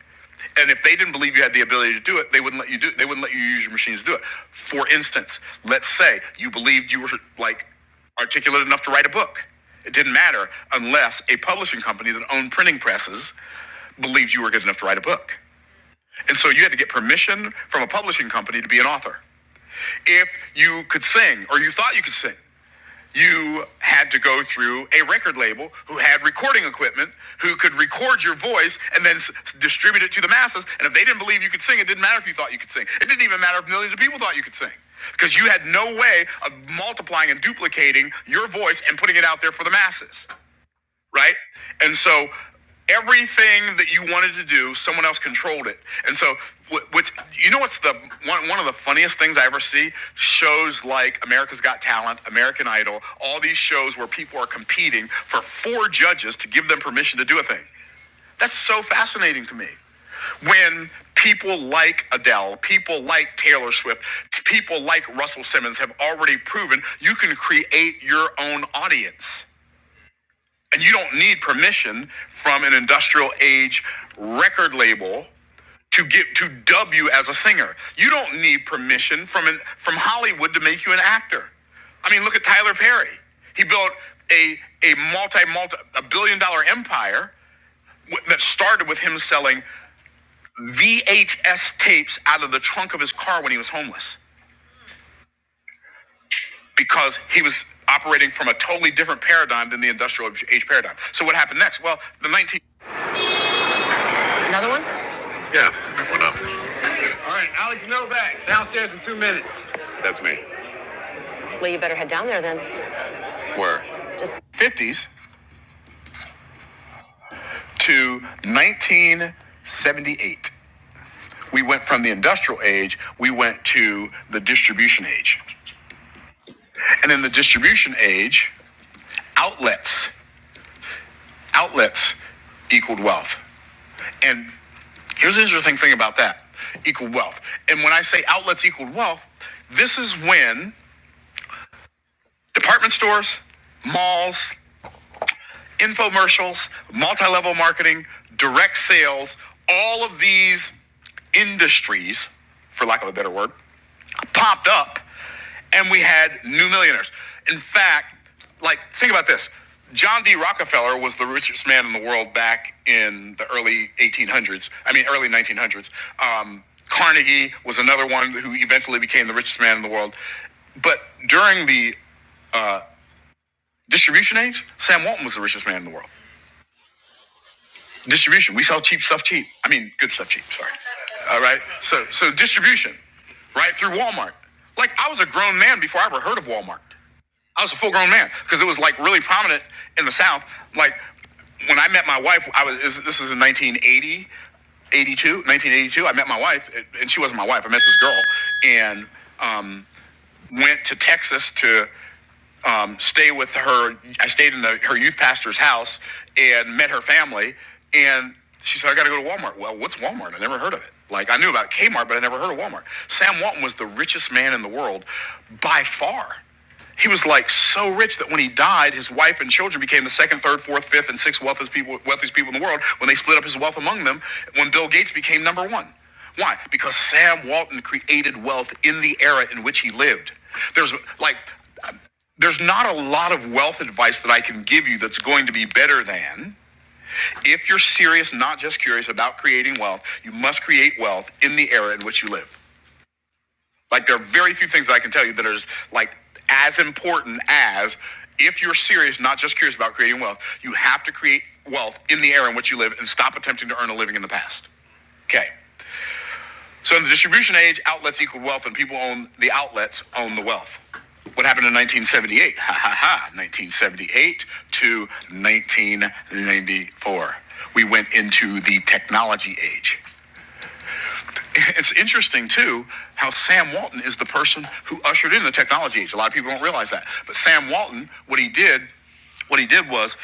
and if they didn't believe you had the ability to do it, they wouldn't let you do it. They wouldn't let you use your machines to do it. For instance, let's say you believed you were like articulate enough to write a book. It didn't matter unless a publishing company that owned printing presses believed you were good enough to write a book. And so you had to get permission from a publishing company to be an author. If you could sing or you thought you could sing, you had to go through a record label who had recording equipment who could record your voice and then s- distribute it to the masses. And if they didn't believe you could sing, it didn't matter if you thought you could sing. It didn't even matter if millions of people thought you could sing because you had no way of multiplying and duplicating your voice and putting it out there for the masses right? And so everything that you wanted to do, someone else controlled it. And so, wh- which you know, what's the one, one of the funniest things I ever see? Shows like America's Got Talent, American Idol, all these shows where people are competing for four judges to give them permission to do a thing. That's so fascinating to me. When people like Adele, people like Taylor Swift, people like Russell Simmons have already proven you can create your own audience and you don't need permission from an industrial age record label to get to dub you as a singer. You don't need permission from an, from Hollywood to make you an actor. I mean, look at Tyler Perry. He built a a multi multi a billion dollar empire w- that started with him selling VHS tapes out of the trunk of his car when he was homeless because he was operating from a totally different paradigm than the industrial age paradigm. So what happened next? Well, the 19 Yeah, what up? Alex Novak, downstairs in two minutes. That's me. Where? 50s to 1978. We went from the industrial age, we went to the distribution age. And in the distribution age, outlets, outlets equaled wealth. And here's the interesting thing about that equaled wealth. And when I say outlets equaled wealth, this is when department stores, malls, infomercials, multi level marketing, direct sales, all of these industries, for lack of a better word, popped up and we had new millionaires. In fact, like, think about this John D. Rockefeller was the richest man in the world back in the early 1800s, I mean, early 1900s. Um, Carnegie was another one who eventually became the richest man in the world. But during the distribution age, Sam Walton was the richest man in the world. distribution. We sell cheap stuff cheap. I mean, good stuff cheap. Sorry. All right. So so distribution, right through Walmart. Like I was a grown man before I ever heard of Walmart. I was a full grown man because it was like really prominent in the South. Like when I met my wife, I was this this is in 1980, 82, 1982. I met my wife, and she wasn't my wife. I met this girl, and um, went to Texas to um, stay with her. I stayed in the, her youth pastor's house and met her family. And she said, I got to go to Walmart. Well, what's Walmart? I never heard of it. Like, I knew about Kmart, but I never heard of Walmart. Sam Walton was the richest man in the world by far. He was like so rich that when he died, his wife and children became the second, third, fourth, fifth, and sixth wealthiest people, wealthiest people in the world when they split up his wealth among them when Bill Gates became number one. Why? Because Sam Walton created wealth in the era in which he lived. There's like, there's not a lot of wealth advice that I can give you that's going to be better than if you're serious, not just curious about creating wealth, you must create wealth in the era in which you live. Like there are very few things that I can tell you that are as, like as important as if you're serious, not just curious about creating wealth, you have to create wealth in the era in which you live and stop attempting to earn a living in the past. Okay. So in the distribution age, outlets equal wealth, and people own the outlets own the wealth. What happened in 1978? Ha ha ha! 1978 to 1994, we went into the technology age it's interesting too how Sam Walton is the person who ushered in the technology age. A lot of people don't realize that, but Sam Walton, what he did, what he did was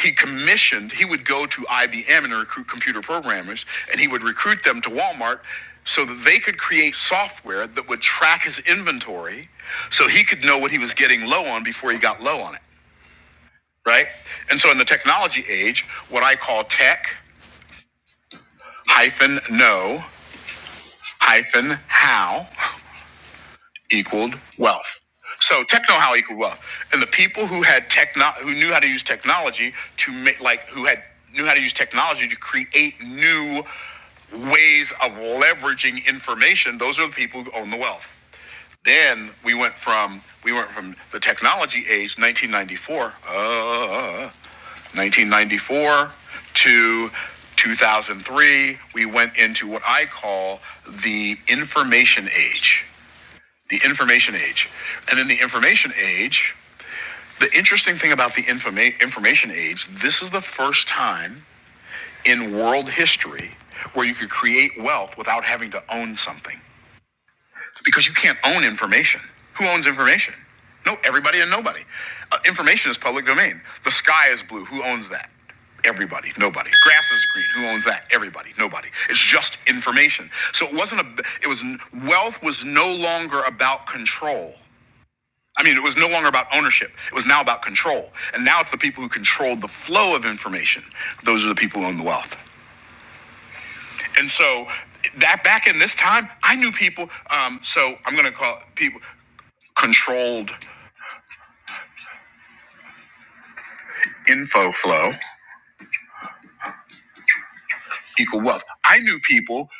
he commissioned. He would go to IBM and recruit computer programmers, and he would recruit them to Walmart so that they could create software that would track his inventory, so he could know what he was getting low on before he got low on it. Right? And so in the technology age, what I call tech hyphen know hyphen how equaled wealth. So techno-how equaled wealth, and the people who had techno who knew how to use technology to make like who had knew how to use technology to create new ways of leveraging information. Those are the people who own the wealth. Then we went from we went from the technology age, 1994, uh, 1994 to 2003. We went into what I call the information age the information age. And in the information age, the interesting thing about the informa- information age, this is the first time in world history where you could create wealth without having to own something. Because you can't own information. Who owns information? No, everybody and nobody. Uh, information is public domain. The sky is blue. Who owns that? Everybody, nobody. Grass is green. Who owns that? Everybody, nobody. It's just information. So it wasn't a. It was wealth was no longer about control. I mean, it was no longer about ownership. It was now about control. And now it's the people who control the flow of information. Those are the people who own the wealth. And so that back in this time, I knew people. Um, so I'm going to call it people controlled info flow. equal wealth. I knew people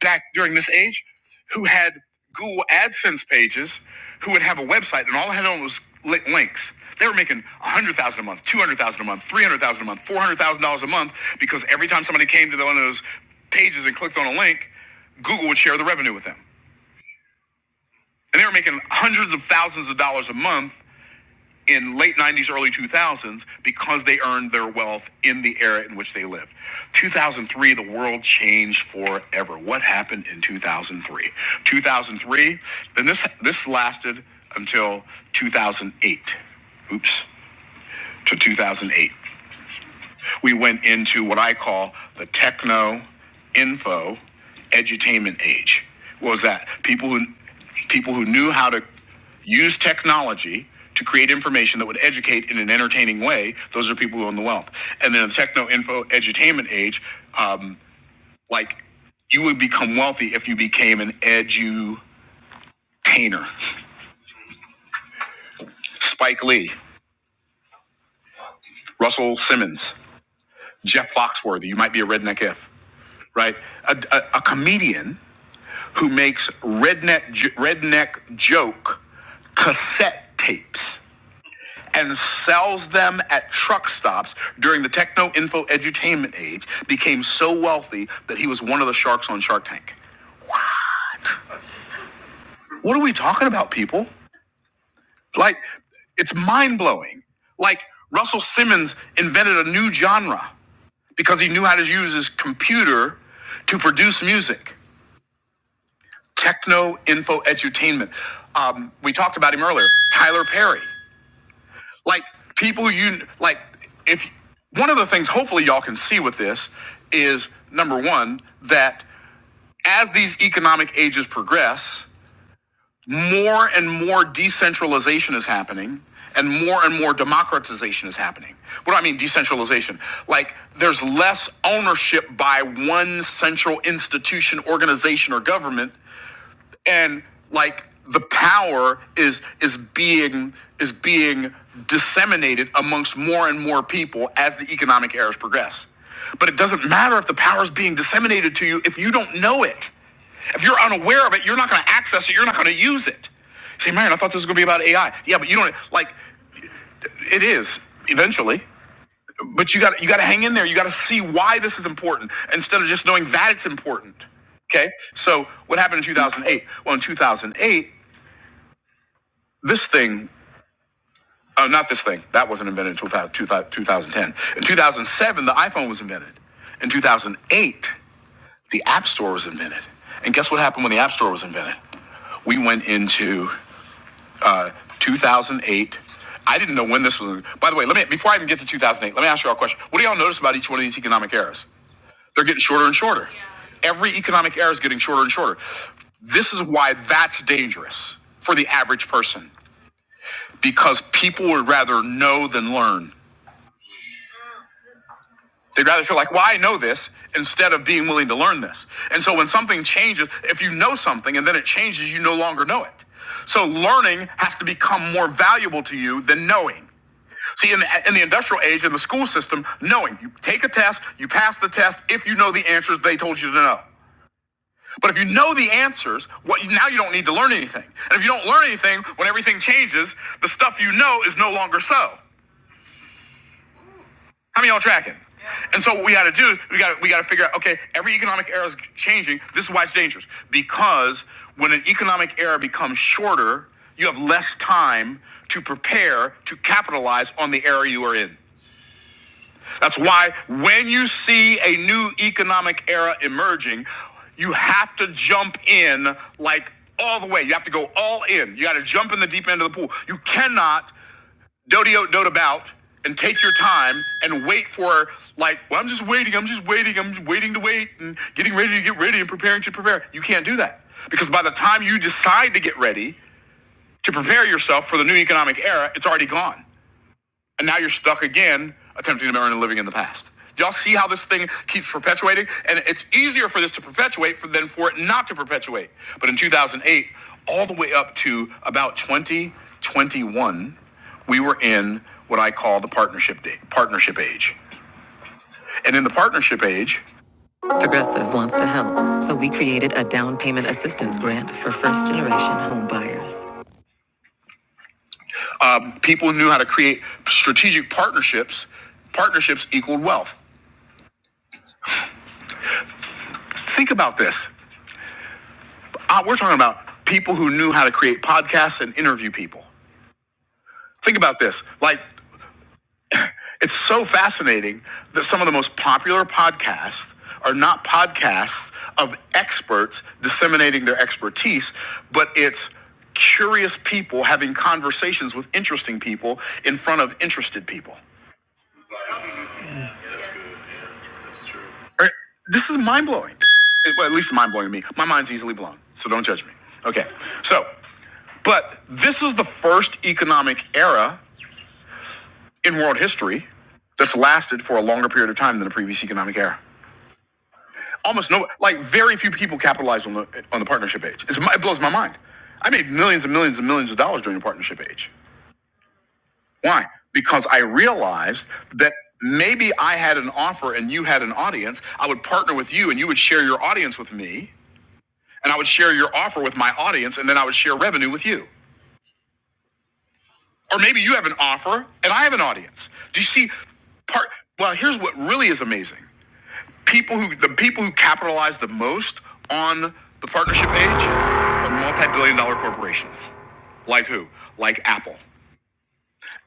back during this age who had Google AdSense pages who would have a website and all I had on was links. They were making a hundred thousand dollars a month, two hundred thousand dollars a month, three hundred thousand dollars a month, four hundred thousand dollars a month because every time somebody came to one of those pages and clicked on a link, Google would share the revenue with them, and they were making hundreds of thousands of dollars a month in late 90s, early 2000s because they earned their wealth in the era in which they lived. 2003, the world changed forever. What happened in 2003? 2003, and this, this lasted until 2008. Oops, to 2008. We went into what I call the techno info edutainment age. What was that? People who people who knew how to use technology to create information that would educate in an entertaining way. Those are people who own the wealth. And then in the techno info edutainment age, um, like you would become wealthy if you became an edutainer. Spike Lee, Russell Simmons, Jeff Foxworthy. You might be a redneck if right? A, a, a comedian who makes redneck redneck joke cassette tapes and sells them at truck stops during the techno info edutainment age became so wealthy that he was one of the sharks on Shark Tank. What are we talking about, people? Like, it's mind blowing. Like, Russell Simmons invented a new genre because he knew how to use his computer to produce music. Techno info edutainment. Um, we talked about him earlier, Tyler Perry. like people you like if one of the things hopefully y'all can see with this is number one that as these economic ages progress more and more decentralization is happening and more and more democratization is happening what do i mean decentralization like there's less ownership by one central institution organization or government and like the power is is being is being disseminated amongst more and more people as the economic eras progress but it doesn't matter if the power is being disseminated to you if you don't know it if you're unaware of it you're not going to access it you're not going to use it You say marion i thought this was going to be about ai yeah but you don't like it is eventually but you got you got to hang in there. You got to see why this is important instead of just knowing that it's important. Okay. So what happened in 2008? Well, in 2008, this thing, uh, not this thing, that wasn't invented until 2010. In 2007, the iPhone was invented. In 2008, the App Store was invented. And guess what happened when the App Store was invented? we went into 2008. I didn't know when this was. By the way, let me before I even get to 2008, let me ask you all a question. What do y'all notice about each one of these economic eras? They're getting shorter and shorter. Yeah. Every economic era is getting shorter and shorter. This is why that's dangerous for the average person because people would rather know than learn. They'd rather feel like, well, I know this instead of being willing to learn this. And so when something changes, if you know something and then it changes, you no longer know it. So learning has to become more valuable to you than knowing. See, in the, in the industrial age, in the school system, knowing you take a test, you pass the test if you know the answers they told you to know. But if you know the answers, what now you don't need to learn anything. And if you don't learn anything, when everything changes, the stuff you know is no longer so. How many of y'all tracking? Yeah. And so what we got to do is we got we got to figure out. Okay, every economic era is changing. This is why it's dangerous because when an economic era becomes shorter, you have less time to prepare to capitalize on the era you are in. That's why when you see a new economic era emerging, you have to jump in like all the way. You have to go all in. You got to jump in the deep end of the pool. You cannot dote about and take your time and wait for like, well, I'm just waiting. I'm just waiting. I'm just waiting to wait and getting ready to get ready and preparing to prepare. You can't do that because by the time you decide to get ready to prepare yourself for the new economic era, it's already gone and now you're stuck again attempting to remember and living in the past. Y'all see how this thing keeps perpetuating? And it's easier for this to perpetuate for, than for it not to perpetuate. But in 2008, all the way up to about 2021, we were in what I call the partnership day, partnership age. And in the partnership age, of wants to help. So we created a down payment assistance grant for first generation home buyers. People knew how to create strategic partnerships. Partnerships equaled wealth. Think about this. Uh, we're talking about people who knew how to create podcasts and interview people. Think about this. Like, it's so fascinating that some of the most popular podcasts are not podcasts of experts disseminating their expertise, but it's curious people having conversations with interesting people in front of interested people. All right, This is mind blowing. Well, at least mind blowing to me. My mind's easily blown, so don't judge me. Okay, so, but this is the first economic era in world history that's lasted for a longer period of time than the previous economic era. Almost no, like very few people capitalized on the on the partnership age. It's, it blows my mind. I made millions and millions and millions of dollars during the partnership age. Why? Because I realized that maybe I had an offer and you had an audience. I would partner with you and you would share your audience with me, and I would share your offer with my audience, and then I would share revenue with you. Or maybe you have an offer and I have an audience. Do you see part? Well, here's what really is amazing. people who the people who capitalize the most on the partnership age are multi-billion dollar corporations like who like apple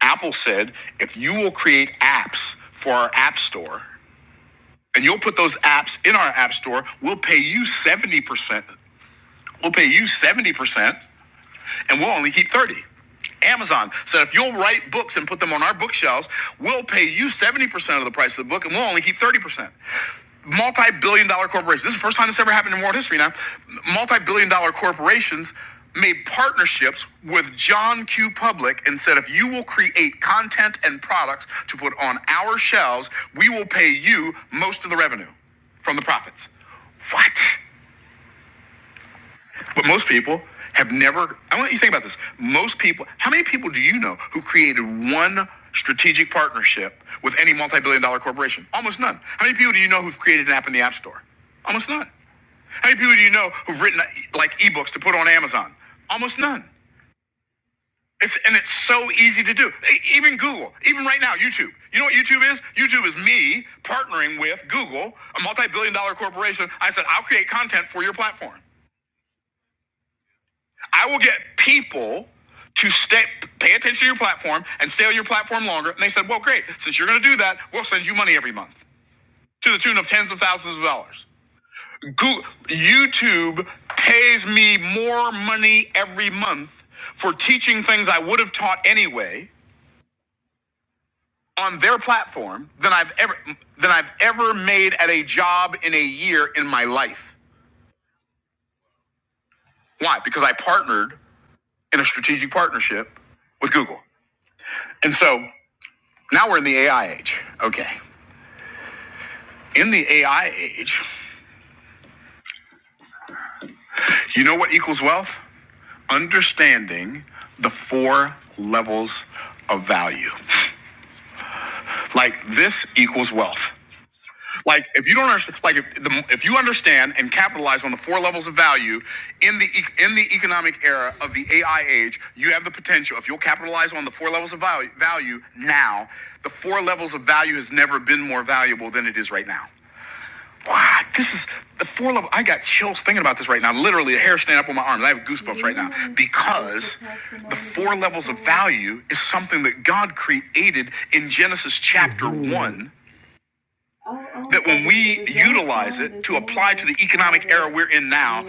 apple said if you will create apps for our app store and you'll put those apps in our app store we'll pay you 70% we'll pay you 70% and we'll only keep 30. Amazon said if you'll write books and put them on our bookshelves, we'll pay you 70% of the price of the book and we'll only keep 30%. Multi billion dollar corporations, this is the first time this ever happened in world history now. Multi billion dollar corporations made partnerships with John Q. Public and said if you will create content and products to put on our shelves, we will pay you most of the revenue from the profits. What? But most people have never, I want you to think about this. Most people, how many people do you know who created one strategic partnership with any multi billion dollar corporation? Almost none. How many people do you know who've created an app in the App Store? Almost none. How many people do you know who've written like ebooks to put on Amazon? Almost none. It's, and it's so easy to do. E- Even Google, even right now, YouTube. You know what YouTube is? YouTube is me partnering with Google, a multi billion dollar corporation. I said, I'll create content for your platform. I will get people to stay, pay attention to your platform and stay on your platform longer. And they said, well, great. Since you're going to do that, we'll send you money every month to the tune of tens of thousands of dollars. Goo YouTube pays me more money every month for teaching things I would have taught anyway on their platform than I've ever than I've ever made at a job in a year in my life. Why? Because I partnered in a strategic partnership with Google. And so Now we're in the AI age. Okay. In the AI age, you know what equals wealth? Understanding the four levels of value. Like this equals wealth. Like if you don't understand, like if, the, if you understand and capitalize on the four levels of value in the e, in the economic era of the AI age, you have the potential. If you'll capitalize on the four levels of value, value now, the four levels of value has never been more valuable than it is right now. Wow, this is the four level. I got chills thinking about this right now. Literally, a hair standing up on my arms. I have goosebumps right now because the four levels of value is something that God created in Genesis chapter one that when we utilize it to apply to the economic era we're in now,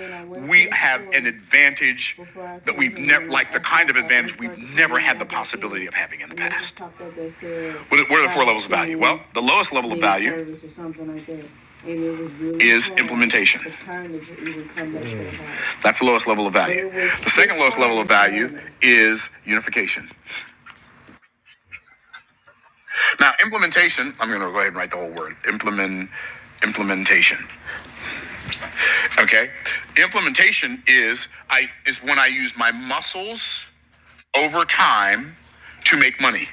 we have an advantage that we've never, like the kind of advantage we've never had the possibility of having in the past. What are the four levels of value? Well, the lowest level of value is implementation. That's the lowest level of value. The second lowest level of value is unification. Now, implementation, I'm going to go ahead and write the whole word implement, implementation. Okay. Implementation is I is when I use my muscles over time to make money.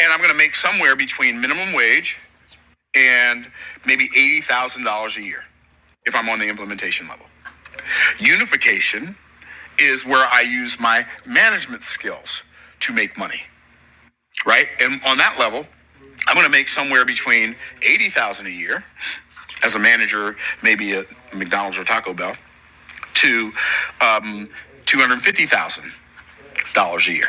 And I'm going to make somewhere between minimum wage and maybe $80,000 a year if I'm on the implementation level. Unification is where I use my management skills to make money, right? And on that level, I'm going to make somewhere between 80,000 a year as a manager, maybe at McDonald's or Taco Bell, to um, two hundred fifty thousand dollars a year.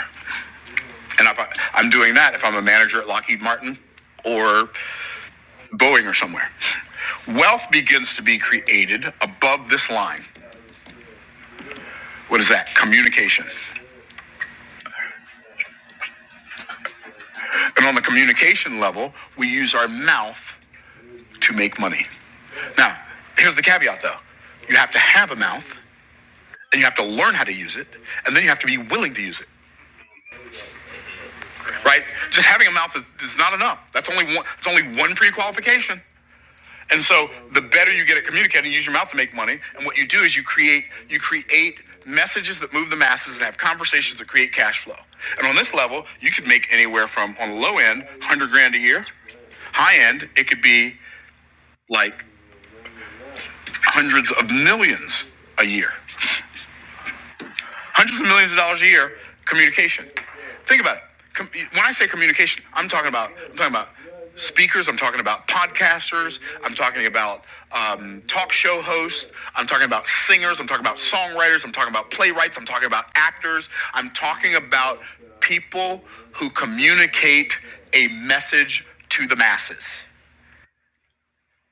And if I, I'm doing that, if I'm a manager at Lockheed Martin or Boeing or somewhere, wealth begins to be created above this line. What is that? Communication. And on the communication level, we use our mouth to make money. Now, here's the caveat though: you have to have a mouth, and you have to learn how to use it, and then you have to be willing to use it. Right? Just having a mouth is not enough. That's only one. It's only one pre-qualification. And so the better you get at communicating, use your mouth to make money. And what you do is you create you create messages that move the masses and have conversations that create cash flow. And on this level, you could make anywhere from on the low end, one hundred grand a year. High end, it could be like hundreds of millions a year. Hundreds of millions of dollars a year, communication. Think about it. Com- when I say communication, I'm talking about I'm talking about speakers. I'm talking about podcasters. I'm talking about um, talk show hosts. I'm talking about singers. I'm talking about songwriters. I'm talking about playwrights. I'm talking about actors. I'm talking about people who communicate a message to the masses.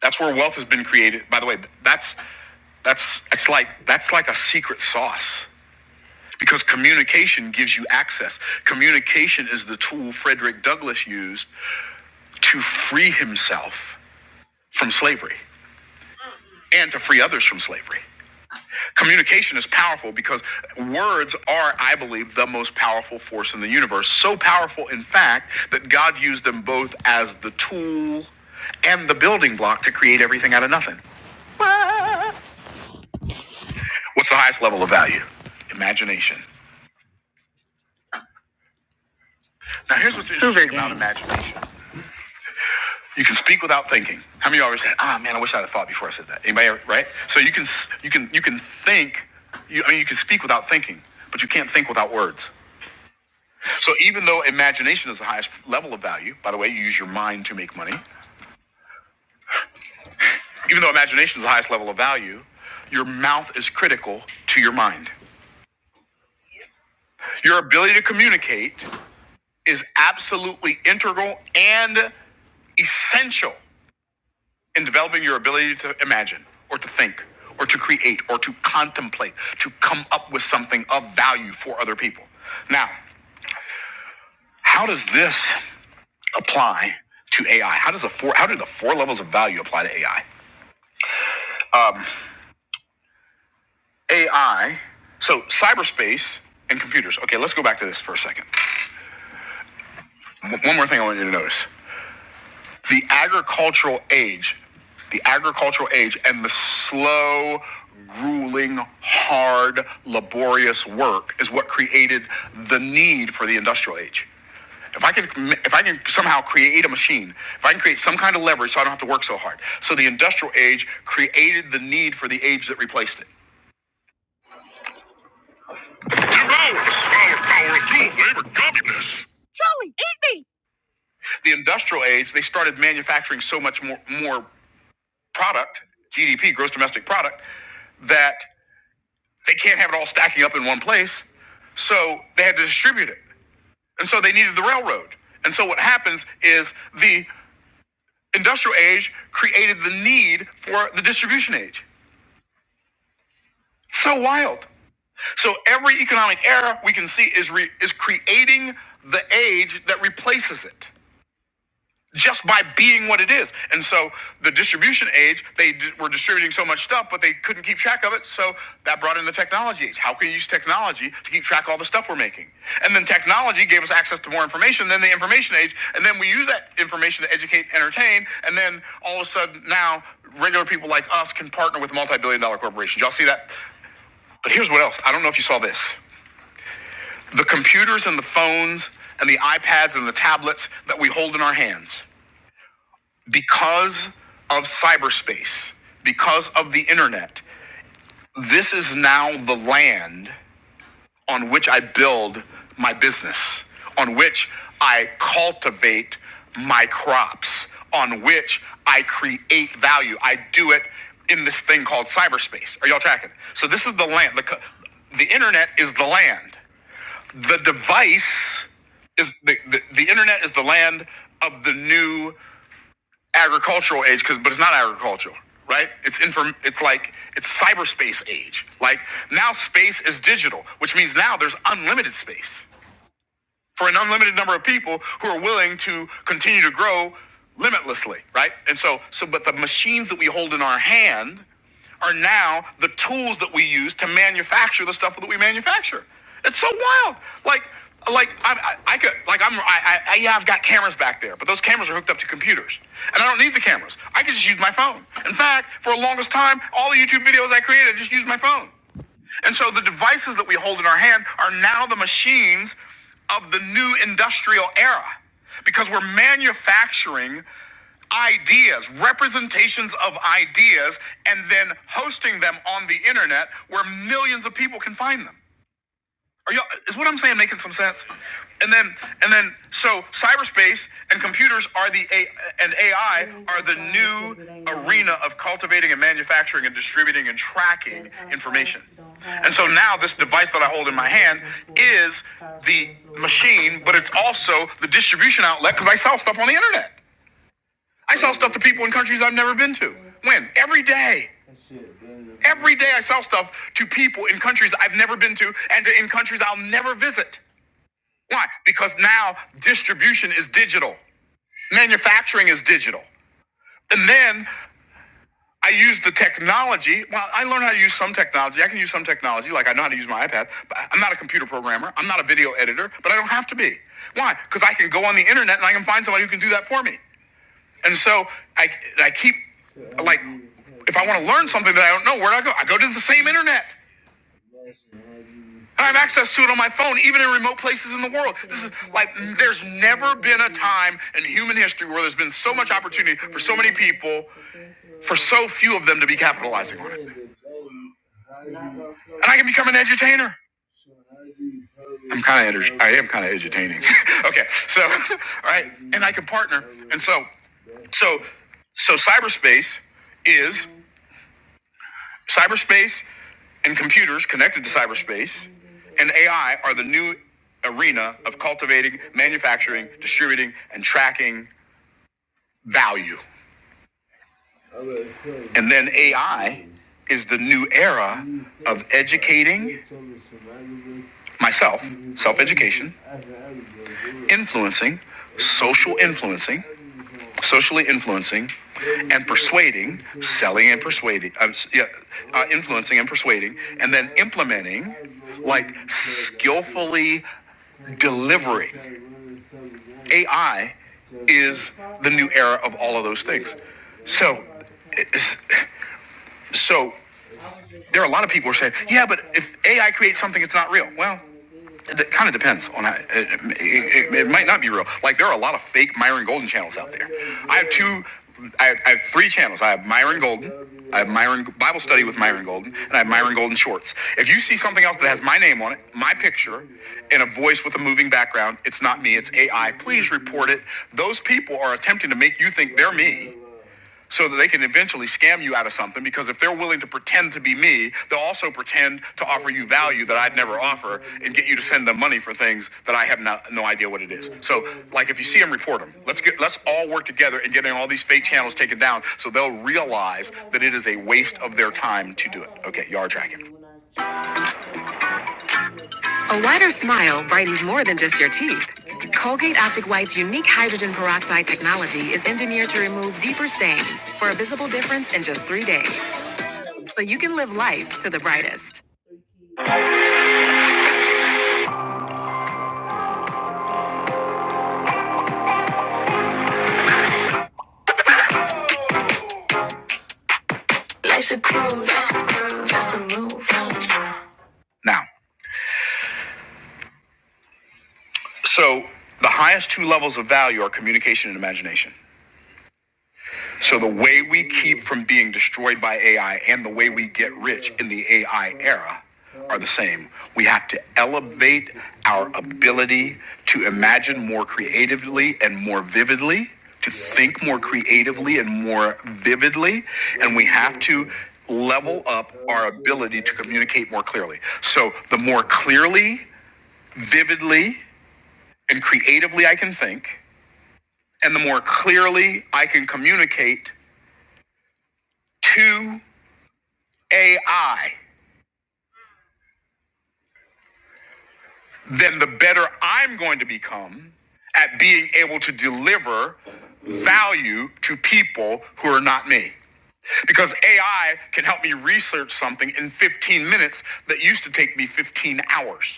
That's where wealth has been created. By the way, that's that's it's like that's like a secret sauce because communication gives you access. Communication is the tool Frederick Douglass used to free himself from slavery and to free others from slavery. Communication is powerful because words are, I believe, the most powerful force in the universe. So powerful, in fact, that God used them both as the tool and the building block to create everything out of nothing. What's the highest level of value? Imagination. Now, here's what's interesting about imagination. You can speak without thinking. How many of you already said, "Ah, man, I wish I'd have thought before I said that." Anybody, right? So you can you can you can think. You, I mean, you can speak without thinking, but you can't think without words. So even though imagination is the highest level of value, by the way, you use your mind to make money. Even though imagination is the highest level of value, your mouth is critical to your mind. Your ability to communicate is absolutely integral and essential in developing your ability to imagine or to think or to create or to contemplate, to come up with something of value for other people. Now, how does this apply to AI? How does the four how do the four levels of value apply to AI? AI, so cyberspace and computers. Okay, let's go back to this for a second. One more thing I want you to notice. the agricultural age, the agricultural age, and the slow, grueling, hard, laborious work is what created the need for the industrial age. If I can, if I can somehow create a machine, if I can create some kind of leverage, so I don't have to work so hard. So the industrial age created the need for the age that replaced it. Powerful labor gubbiness. The industrial age, they started manufacturing so much more more product, GDP, gross domestic product, that They can't have it all stacking up in one place. So they had to distribute it. And so they needed the railroad. And so what happens is the industrial age created the need for the distribution age. So wild. So every economic era we can see is re- is creating the age that replaces it. just by being what it is. And so the distribution age, they d- were distributing so much stuff, but they couldn't keep track of it. So that brought in the technology age. How can you use technology to keep track of all the stuff we're making? And then technology gave us access to more information than the information age. And then we use that information to educate, entertain. And then all of a sudden now regular people like us can partner with multi-billion dollar corporations. Y'all see that? But here's what else. I don't know if you saw this. The computers and the phones and the iPads and the tablets that we hold in our hands because of cyberspace, because of the internet, this is now the land on which I build my business, on which I cultivate my crops, on which I create value. I do it in this thing called cyberspace. Are y'all tracking? So this is the land. The, the internet is the land. The device is the, the, the internet is the land of the new agricultural age because but it's not agricultural right it's inform it's like it's cyberspace age like now space is digital which means now there's unlimited space for an unlimited number of people who are willing to continue to grow limitlessly, right? And so, so but the machines that we hold in our hand are now the tools that we use to manufacture the stuff that we manufacture. It's so wild. Like, like I, I, I could, like I'm, I, I, yeah, I've got cameras back there, but those cameras are hooked up to computers, and I don't need the cameras. I could just use my phone. In fact, for the longest time, all the YouTube videos I created, I just used my phone. And so the devices that we hold in our hand are now the machines of the new industrial era because we're manufacturing ideas, representations of ideas, and then hosting them on the internet where millions of people can find them. Are you is what I'm saying making some sense? And then and then so cyberspace and computers are the a and AI are the new arena of cultivating and manufacturing and distributing and tracking information. And so now this device that I hold in my hand is the machine, but it's also the distribution outlet because I sell stuff on the internet. I sell stuff to people in countries I've never been to. When? Every day. Every day I sell stuff to people in countries I've never been to and to in countries I'll never visit. Why? Because now distribution is digital, manufacturing is digital. And then I use the technology. Well, I learned how to use some technology. I can use some technology, like I know how to use my iPad, but I'm not a computer programmer. I'm not a video editor, but I don't have to be. Why? Because I can go on the internet and I can find somebody who can do that for me. And so I, I keep like, if I want to learn something that I don't know, where do I go? I go to the same internet. And I have access to it on my phone, even in remote places in the world. This is like, there's never been a time in human history where there's been so much opportunity for so many people, for so few of them to be capitalizing on it. And I can become an edutainer. I'm kind of, I am kind of edutaining. okay, so, all right, and I can partner. And so, so, so cyberspace is cyberspace. and computers connected to cyberspace and AI are the new arena of cultivating, manufacturing, distributing, and tracking value. And then AI is the new era of educating myself, self education, influencing, social influencing, socially influencing, and persuading, selling and persuading, um, yeah, uh, influencing and persuading, and then implementing, like skillfully delivering. AI is the new era of all of those things. So, so there are a lot of people who are saying, yeah, but if AI creates something, it's not real. Well, it kind of depends on how, it, it, it, it might not be real. Like there are a lot of fake Myron Golden channels out there. I have two, I have, I have three channels. I have Myron Golden, I have Myron Bible Study with Myron Golden, and I have Myron Golden Shorts. If you see something else that has my name on it, my picture, and a voice with a moving background, it's not me. It's AI. Please report it. Those people are attempting to make you think they're me so that they can eventually scam you out of something because if they're willing to pretend to be me they'll also pretend to offer you value that i'd never offer and get you to send them money for things that i have not, no idea what it is so like if you see them report them let's get let's all work together and getting all these fake channels taken down so they'll realize that it is a waste of their time to do it okay y'all are tracking a wider smile brightens more than just your teeth colgate optic white's unique hydrogen peroxide technology is engineered to remove deeper stains for a visible difference in just three days so you can live life to the brightest. Life's a cruise, just a cruise, just a move. Now, so the highest two levels of value are communication and imagination. So the way we keep from being destroyed by AI and the way we get rich in the AI era are the same. We have to elevate our ability to imagine more creatively and more vividly, to think more creatively and more vividly, and we have to level up our ability to communicate more clearly. So the more clearly, vividly, and creatively I can think, and the more clearly I can communicate to AI, then the better I'm going to become at being able to deliver value to people who are not me. Because AI can help me research something in 15 minutes that used to take me 15 hours.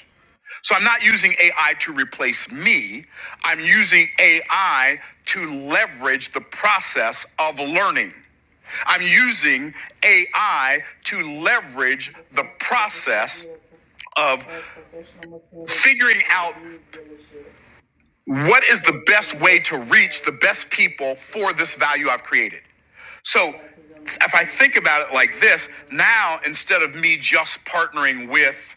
So I'm not using AI to replace me. I'm using AI to leverage the process of learning. I'm using AI to leverage the process of figuring out what is the best way to reach the best people for this value I've created? So if I think about it like this, now instead of me just partnering with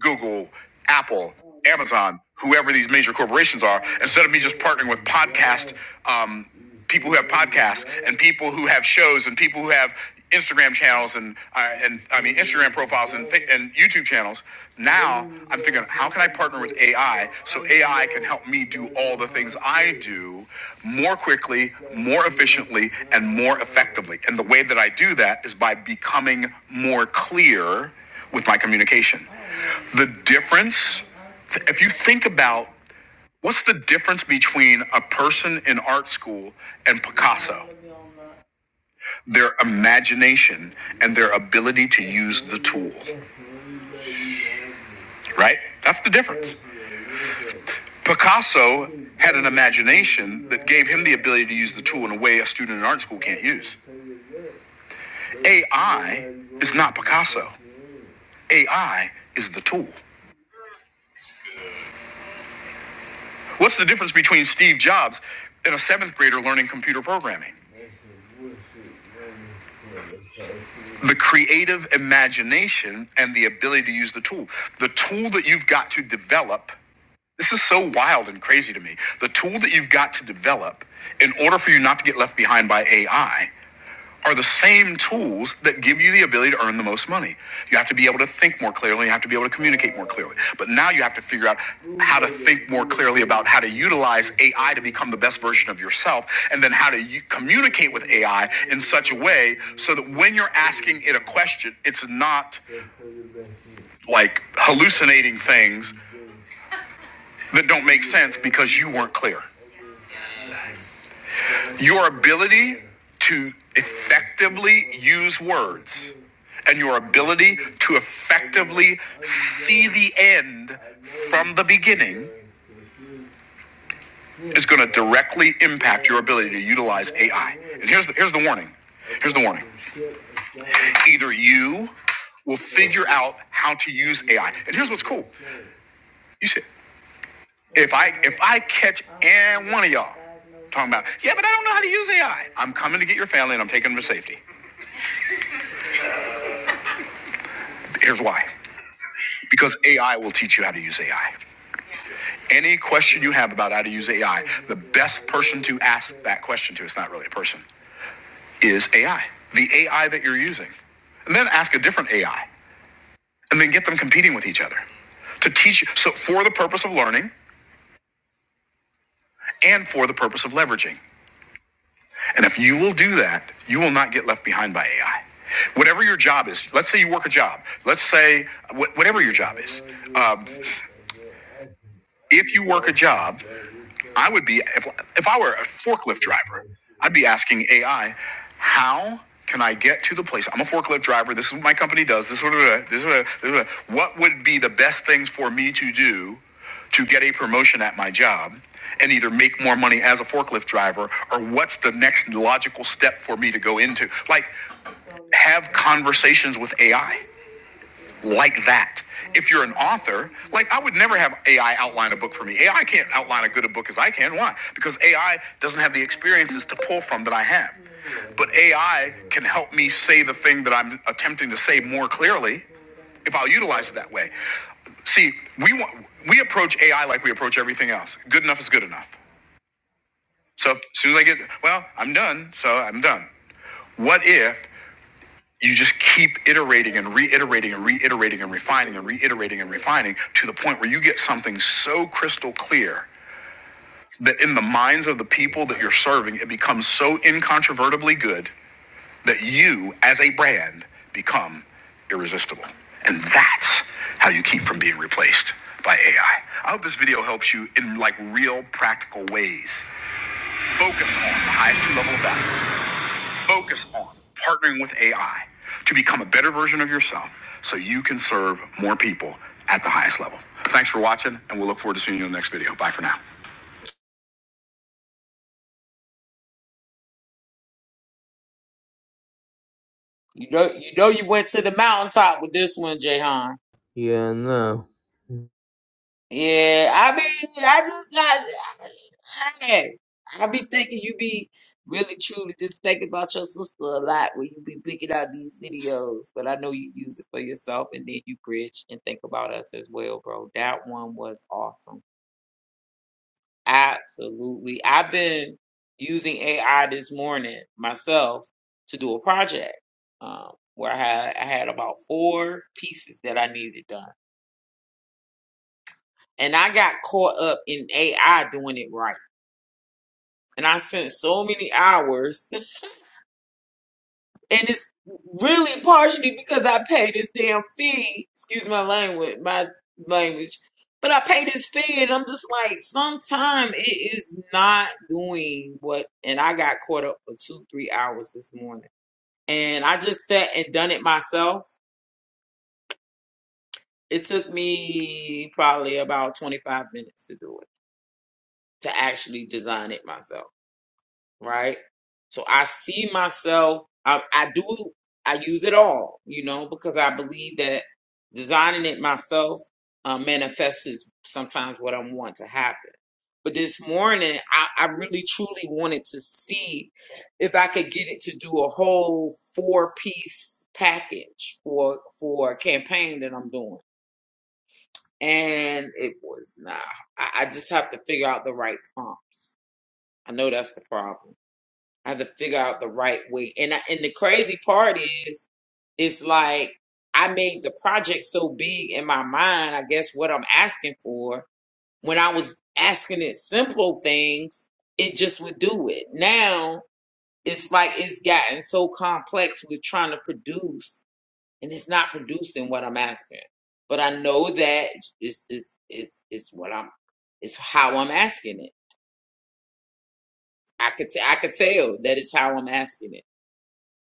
Google, Apple, Amazon, whoever these major corporations are, instead of me just partnering with podcast um, people who have podcasts and people who have shows and people who have Instagram channels and I and I mean Instagram profiles and and YouTube channels. Now I'm figuring how can I partner with AI so AI can help me do all the things I do more quickly, more efficiently, and more effectively. And the way that I do that is by becoming more clear with my communication. The difference, if you think about what's the difference between a person in art school and Picasso? their imagination and their ability to use the tool, right? That's the difference. Picasso had an imagination that gave him the ability to use the tool in a way a student in art school can't use. AI is not Picasso. AI is the tool. What's the difference between Steve Jobs and a seventh grader learning computer programming? The creative imagination and the ability to use the tool. The tool that you've got to develop This is so wild and crazy to me. The tool that you've got to develop in order for you not to get left behind by AI are the same tools that give you the ability to earn the most money. You have to be able to think more clearly, you have to be able to communicate more clearly. But now you have to figure out how to think more clearly about how to utilize AI to become the best version of yourself and then how to u- communicate with AI in such a way so that when you're asking it a question, it's not like hallucinating things that don't make sense because you weren't clear. Your ability to effectively use words and your ability to effectively see the end from the beginning is going to directly impact your ability to utilize AI. And here's the, here's the warning. Here's the warning. Either you will figure out how to use AI. And here's what's cool. You see. If I if I catch and one of y'all talking about, yeah, but I don't know how to use AI. I'm coming to get your family and I'm taking them to safety. Here's why. Because AI will teach you how to use AI. Any question you have about how to use AI, the best person to ask that question to, it's not really a person, is AI. The AI that you're using. And then ask a different AI. And then get them competing with each other. To teach you. so for the purpose of learning and for the purpose of leveraging. And if you will do that, you will not get left behind by AI. Whatever your job is, let's say you work a job. Let's say wh- whatever your job is. Um, if you work a job I would be if if I were a forklift driver, I'd be asking AI, how can I get to the place? I'm a forklift driver. This is what my company does. This is what this is what, this is what, what would be the best things for me to do to get a promotion at my job and either make more money as a forklift driver or what's the next logical step for me to go into? Like have conversations with AI like that. If you're an author, like I would never have AI outline a book for me. AI can't outline as good a book as I can. Why? Because AI doesn't have the experiences to pull from that I have. But AI can help me say the thing that I'm attempting to say more clearly if I'll utilize it that way. See, we want we approach AI like we approach everything else. Good enough is good enough. So if, as soon as I get well, I'm done. So I'm done. What if? you just keep iterating and reiterating and reiterating and refining and reiterating and refining to the point where you get something so crystal clear that in the minds of the people that you're serving, it becomes so incontrovertibly good that you, as a brand, become irresistible. And that's how you keep from being replaced by AI. I I hope this video helps you in like real practical ways. Focus on the highest level of value Focus on partnering with AI to become a better version of yourself so you can serve more people at the highest level. Thanks for watching, and we'll look forward to seeing you in the next video. Bye for now. You know, you know, you went to the mountaintop with this one, Jahan. Yeah, no. Yeah, I mean, I just got, hey, I be thinking you be really truly just thinking about your sister a lot when you be picking out these videos, but I know you use it for yourself and then you bridge and think about us as well, bro. That one was awesome. Absolutely. I've been using AI this morning myself to do a project, um, where I had, I had about four pieces that I needed done. And I got caught up in AI doing it right. and I spent so many hours. And it's really partially because I paid this damn fee. Excuse my language, my language. But I paid this fee, and I'm just like, sometime it is not doing what. And I got caught up for two, three hours this morning, and I just sat and done it myself. It took me probably about 25 minutes to do it, to actually design it myself. right? So I see myself. I, I do. I use it all, you know, because I believe that designing it myself uh, manifests is sometimes what I want to happen. But this morning, I, I really truly wanted to see if I could get it to do a whole four piece package for for a campaign that I'm doing, and it was not. I, I just have to figure out the right prompts. I know that's the problem I have to figure out the right way. And I, and the crazy part is, it's like I made the project so big in my mind. I guess what I'm asking for when I was asking it simple things, it just would do it. Now it's like it's gotten so complex. We're trying to produce, and it's not producing what I'm asking. But I know that it's it's it's, it's what I'm. It's how I'm asking it. I could t- I could tell that it's how I'm asking it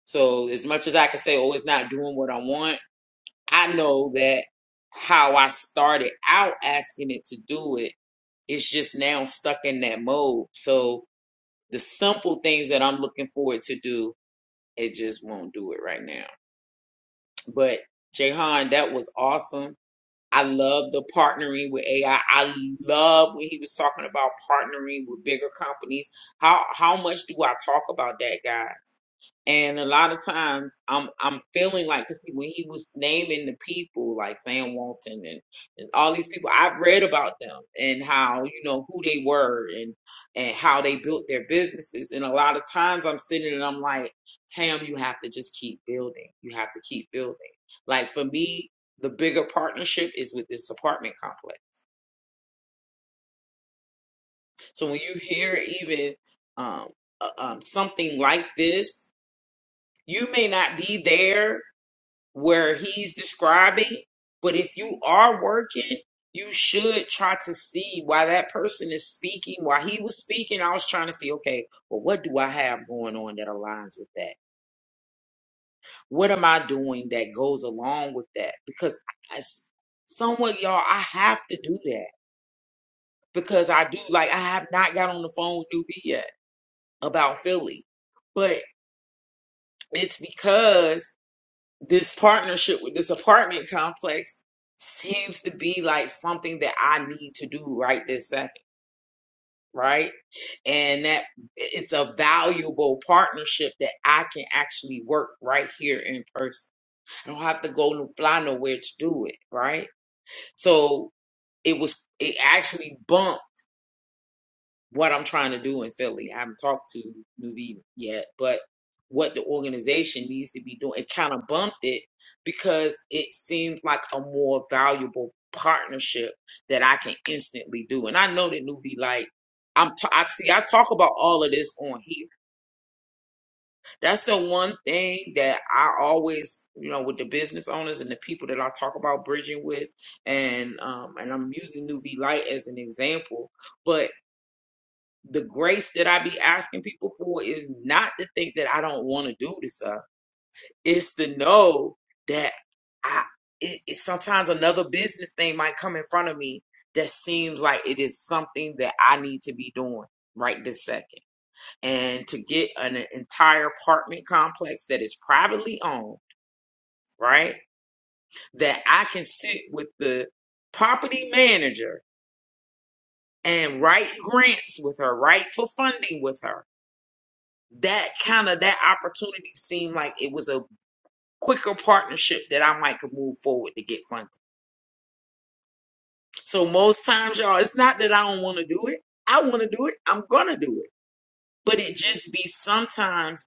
So as much as I can say, oh, it's not doing what I want, I know that how I started out asking it to do it, it's just now stuck in that mode. So the simple things that I'm looking forward to do, it just won't do it right now. But Jahan, that was awesome. I love the partnering with AI. I I love when he was talking about partnering with bigger companies. How how much do I talk about that, guys? And a lot of times I'm I'm feeling like because when he was naming the people like Sam Walton and, and all these people, I've read about them and how you know who they were and and how they built their businesses. And a lot of times I'm sitting and I'm like, Tam, you have to just keep building. You have to keep building. Like for me, the bigger partnership is with this apartment complex. So when you hear even um, uh, um, something like this, you may not be there where he's describing, but if you are working, you should try to see why that person is speaking. While he was speaking, I was trying to see, okay, well, what do I have going on that aligns with that? What am I doing that goes along with that? Because I, somewhat, y'all, I have to do that. because I do like I have not got on the phone with Newbie yet about Philly, but it's because this partnership with this apartment complex seems to be like something that I need to do right this second, right? And that it's a valuable partnership that I can actually work right here in person. I don't have to go and fly nowhere to do it, right? So it was it actually bumped what I'm trying to do in Philly. I haven't talked to Nuvi yet, but what the organization needs to be doing. It kind of bumped it because it seems like a more valuable partnership that I can instantly do. And I know that Nuvi like I'm t- I see I talk about all of this on here. That's the one thing that I always, you know, with the business owners and the people that I talk about bridging with and um and I'm using Nuvi Light as an example, but the grace that I be asking people for is not to think that I don't want to do this stuff. It's to know that I it, it, sometimes another business thing might come in front of me that seems like it is something that I need to be doing right this second. And to get an entire apartment complex that is privately owned, right? That I can sit with the property manager and write grants with her, write for funding with her that kind of that opportunity seemed like it was a quicker partnership that I might could move forward to get funded. So most times, y'all, it's not that I don't want to do it. I want to do it. I'm gonna do it. But it just be sometimes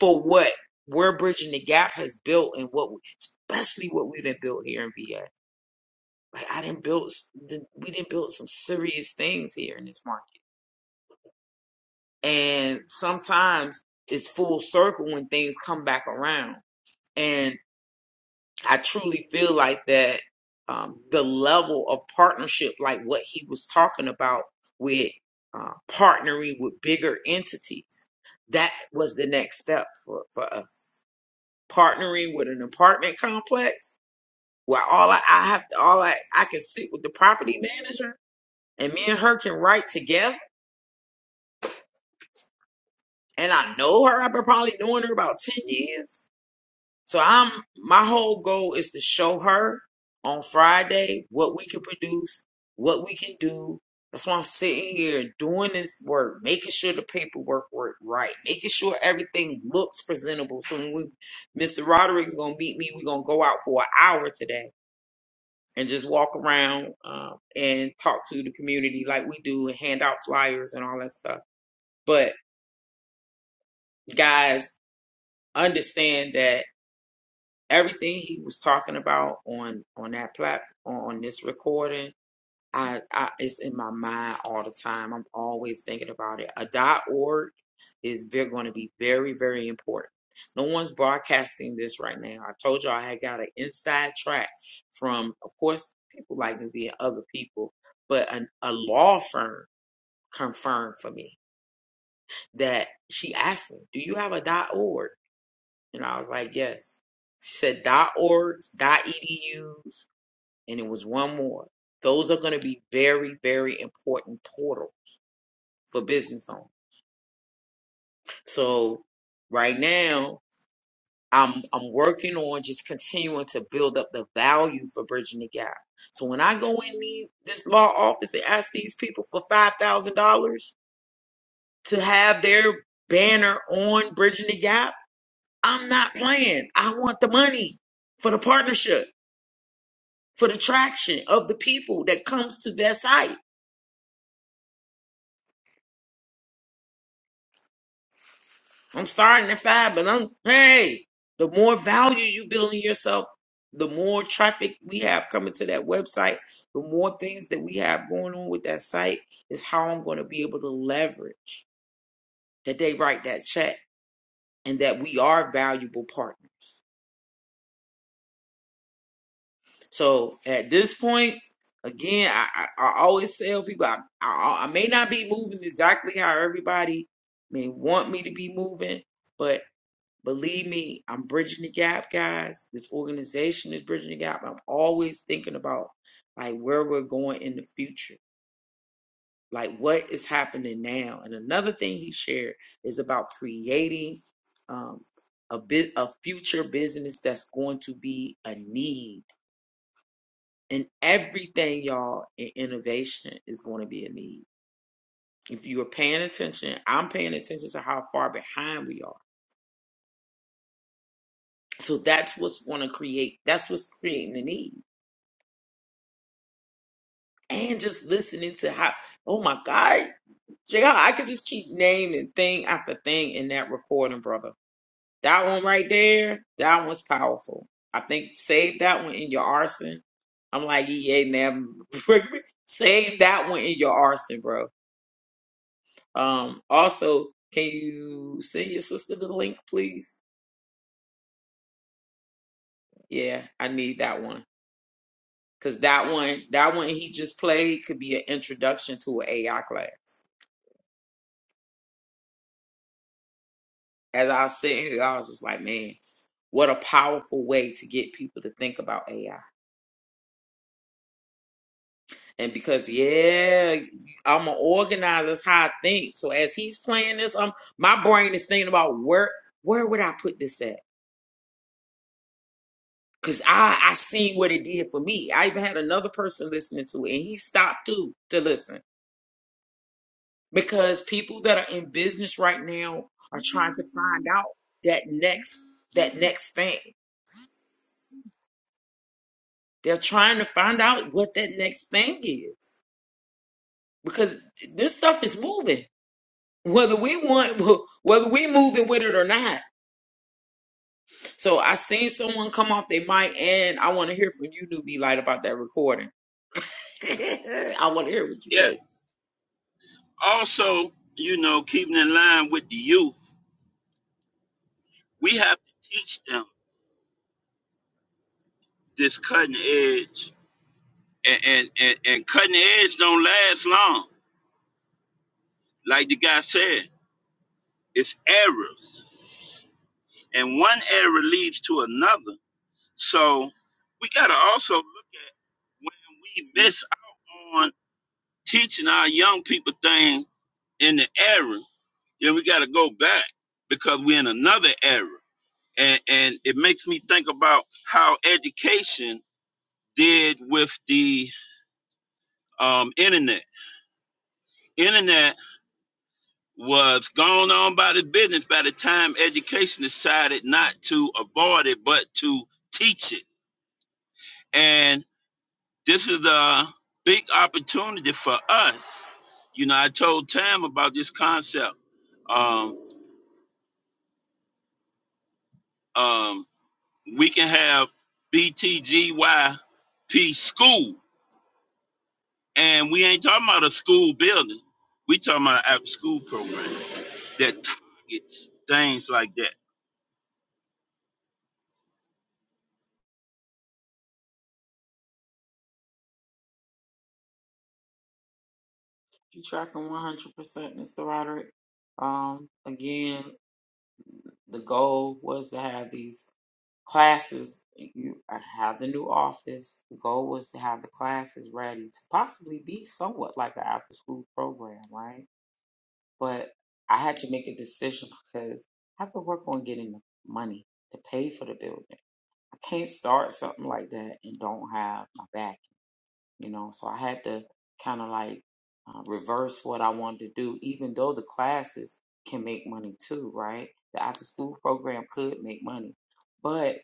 for what we're bridging the gap has built and what, we, especially what we didn't build here in VA. Like I didn't build, we didn't build some serious things here in this market. And sometimes it's full circle when things come back around. and. I truly feel like that um, the level of partnership, like what he was talking about with uh, partnering with bigger entities, that was the next step for, for us. Partnering with an apartment complex where all I, I have, all I, I can sit with the property manager and me and her can write together. And I know her. I've been probably knowing her about 10 years So I'm my whole goal is to show her on Friday what we can produce, what we can do. That's why I'm sitting here doing this work, making sure the paperwork work right, making sure everything looks presentable. So when we, Mr. Roderick's gonna meet me, we're gonna go out for an hour today and just walk around um, and talk to the community like we do and hand out flyers and all that stuff. But guys, understand that everything he was talking about on on that platform on this recording I, I it's in my mind all the time i'm always thinking about it a dot org is they're going to be very very important no one's broadcasting this right now i told you i had got an inside track from of course people like me being other people but an, a law firm confirmed for me that she asked me do you have a dot org and I was like, yes. She said dot orgs, dot edus, and it was one more. Those are going to be very, very important portal for business owners. So right now, I'm I'm working on just continuing to build up the value for bridging the gap. So when I go in these this law office and ask these people for five thousand dollars to have their banner on bridging the gap, I'm not playing. I want the money for the partnership. for the traction of the people that comes to their site. I'm starting at five, but I'm hey, the more value you build in yourself, the more traffic we have coming to that website, the more things that we have going on with that site is how I'm going to be able to leverage that they write that check and that we are a valuable partner. So at this point, again, I, I, I always tell people I, I, I may not be moving exactly how everybody may want me to be moving, but Believe me, I'm bridging the gap, guys. This organization is bridging the gap. I'm always thinking about like where we're going in the future, like what is happening now. And another thing he shared is about creating um, a bit a future business that's going to be a need. And everything, y'all, in innovation is going to be a need. If you are paying attention, I'm paying attention to how far behind we are. So that's what's going to create. That's what's creating the need and just listening to how oh my god JR, i could just keep naming thing after thing in that recording brother that one right there that one's powerful i think save that one in your arson i'm like yeah man save that one in your arson bro um also can you send your sister the link please yeah i need that one because that one that one he just played could be an introduction to an ai class As I was sitting here, I was just like, man, what a powerful way to get people to think about AI. And because yeah, I'm an organizer, that's how I think. So as he's playing this, um, my brain is thinking about where where would I put this at? Cause I I seen what it did for me. I even had another person listening to it, and he stopped too to listen because people that are in business right now are trying to find out that next that next thing. They're trying to find out what that next thing is. because this stuff is moving whether we want whether we moving with it or not so i seen someone come off their mic and i want to hear from you newbie light about that recording i want to hear what you Yeah. think Also, you know, keeping in line with the youth, we have to teach them this cutting edge. And, and, and, and cutting edge don't last long. Like the guy said, it's errors and one error leads to another. So we got to also look at when we miss out on teaching our young people things in the error, then we got to go back because we're in another error. And, and it makes me think about how education did with the um, internet. Internet was started, but to teach it. And this is a big opportunity for us, you know, myself. um, BTGYP school. And we ain't talking about a school building. We talking about after school program that targets things like that. you tracking 100% mr roderick um again the goal was to have these classes you I have the new office the goal was to have the classes ready to possibly be somewhat like an after school program right but I had to make a decision because I have to work on getting the money to pay for the building. I can't start something like that and don't have my back, you know. So I had to kind of like uh, reverse what I wanted to do, even though the classes can make money too, right? The after school program could make money, but.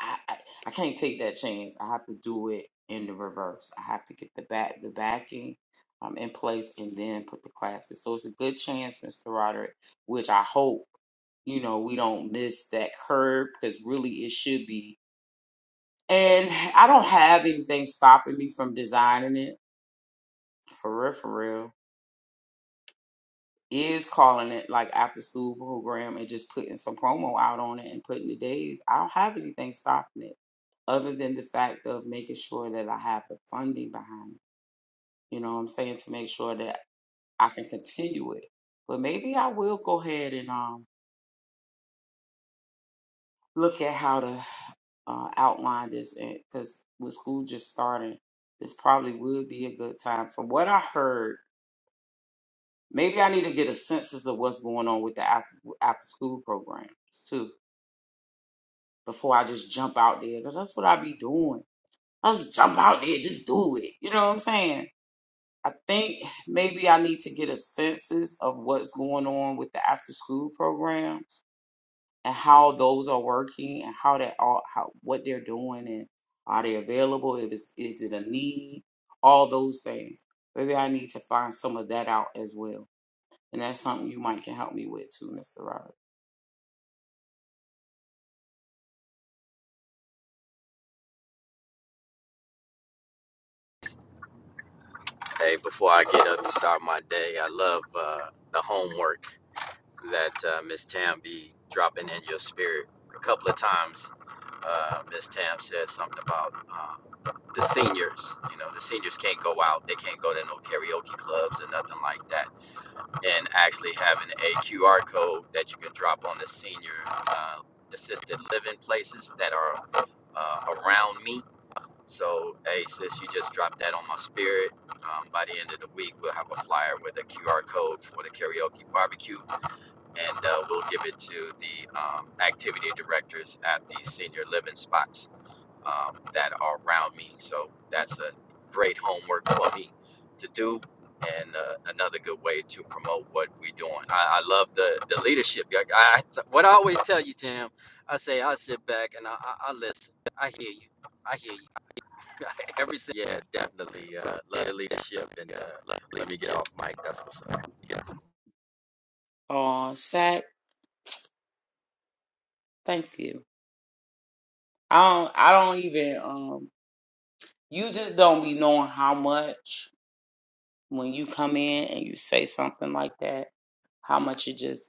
I, I I can't take that chance. I have to do it in the reverse. I have to get the back the backing um in place and then put the classes. So it's a good chance, Mr. Roderick, which I hope you know, we don't miss that curb because really it should be. And I don't have anything stopping me from designing it for real, for real. is calling it like after school program and just putting some promo out on it and putting the days, I don't have anything stopping it other than the fact of making sure that I have the funding behind it. You know what I'm saying? To make sure that I can continue it. But maybe I will go ahead and um look at how to uh, outline this and because with school just starting, this probably would be a good time. From what I heard, maybe I need to get a census of what's going on with the after after school programs too before I just jump out there. Because that's what I be doing. I just jump out there, just do it. You know what I'm saying? I think maybe I need to get a census of what's going on with the after school program and how those are working and how that all how what they're doing and are they available? If it's is it a need? All those things. Maybe I need to find some of that out as well. And that's something you might can help me with too, Mr. Robert. Hey, before I get up and start my day, I love uh, the homework that uh, Miss Tam be dropping in your spirit. A couple of times, uh, Miss Tam said something about um, the seniors. You know, the seniors can't go out; they can't go to no karaoke clubs or nothing like that. And actually having a QR code that you can drop on the senior uh, assisted living places that are uh, around me so, hey, sis, you just dropped that on my spirit. Um, by the end of the week, we'll have a flyer with a QR code for the karaoke barbecue, and uh, we'll give it to the um, activity directors at the senior living spots um, that are around me. So, that's a great homework for me to do. And uh, another good way to promote what we're doing. I, I love the, the leadership. Like, I, I, what I always tell you, Tim, I say I sit back and I, I, I listen. I hear you. I hear you Every si- yeah, definitely. Uh, love your leadership and uh, love, let me get off mic. That's what's up. Oh, Sack, thank you. I don't I don't even um You just don't be knowing how much when you come in and you say something like that, how much it just.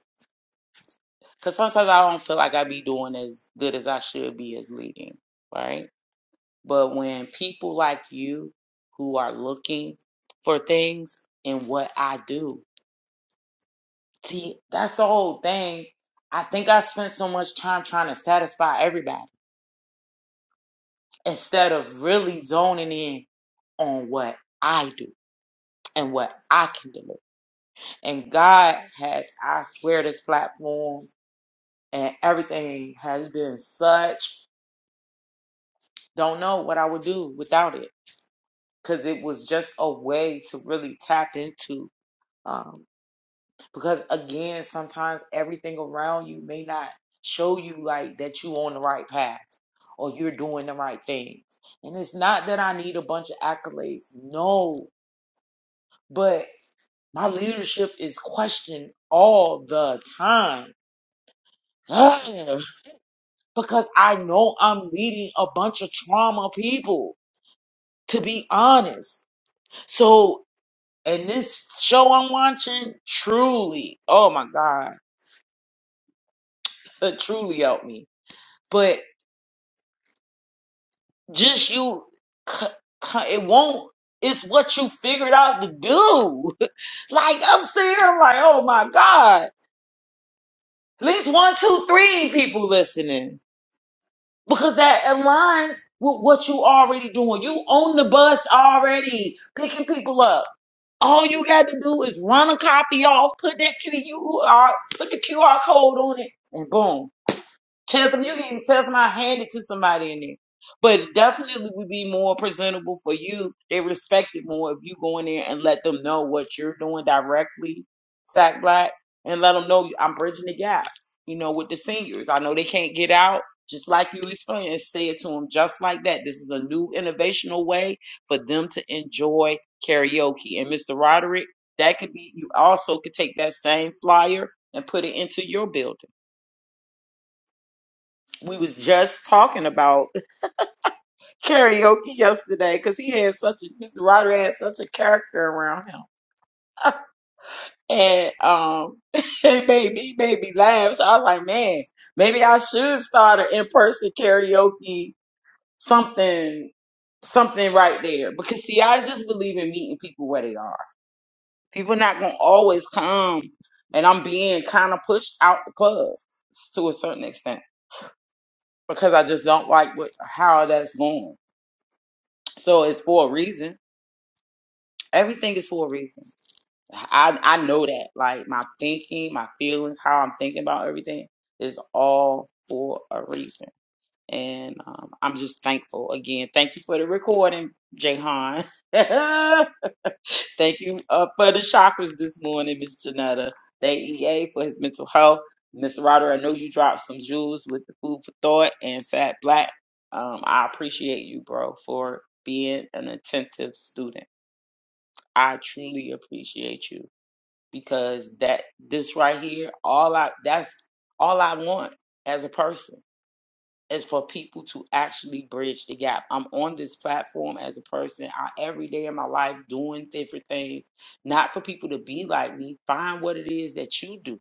Because sometimes I don't feel like I be doing as good as I should be as leading, right? But when people like you who are looking for things in what I do, see, that's the whole thing. I think I spent so much time trying to satisfy everybody instead of really zoning in on what I do and what I can deliver. And God has, I swear, this platform and everything has been such. Don't know what I would do without it because it was just a way to really tap into. Um, because again, sometimes everything around you may not show you like that you on the right path or you're doing the right things. And it's not that I need a bunch of accolades, no, but my leadership is questioned all the time. because I know I'm leading a bunch of trauma people, to be honest. So, and this show I'm watching truly, oh my God, it truly helped me. But just you, c- c- it won't, it's what you figured out to do. Like, I'm sitting here, I'm like, oh my God, at least one, two, three people listening because that aligns with what you already doing. You own the bus already, picking people up All you got to do is run a copy off, put that QR, put the QR code on it, and boom. Tell them you can tell them I hand it to somebody in there. But it definitely would be more presentable for you. They respect it more if you go in there and let them know what you're doing directly, Sack Black, and let them know I'm bridging the gap, you know, with the seniors. I know they can't get out, just like you explained, and say it to them just like that. This is a new innovational way for them to enjoy karaoke. And Mr. Roderick, that could be, you also could take that same flyer and put it into your building we was just talking about karaoke yesterday because he had such a Mr. Ryder had such a character around him, and um, it made me he made me laugh. So I was like, man, maybe I should start an in person karaoke something something right there because see, I just believe in meeting people where they are. People not gonna always come, and I'm being kind of pushed out the clubs to a certain extent because I just don't like what how that's going. So it's for a reason Everything is for a reason. I I know that. Like my thinking, my feelings, how I'm thinking about everything is all for a reason. And um, I'm just thankful again. Thank you for the recording, Jayhan. Thank you uh, for the chakras this morning, Miss Janetta. Thank EA for his mental health. Miss Rodder, I know you dropped some jewels with the food for thought and Sat Black. Um, I appreciate you, bro, for being an attentive student. I truly appreciate you because that this right here, all I that's all I want as a person is for people to actually bridge the gap. I'm on this platform as a person. I every day in my life doing different things, not for people to be like me. Find what it is that you do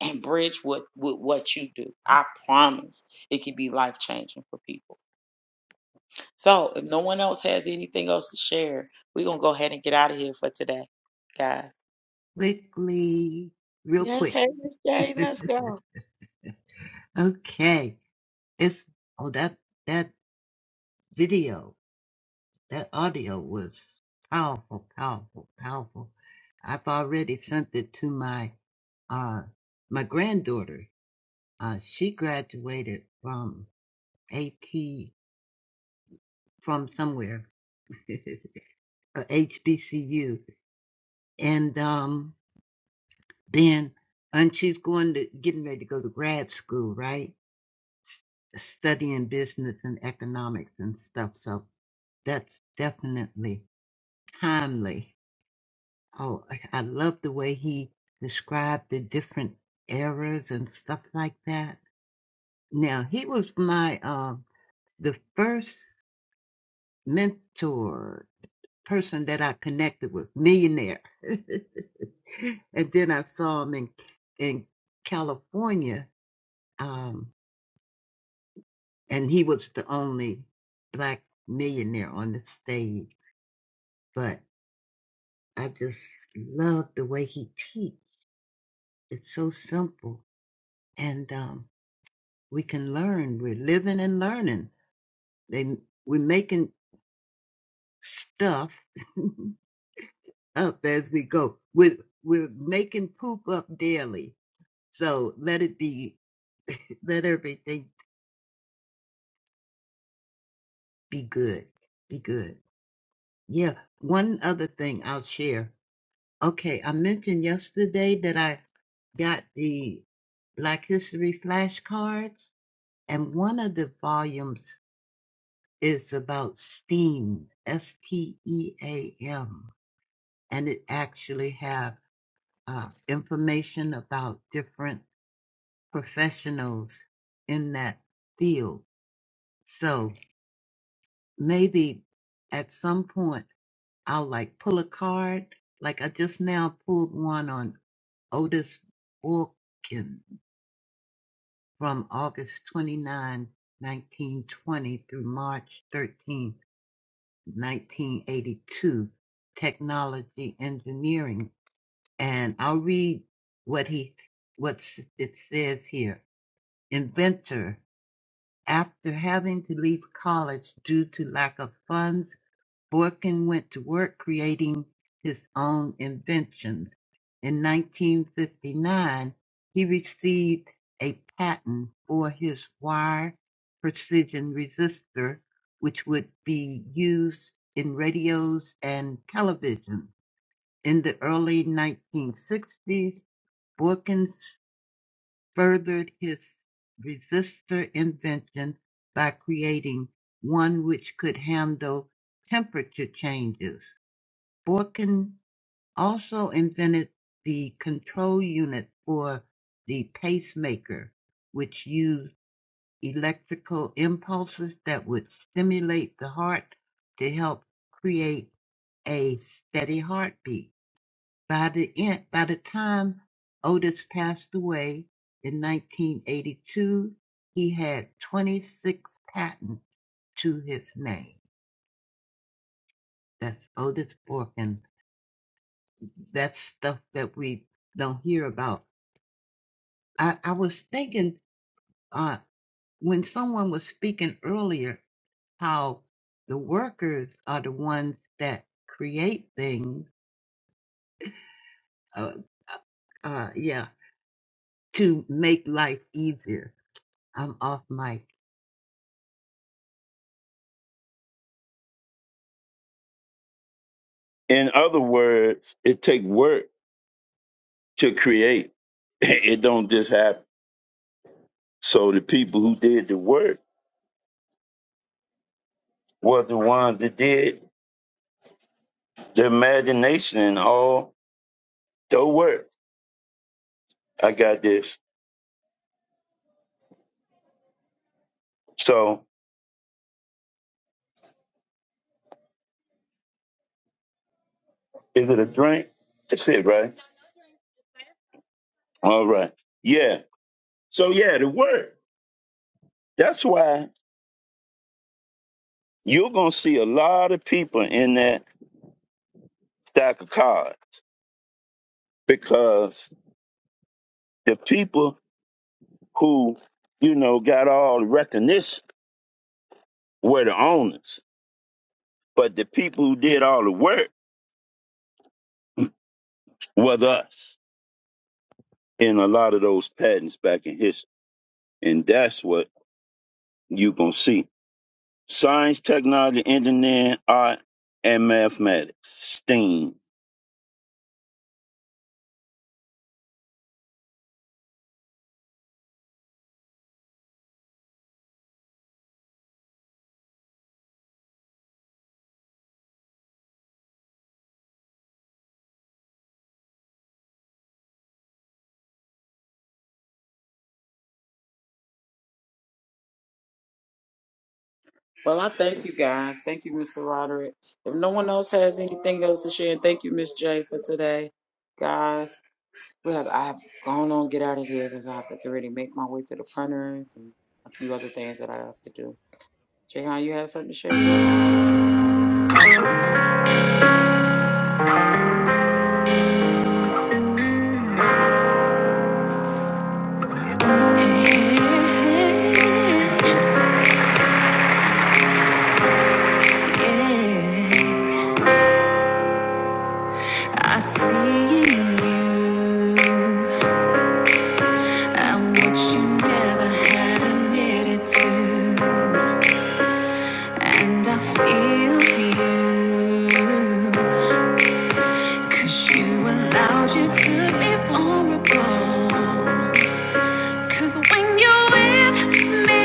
and bridge what with what you do. I promise it can be life changing for people. So if no one else has anything else to share, we're gonna go ahead and get out of here for today, guys. Quickly, real Yes, quick. hey, Miss J, let's go. Okay. It's oh that that video. That audio was powerful, powerful, powerful. I've already sent it to my uh my granddaughter. Uh she graduated from AT from somewhere HBCU and um then and she's going to getting ready to go to grad school, right? S- studying business and economics and stuff. So that's definitely timely. Oh, I I love the way he described the different eras and stuff like that. Now, he was my um the first mentor person that I connected with, millionaire. and then I saw him in in California, um, and he was the only black millionaire on the stage. But I just love the way he teach. It's so simple, and um, we can learn. We're living and learning. They we're making stuff up as we go. We're we're making poop up daily. So let it be. Let everything be good. Be good. Yeah. One other thing I'll share. Okay, I mentioned yesterday that I got the Black History flashcards, and one of the volumes is about STEAM. S T E A M and it actually have uh, information about different professionals in that field. So maybe at some point I'll like pull a card. Like I just now pulled one on Otis Wilkin from August 29, 1920 through March 13, 1982, technology engineering and I'll read what he what it says here. Inventor, after having to leave college due to lack of funds, Borkin went to work creating his own inventions. In 1959, he received a patent for his wire precision resistor, which would be used in radios and television. In the early 1960s, Borkins furthered his resistor invention by creating one which could handle temperature changes. Borkin also invented the control unit for the pacemaker, which used electrical impulses that would stimulate the heart to help create a steady heartbeat. By the end, by the time Otis passed away in 1982, he had 26 patents to his name. That's Otis Borkin. That's stuff that we don't hear about. I, I was thinking uh, when someone was speaking earlier how the workers are the ones that create things. Uh, uh, yeah, to make life easier. I'm off mic. In other words, it take work to create. It don't just happen. So the people who did the work were the ones that did the imagination and all the work. I got this. So is it a drink? That's it, right? All right. Yeah. So yeah, the work. That's why you're going to see a lot of people in that stack of cards because the people who, you know, got all the recognition were the owners. But the people who did all the work was us in a lot of those patents back in history. And that's what you're going to see. Science, technology, engineering, art, and mathematics, STEAM. Well, I thank you guys. Thank you, Mr. Roderick. If no one else has anything else to share, and thank you, Miss J, for today. Guys, we have I've gone on get out of here because I have to get ready to make my way to the printers and a few other things that I have to do. Jayhan, you have something to share, bro? I see in you. i what you never had admitted to. And I feel you. 'cause you allowed you to be vulnerable. Cause when you're with me,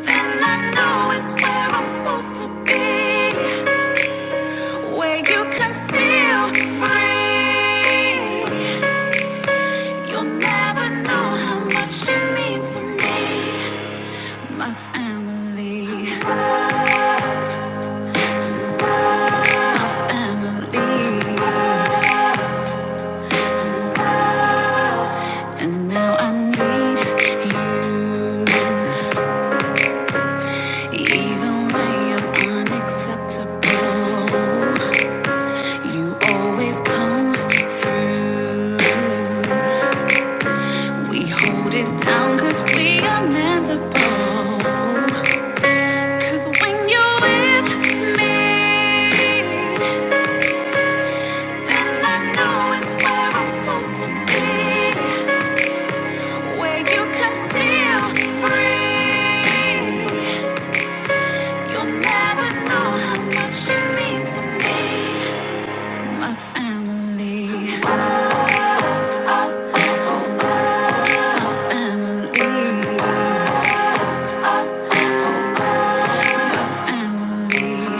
then I know it's where I'm supposed to be. Where you can feel free. You'll never know how much you mean to me. My family, my family. And now I need you. Even when you're unacceptable. You always come through. We hold it down cause we are meant to bond. Cause when you're with me, then I know it's where I'm supposed to be. Where you can feel free. You'll never know how much you mean to me. My family, my family, my family.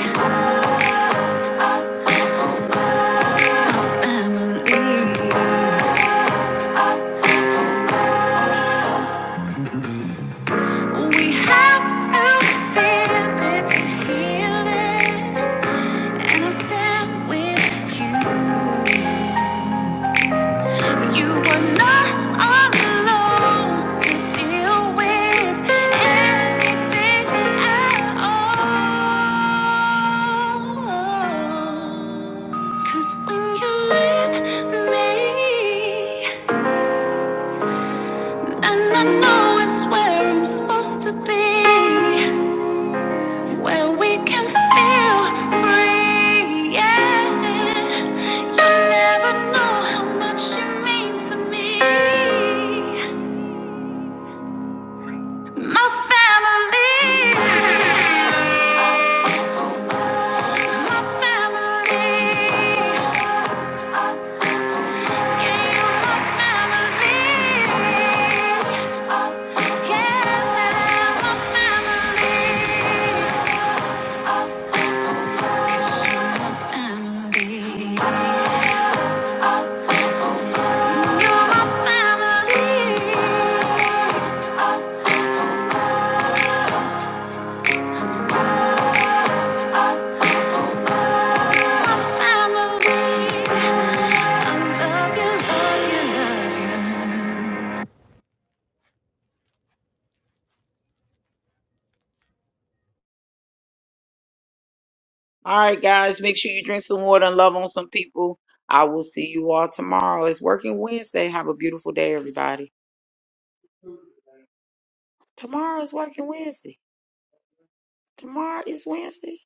Emily. We have to feel it to heal it. And I stand with you. You are not alone to deal with anything at all. 'Cause when you're with me, And I know it's where I'm supposed to be, where we can feel free. Yeah, you never know how much you mean to me, my family. My family. Yeah, you're my family. Yeah, they're my family. family. I love you, love you, love you. All right, guys, make sure you drink some water and love on some people. I will see you all tomorrow. It's Working Wednesday. Have a beautiful day, everybody. Tomorrow is Working Wednesday. Tomorrow is Wednesday.